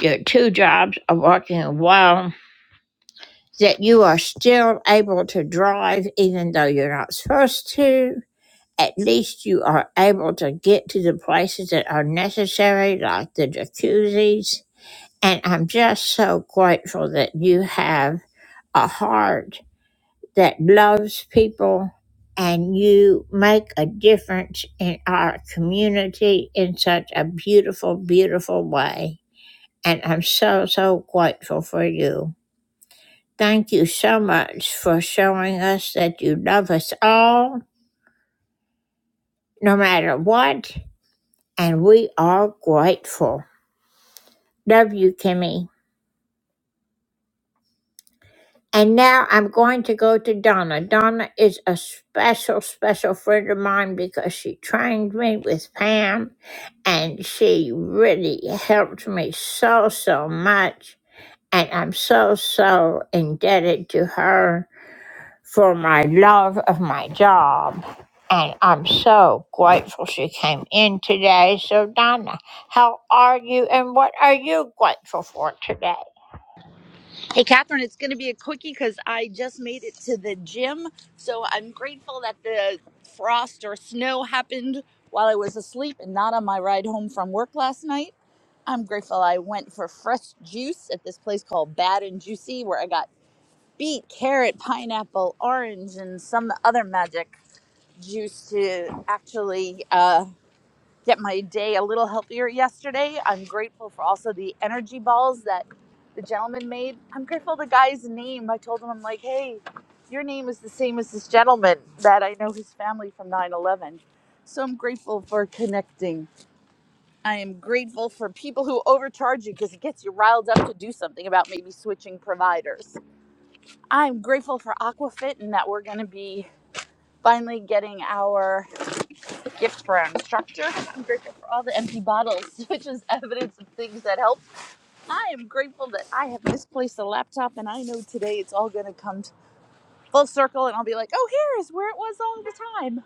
your two jobs are working well, that you are still able to drive even though you're not supposed to. At least you are able to get to the places that are necessary, like the jacuzzis. And I'm just so grateful that you have a heart that loves people and you make a difference in our community in such a beautiful, beautiful way. And I'm so, so grateful for you. Thank you so much for showing us that you love us all, no matter what. And we are grateful. Love you, Kimmy. And now I'm going to go to Donna. Donna is a special, special friend of mine because she trained me with Pam and she really helped me so, so much. And I'm so, so indebted to her for my love of my job. And I'm so grateful she came in today. So, Donna, how are you and what are you grateful for today? Hey, Catherine, it's going to be a quickie because I just made it to the gym. So I'm grateful that the frost or snow happened while I was asleep and not on my ride home from work last night. I'm grateful I went for fresh juice at this place called Bad and Juicy where I got beet, carrot, pineapple, orange, and some other magic juice to actually uh, get my day a little healthier yesterday. I'm grateful for also the energy balls that the gentleman made. I'm grateful the guy's name. I told him, I'm like, hey, your name is the same as this gentleman that I know his family from 9 11. So I'm grateful for connecting. I am grateful for people who overcharge you because it gets you riled up to do something about maybe switching providers. I'm grateful for Aquafit and that we're going to be finally getting our gift for our instructor. I'm grateful for all the empty bottles, which is evidence of things that help. I am grateful that I have misplaced a laptop, and I know today it's all going to come full circle, and I'll be like, oh, here is where it was all the time,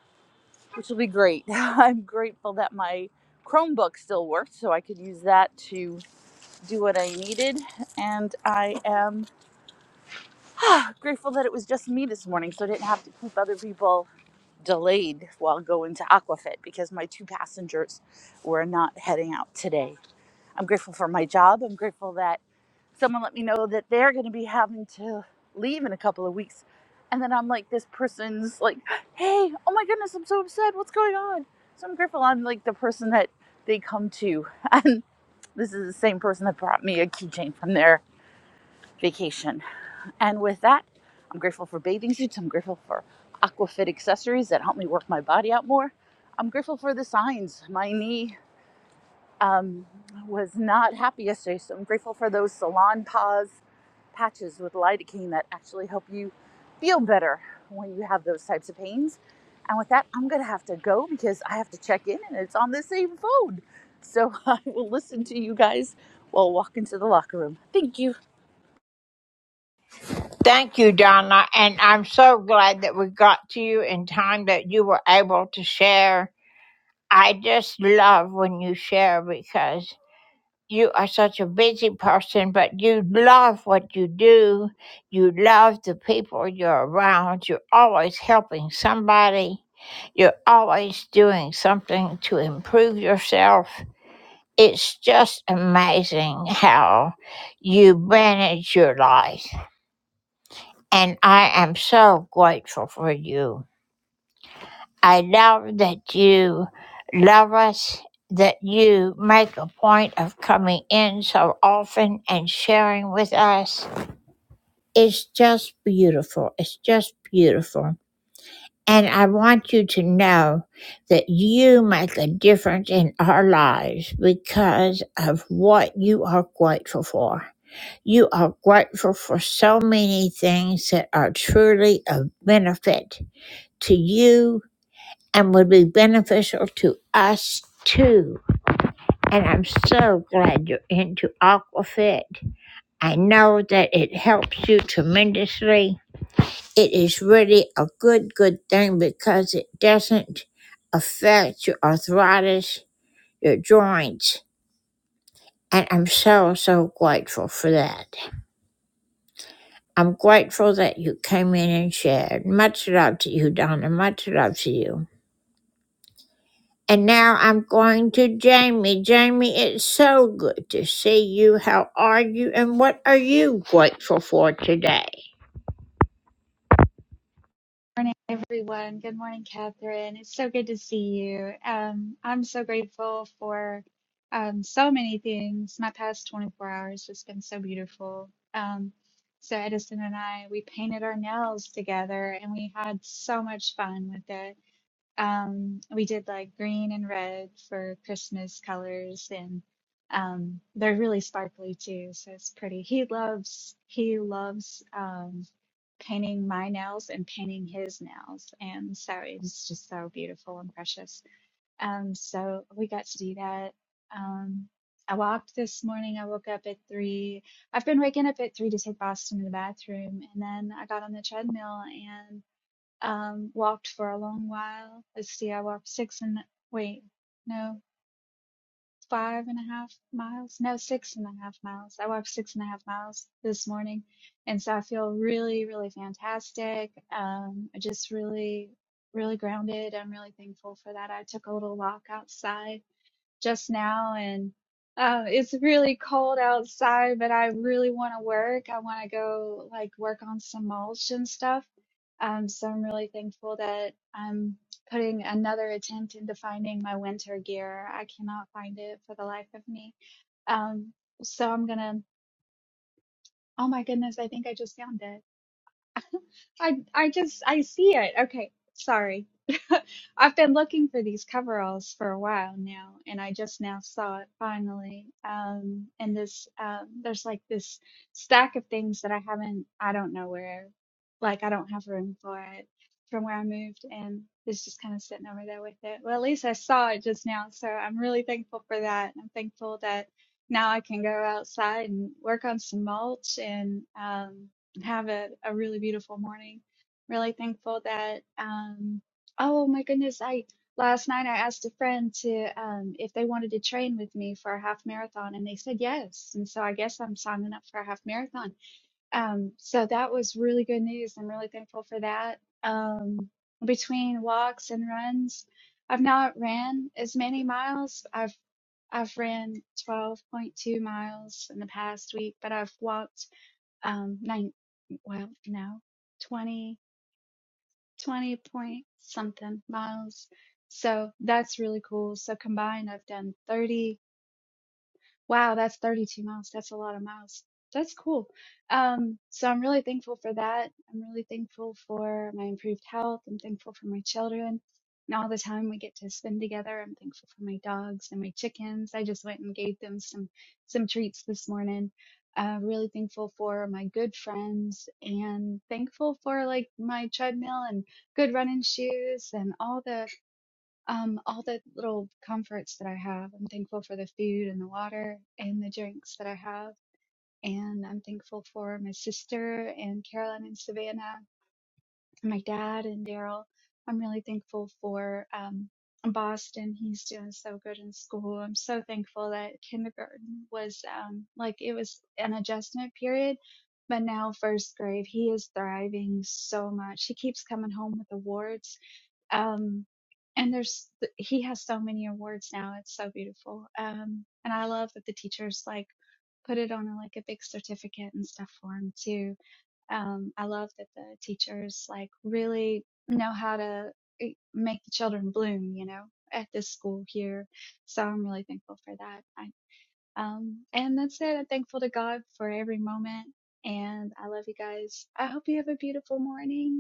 which will be great. I'm grateful that my Chromebook still worked, so I could use that to do what I needed. And I am grateful that it was just me this morning, so I didn't have to keep other people delayed while going to Aquafit because my two passengers were not heading out today. I'm grateful for my job. I'm grateful that someone let me know that they're going to be having to leave in a couple of weeks. And then I'm like, this person's like, hey, oh my goodness, I'm so upset. What's going on? So I'm grateful I'm like the person that they come to. And this is the same person that brought me a keychain from their vacation. And with that, I'm grateful for bathing suits. I'm grateful for Aquafit accessories that help me work my body out more. I'm grateful for the signs. My knee was not happy yesterday, so I'm grateful for those salon paws patches with lidocaine that actually help you feel better when you have those types of pains. And with that, I'm gonna have to go because I have to check in and it's on the same phone. So I will listen to you guys while walking to the locker room. Thank you. Thank you, Donna. And I'm so glad that we got to you in time that you were able to share. I just love when you share because you are such a busy person, but you love what you do. You love the people you're around. You're always helping somebody. You're always doing something to improve yourself. It's just amazing how you manage your life. And I am so grateful for you. I love that you love us, that you make a point of coming in so often and sharing with us. It's just beautiful. It's just beautiful. And I want you to know that you make a difference in our lives because of what you are grateful for. You are grateful for so many things that are truly of benefit to you and would be beneficial to us too. And I'm so glad you're into AquaFit. I know that it helps you tremendously. It is really a good, good thing because it doesn't affect your arthritis, your joints. And I'm so, so grateful for that. I'm grateful that you came in and shared. Much love to you, Donna. Much love to you. And now I'm going to Jamie. Jamie, it's so good to see you. How are you? And what are you grateful for today? Good morning, everyone. Good morning, Catherine. It's so good to see you. Um, I'm so grateful for um, so many things. My past 24 hours has been so beautiful. Um, so Edison and I, we painted our nails together, and we had so much fun with it. Um, we did like green and red for Christmas colors, and um, they're really sparkly too, so it's pretty. He loves he loves. um, painting my nails and painting his nails. And so it was just so beautiful and precious. Um, so we got to do that. Um, I walked this morning. I woke up at three. I've been waking up at three to take Boston to the bathroom. And then I got on the treadmill and um, walked for a long while. Let's see, I walked six and wait, no five and a half miles no six and a half miles i walked six and a half miles this morning and so i feel really really fantastic um I just really really grounded i'm really thankful for that i took a little walk outside just now and uh, it's really cold outside, but I really want to work. I want to go like work on some mulch and stuff. Um, so I'm really thankful that I'm putting another attempt into finding my winter gear. I cannot find it for the life of me. Um, so I'm gonna, oh my goodness, I think I just found it. I I just I see it. Okay, sorry. I've been looking for these coveralls for a while now, and I just now saw it finally. Um, and this um, there's like this stack of things that I haven't. I don't know where. Like I don't have room for it from where I moved, and it's just kind of sitting over there with it. Well, at least I saw it just now, so I'm really thankful for that. I'm thankful that now I can go outside and work on some mulch and um have a, a really beautiful morning. Really thankful that um oh my goodness, I last night I asked a friend to um if they wanted to train with me for a half marathon and they said yes. And so I guess I'm signing up for a half marathon. Um so that was really good news. I'm really thankful for that. Um between walks and runs, I've not ran as many miles. I've I've ran 12.2 miles in the past week, but I've walked um, nine, well, no, 20, 20 point something miles. So that's really cool. So combined, I've done 30. Wow, that's 32 miles. That's a lot of miles. That's cool. Um, so I'm really thankful for that. I'm really thankful for my improved health. I'm thankful for my children and all the time we get to spend together. I'm thankful for my dogs and my chickens. I just went and gave them some some treats this morning. Uh, really thankful for my good friends and thankful for like my treadmill and good running shoes and all the um, all the little comforts that I have. I'm thankful for the food and the water and the drinks that I have. And I'm thankful for my sister and Carolyn and Savannah, and my dad and Daryl. I'm really thankful for um, Boston. He's doing so good in school. I'm so thankful that kindergarten was um, like it was an adjustment period. But now, first grade, he is thriving so much. He keeps coming home with awards um, and there's, he has so many awards now. It's so beautiful. Um, and I love that the teachers like put it on a, like a big certificate and stuff for him too. Um, I love that the teachers like really know how to eh, make the children bloom, you know, at this school here. So I'm really thankful for that. I, um, and that's it. I'm thankful to God for every moment. And I love you guys. I hope you have a beautiful morning.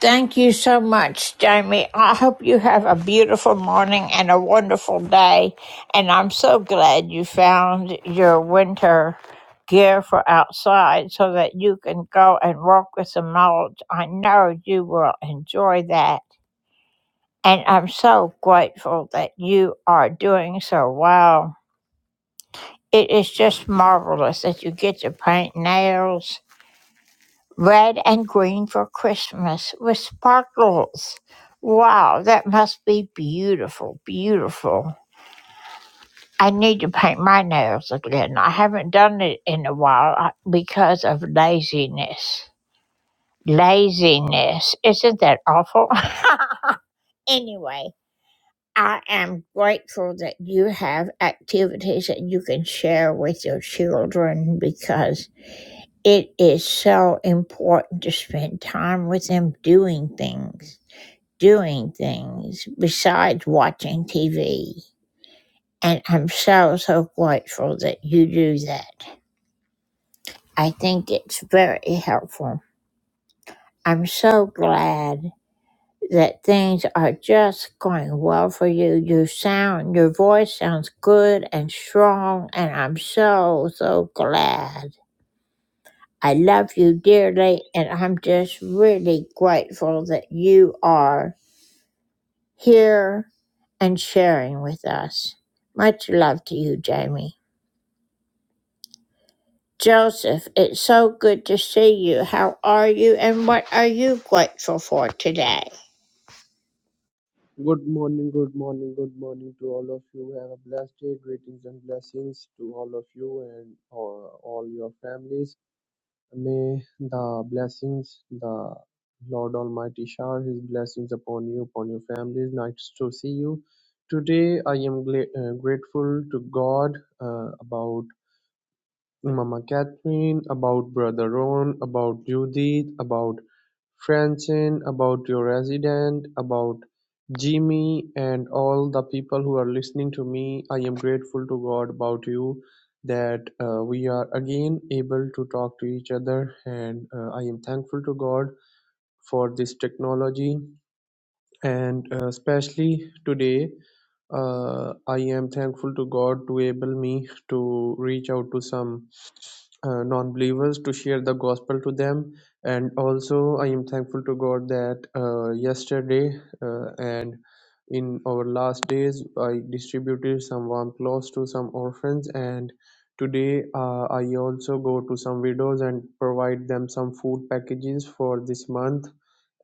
Thank you so much, Jamie. I hope you have a beautiful morning and a wonderful day. And I'm so glad you found your winter gear for outside so that you can go and walk with the mulch. I know you will enjoy that. And I'm so grateful that you are doing so well. It is just marvelous that you get to paint nails red and green for Christmas with sparkles. Wow, that must be beautiful, beautiful. I need to paint my nails again. I haven't done it in a while uh, because of laziness. Laziness. Isn't that awful? anyway, I am grateful that you have activities that you can share with your children because It is so important to spend time with them doing things, doing things besides watching TV. And I'm so, so grateful that you do that. I think it's very helpful. I'm so glad that things are just going well for you. You sound, your voice sounds good and strong, and I'm so, so glad. I love you dearly, and I'm just really grateful that you are here and sharing with us. Much love to you, Jamie. Joseph, it's so good to see you. How are you, and what are you grateful for today? Good morning, good morning, good morning to all of you. Have a blessed day. Greetings and blessings to all of you and uh, all your families. May the blessings, the Lord Almighty shower His blessings upon you, upon your families. Nice to see you. Today, I am gla- uh, grateful to God uh, about Mama Catherine, about Brother Ron, about Judith, about Francine, about your resident, about Jimmy, and all the people who are listening to me. I am grateful to God about you that uh, we are again able to talk to each other, and uh, I am thankful to God for this technology and uh, especially today uh, i am thankful to god to able me to reach out to some uh, non-believers to share the gospel to them and also i am thankful to god that uh, yesterday uh, and in our last days i distributed some warm clothes to some orphans and today uh, i also go to some widows and provide them some food packages for this month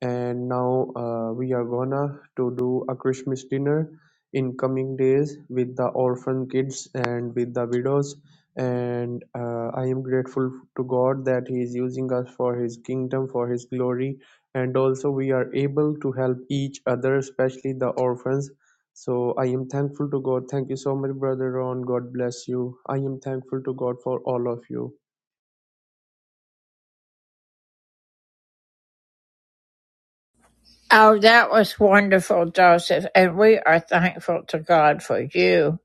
and now uh, we are gonna to do a christmas dinner in coming days with the orphan kids and with the widows and uh, i am grateful to god that he is using us for his kingdom for his glory and also we are able to help each other especially the orphans so i am thankful to god thank you so much brother ron god bless you i am thankful to god for all of you Oh, that was wonderful, Joseph, and we are thankful to God for you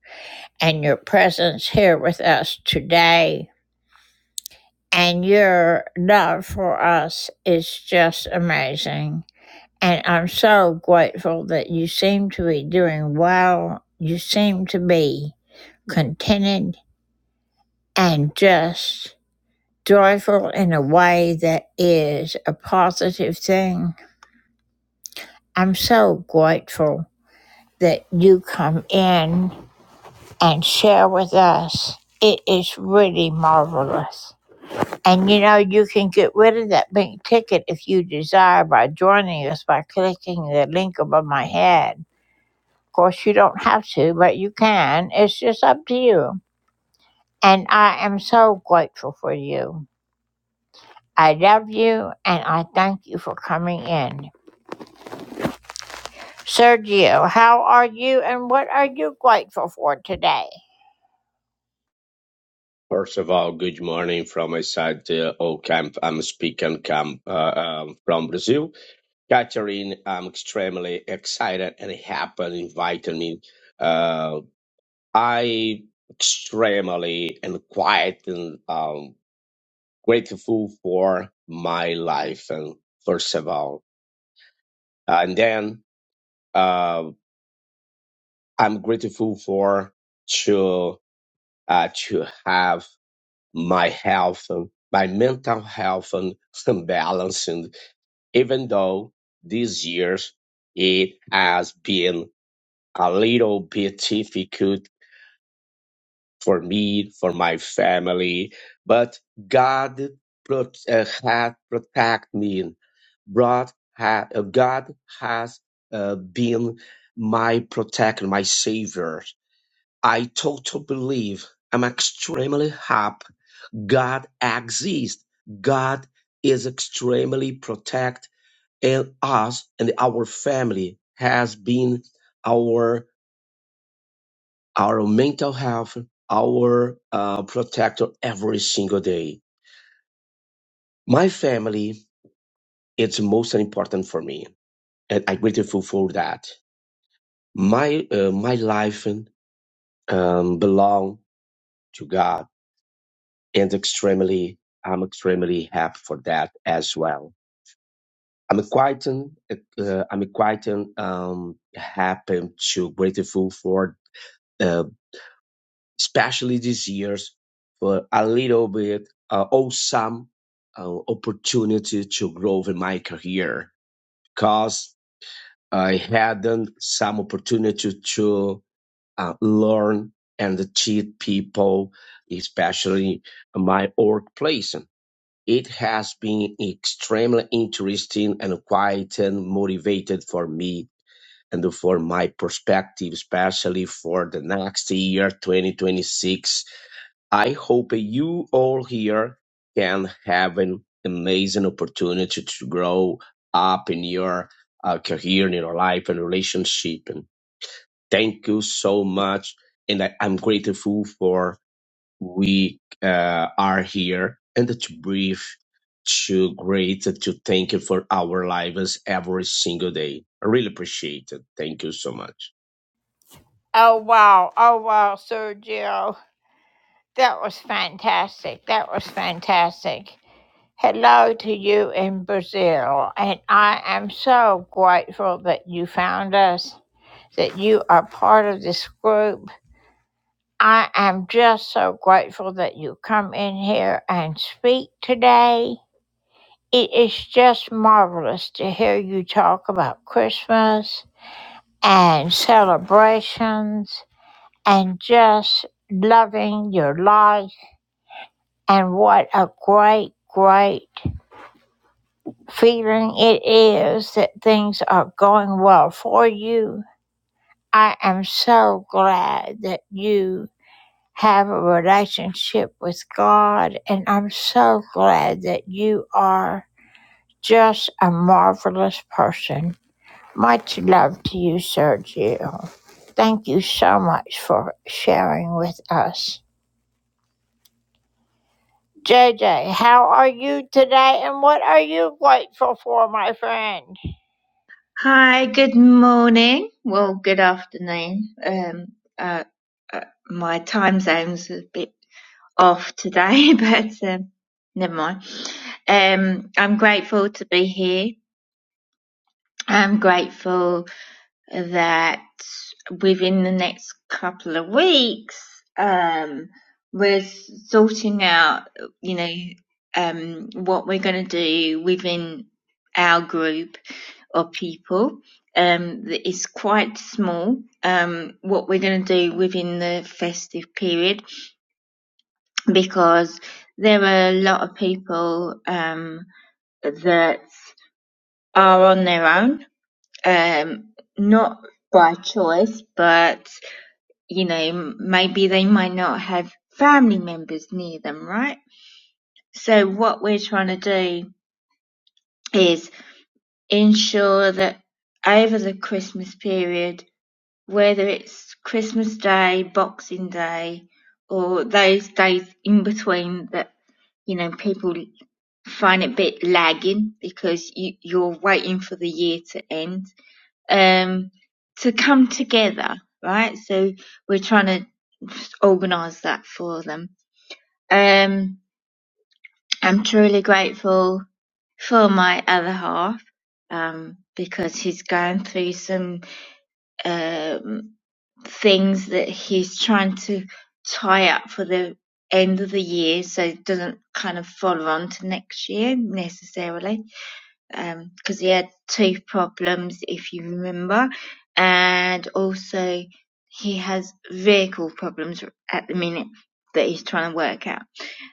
and your presence here with us today. And your love for us is just amazing. And I'm so grateful that you seem to be doing well. You seem to be contented and just joyful in a way that is a positive thing. I'm so grateful that you come in and share with us. It is really marvelous. And you know, you can get rid of that pink ticket if you desire by joining us by clicking the link above my head Of course, you don't have to, but you can. It's just up to you. And I am so grateful for you. I love you and I thank you for coming in. Sergio, how are you and what are you grateful for today? First of all, good morning from my side, uh, all camp. I'm speaking camp, uh, um, from Brazil. Catherine, I'm extremely excited and happy and inviting me. Uh, I extremely and quiet and um, grateful for my life. And first of all, and then uh, I'm grateful for to uh, to have my health, my mental health and some balance. And even though these years it has been a little bit difficult for me, for my family, but God pro- uh, had protect me. God, ha- uh, God has uh, been my protector, my savior. I totally believe I'm extremely happy God exists. God is extremely protect and us and our family has been our our mental health, our uh, protector every single day. My family is most important for me, and I'm grateful for that. My uh, my life um, belong to God, and extremely I'm extremely happy for that as well. I'm quite uh, I'm quite um happy to grateful for uh, especially this year's for a little bit uh, awesome uh, opportunity to grow in my career because I had um, some opportunity to uh, learn and teach people, especially my workplace. It has been extremely interesting and quite um, motivated for me and for my perspective, especially for the next year, 2026. I hope you all here can have an amazing opportunity to grow up in your uh, career, in your life, and relationship. And thank you so much. And I, I'm grateful for we uh, are here and to breathe, to great, to thank you for our lives every single day. I really appreciate it. Thank you so much. Oh, wow. Oh, wow, Sergio. That was fantastic. That was fantastic. Hello to you in Brazil. And I am so grateful that you found us, that you are part of this group I am just so grateful that you come in here and speak today. It is just marvelous to hear you talk about Christmas and celebrations and just loving your life. And what a great, great feeling it is that things are going well for you. I am so glad that you have a relationship with God. And I'm so glad that you are just a marvelous person. Much love to you, Sergio. Thank you so much for sharing with us. JJ, how are you today and what are you grateful for, my friend? Hi, good morning. Well, good afternoon. Um, uh, uh, my time zone's a bit off today, but um, never mind. Um, I'm grateful to be here. I'm grateful that within the next couple of weeks, um, we're sorting out, you know, um, what we're going to do within our group of people. Um, that is quite small. Um, what we're going to do within the festive period because there are a lot of people um, that are on their own, um, not by choice, but you know, maybe they might not have family members near them, right? So what we're trying to do is ensure that over the Christmas period, whether it's Christmas Day, Boxing Day, or those days in between that, you know, people find it a bit lagging because you, you're waiting for the year to end um, to come together, right? So we're trying to organise that for them. Um, I'm truly grateful for my other half um, because he's going through some um, things that he's trying to tie up for the end of the year so it doesn't kind of follow on to next year necessarily um because he had tooth problems if you remember and also he has vehicle problems at the minute that he's trying to work out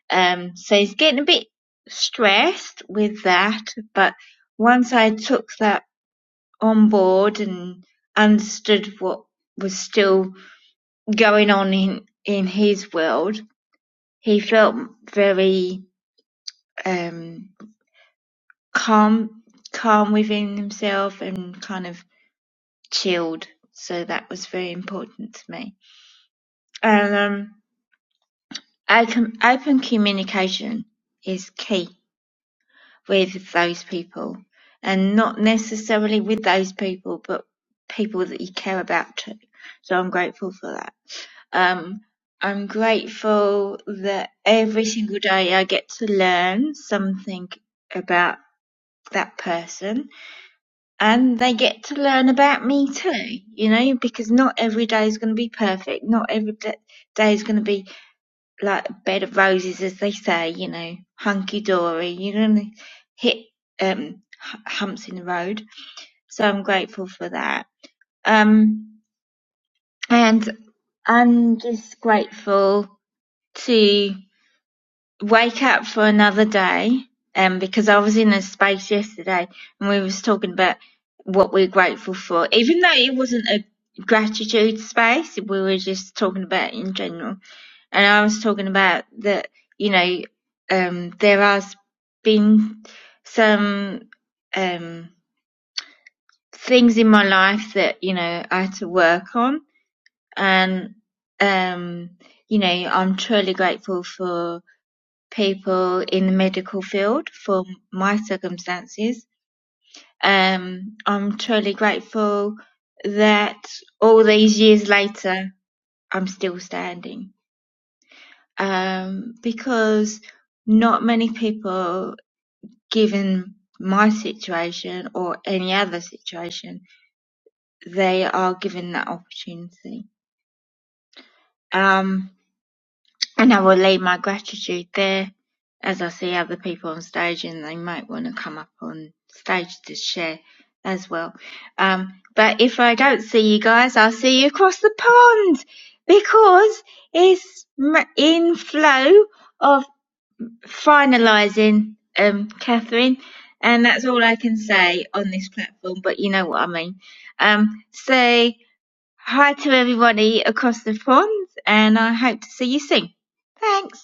um so he's getting a bit stressed with that but once i took that on board and understood what was still going on in in his world he felt very um calm calm within himself and kind of chilled. So that was very important to me. And um, open, open communication is key with those people, and not necessarily with those people, but people that you care about too. So I'm grateful for that. Um, I'm grateful that every single day I get to learn something about that person and they get to learn about me too, you know, because not every day is going to be perfect. Not every day is going to be like a bed of roses, as they say, you know, hunky dory. You're going to hit um, humps in the road. So I'm grateful for that. Um, and I'm just grateful to. wake up for another day um because I was in a space yesterday and we was talking about what we're grateful for even though it wasn't a gratitude space we were just talking about in general and I was talking about that you know um there has been some um things in my life that you know I had to work on and um you know I'm truly grateful for people in the medical field for my circumstances. Um, I'm truly grateful that all these years later, I'm still standing. Um, because not many people, given my situation or any other situation, they are given that opportunity. Um, and I will leave my gratitude there. As I see other people on stage and they might want to come up on stage to share as well. Um, but if I don't see you guys, I'll see you across the pond because it's m- in flow of finalising, um, Catherine. And that's all I can say on this platform, but you know what I mean. Um, so hi to everybody across the pond and I hope to see you soon. Thanks.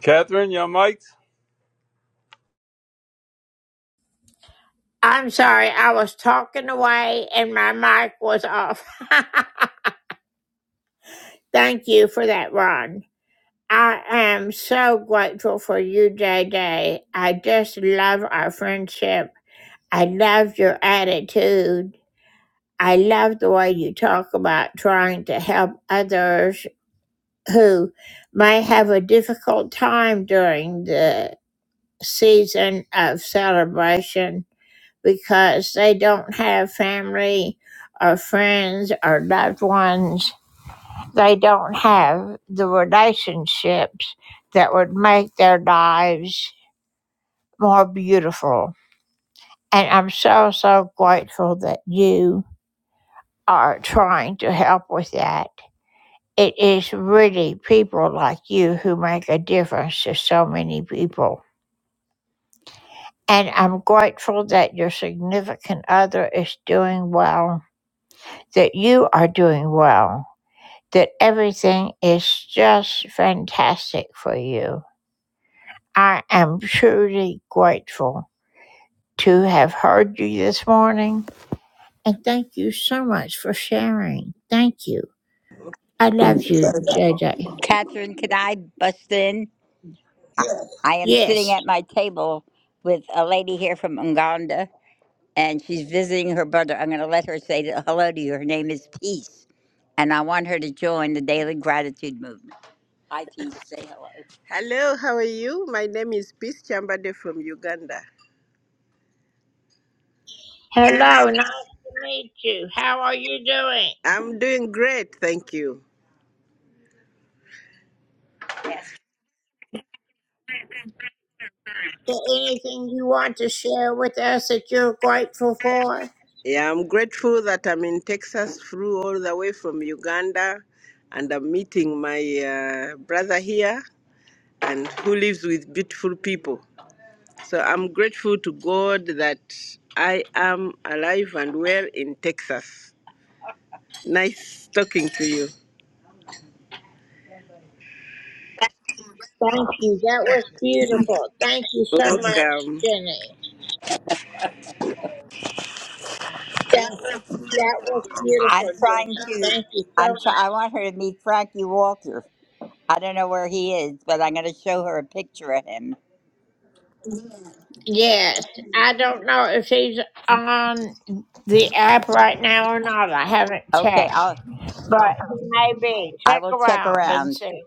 Catherine, your mic. I'm sorry, I was talking away and my mic was off. Thank you for that, Ron. I am so grateful for you, J J. I just love our friendship. I love your attitude. I love the way you talk about trying to help others who may have a difficult time during the season of celebration because they don't have family or friends or loved ones they don't have the relationships that would make their lives more beautiful. And I'm so, so grateful that you are trying to help with that. It is really people like you who make a difference to so many people. And I'm grateful that your significant other is doing well, that you are doing well, that everything is just fantastic for you. I am truly grateful to have heard you this morning. And thank you so much for sharing. Thank you. I love you, JJ. Catherine, can I bust in? I am sitting Yes. at my table with a lady here from Uganda, and she's visiting her brother. I'm going to let her say hello to you. Her name is Peace, and I want her to join the Daily Gratitude Movement. Hi, Peace. Say hello. Hello, how are you? My name is Peace Chambade from Uganda. Hello. Nice to meet you. How are you doing? I'm doing great, thank you. Is there anything you want to share with us that you're grateful for? Yeah, I'm grateful that I'm in Texas, flew all the way from Uganda, and I'm meeting my uh, brother here, and who lives with beautiful people. So I'm grateful to God that I am alive and well in Texas. Nice talking to you. Thank you. That was beautiful. Thank you so much, Welcome. Jenny. That was beautiful, I'm trying Jenny. to. Thank you so I'm. much. Try, I want her to meet Frankie Walter. I don't know where he is, but I'm going to show her a picture of him. Yes, I don't know if he's on the app right now or not. I haven't Okay, checked, I'll. but he may be. I Check will check around and around. see.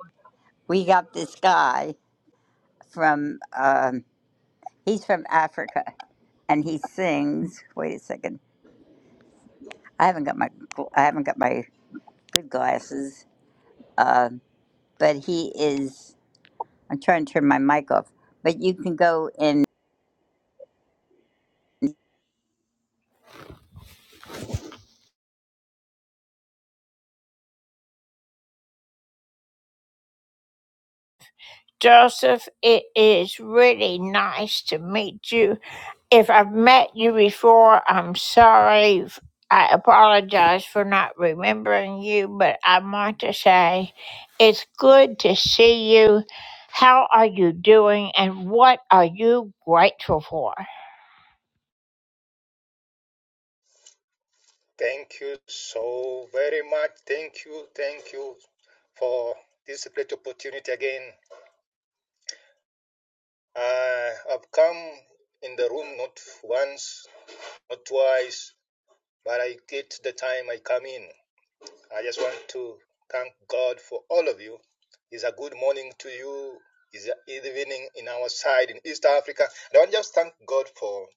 we got this guy from um, he's from Africa and he sings. Wait a second, I haven't got my gl- I haven't got my good glasses, Um but he is. I'm trying to turn my mic off, but you can go in. Joseph, it is really nice to meet you. If I've met you before, I'm sorry. f- I apologize for not remembering you, but I want to say it's good to see you. How are you doing and what are you grateful for? Thank you so very much. Thank you. Thank you for this great opportunity again. I have come in the room not once, not twice, but I get the time I come in. I just want to thank God for all of you. It's a good morning to you. It's an evening in our side in East Africa. And I want to just thank God for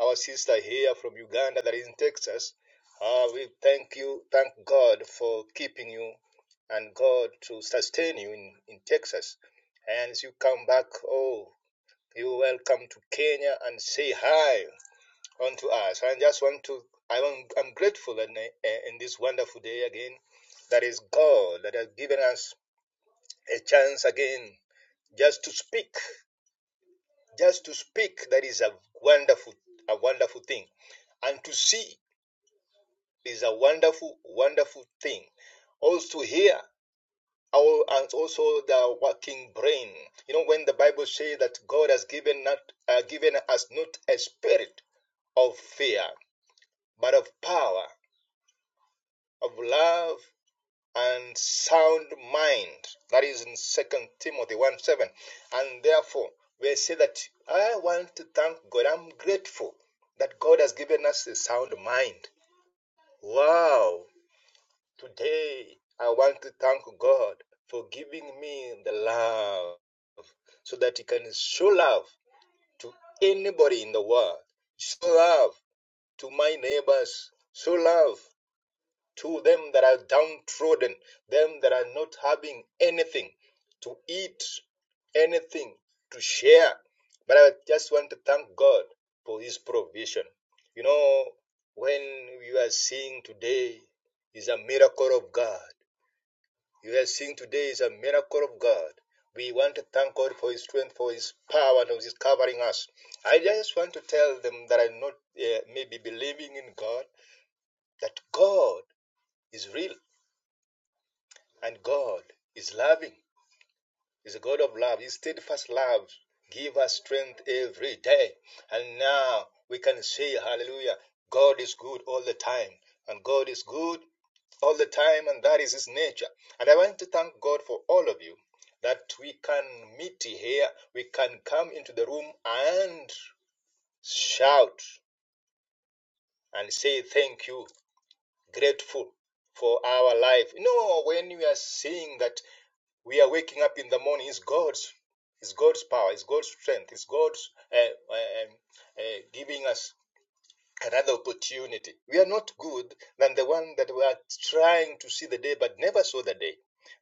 our sister here from Uganda that is in Texas. Uh, we thank you, thank God for keeping you and God to sustain you in, in Texas. And as you come back, oh, you welcome to Kenya and say hi unto us. I just want to, I want, I'm grateful in, in this wonderful day again. That is God that has given us a chance again just to speak, just to speak. That is a wonderful, a wonderful thing. And to see is a wonderful, wonderful thing. Also to hear and also the working brain. You know, when the Bible says that God has given not uh, given us not a spirit of fear, but of power, of love, and sound mind. That is in Second Timothy one seven. And therefore, we say that I want to thank God. I'm grateful that God has given us a sound mind. Wow! Today, I want to thank God for giving me the love so that He can show love to anybody in the world. Show love to my neighbors. Show love to them that are downtrodden, them that are not having anything to eat, anything to share. But I just want to thank God for His provision. You know, when we are seeing today is a miracle of God you have seen today is a miracle of God. We want to thank God for His strength, for His power, and for His covering us. I just want to tell them that I'm not uh, maybe believing in God, that God is real and God is loving. Is a God of love. His steadfast love give us strength every day. And now we can say, hallelujah, God is good all the time. And God is good all the time, and that is his nature. And I want to thank God for all of you that we can meet here, we can come into the room and shout and say thank you, grateful for our life. You know, when we are saying that we are waking up in the morning is God's is God's power, is God's strength, is God's uh, uh, uh, giving us another opportunity. We are not good than the one that we are trying to see the day but never saw the day.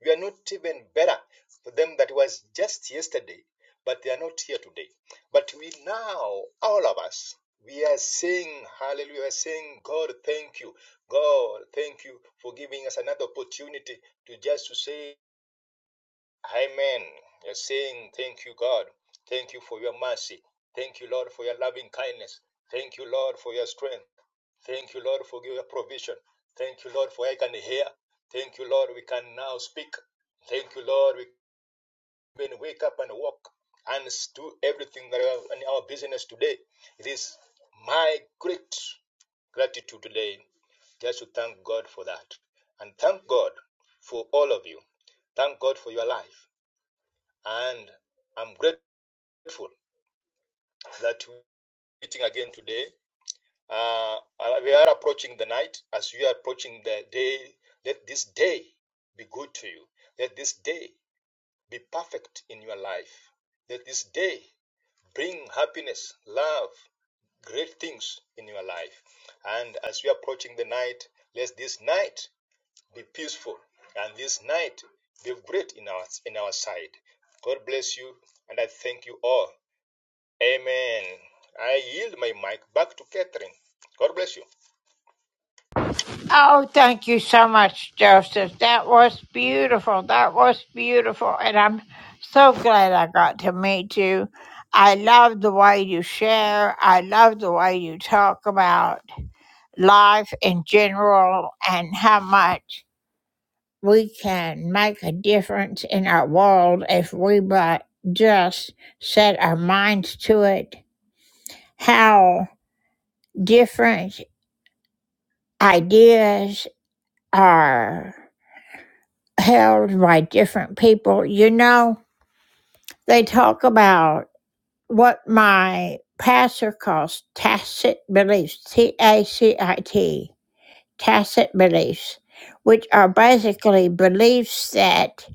We are not even better for them that was just yesterday, but they are not here today. But we now, all of us, we are saying hallelujah, we are saying God, thank you. God, thank you for giving us another opportunity to just to say Amen. You're saying, Thank you, God. Thank you for your mercy. Thank you, Lord, for your loving kindness. Thank you, Lord, for your strength. Thank you, Lord, for your provision. Thank you, Lord, for I can hear. Thank you, Lord, we can now speak. Thank you, Lord, we can wake up and walk and do everything that are in our business today. It is my great gratitude today just to thank God for that. And thank God for all of you. Thank God for your life and I'm grateful that we're meeting again today. Uh, uh, we are approaching the night. As you are approaching the day, let this day be good to you. Let this day be perfect in your life. Let this day bring happiness, love, great things in your life. And as you are approaching the night, let this night be peaceful and this night be great in our in our side. God bless you, and I thank you all. Amen. I yield my mic back to Catherine. God bless you. Oh, thank you so much, Joseph. That was beautiful. That was beautiful. And I'm so glad I got to meet you. I love the way you share. I love the way you talk about life in general and how much we can make a difference in our world if we but just set our minds to it. How different ideas are held by different people. You know, they talk about what my pastor calls tacit beliefs, T A C I T, tacit beliefs, which are basically beliefs that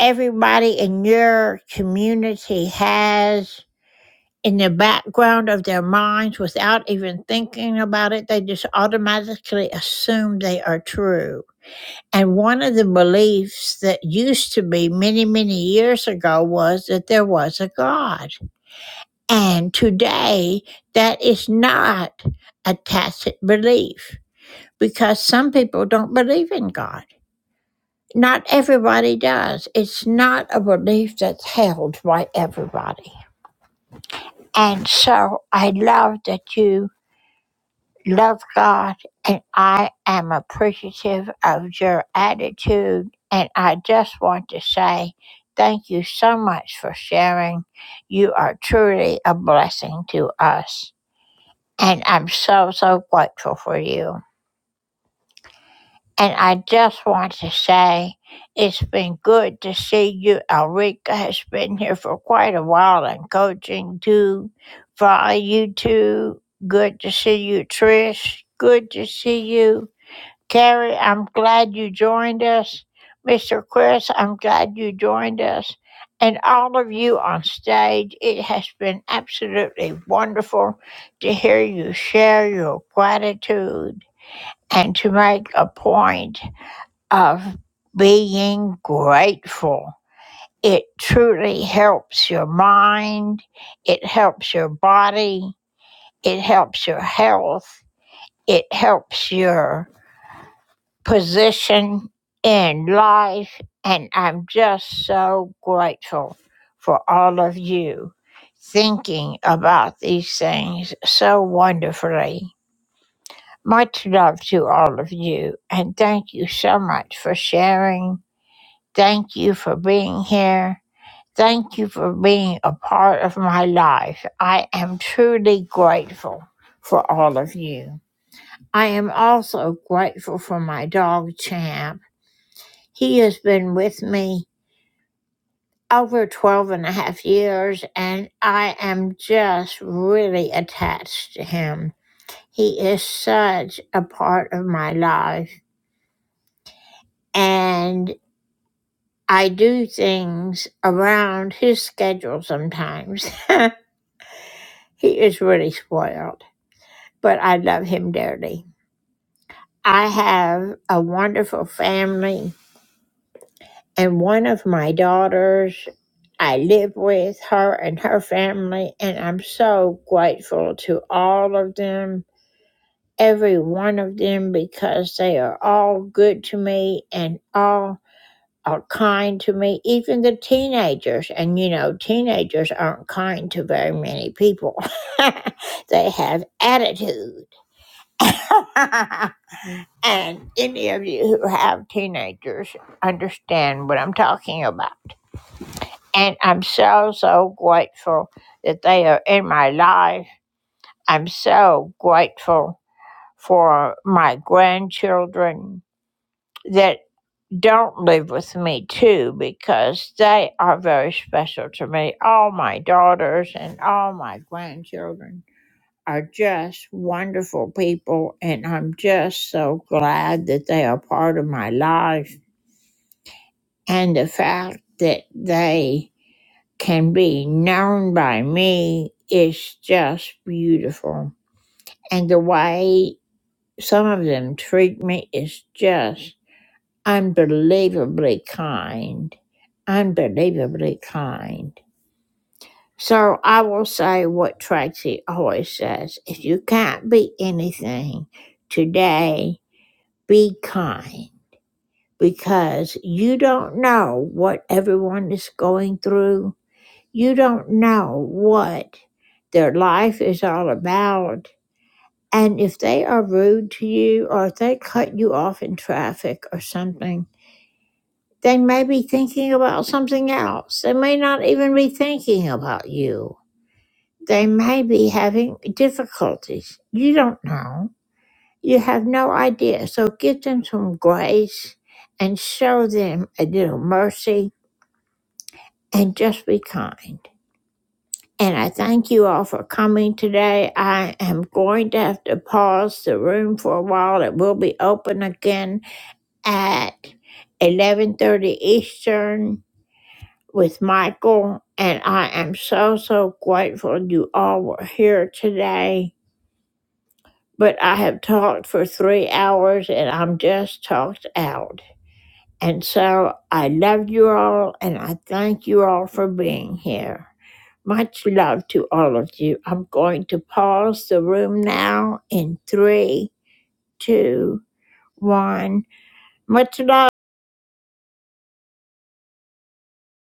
everybody in your community has in the background of their minds without even thinking about it. They just automatically assume they are true And one of the beliefs that used to be many, many years ago was that there was a God. And today, that is not a tacit belief because some people don't believe in God. Not everybody does. It's not a belief that's held by everybody. And so I love that you love God, and I am appreciative of your attitude. And I just want to say thank you so much for sharing. You are truly a blessing to us. And I'm so, so grateful for you. And I just want to say it's been good to see you. Elrika has been here for quite a while and coaching too. Follow you too. Good to see you, Trish. Good to see you. Carrie, I'm glad you joined us. Mr. Chris, I'm glad you joined us. And all of you on stage, it has been absolutely wonderful to hear you share your gratitude and to make a point of being grateful. It truly helps your mind, it helps your body, it helps your health, it helps your position in life, and I'm just so grateful for all of you thinking about these things so wonderfully. Much love to all of you, and thank you so much for sharing. Thank you for being here. Thank you for being a part of my life. I am truly grateful for all of you. I am also grateful for my dog, Champ. He has been with me over 12 and a half years, and I am just really attached to him. He is such a part of my life, and I do things around his schedule sometimes. he is really spoiled, but I love him dearly. I have a wonderful family And one of my daughters, I live with her and her family, and I'm so grateful to all of them, every one of them, because they are all good to me and all are kind to me, even the teenagers. And you know, teenagers aren't kind to very many people, they have attitude. and any of you who have teenagers understand what I'm talking about. And I'm so, so grateful that they are in my life. I'm so grateful for my grandchildren that don't live with me too because they are very special to me. All my daughters and all my grandchildren are just wonderful people, and I'm just so glad that they are part of my life and the fact that they can be known by me is just beautiful. And the way some of them treat me is just unbelievably kind. Unbelievably kind. So I will say what Tracy always says if you can't be anything today, be kind because you don't know what everyone is going through You don't know what their life is all about. And if they are rude to you or if they cut you off in traffic or something, they may be thinking about something else. They may not even be thinking about you. They may be having difficulties. You don't know. You have no idea. So give them some grace and show them a little mercy and just be kind. And I thank you all for coming today. I am going to have to pause the room for a while. It will be open again at 11:30 Eastern with Michael, and I am so so grateful you all were here today. But I have talked for 3 hours and I'm just talked out. And so I love you all and I thank you all for being here. Much love to all of you. I'm going to pause the room now in three, two, one. Much love.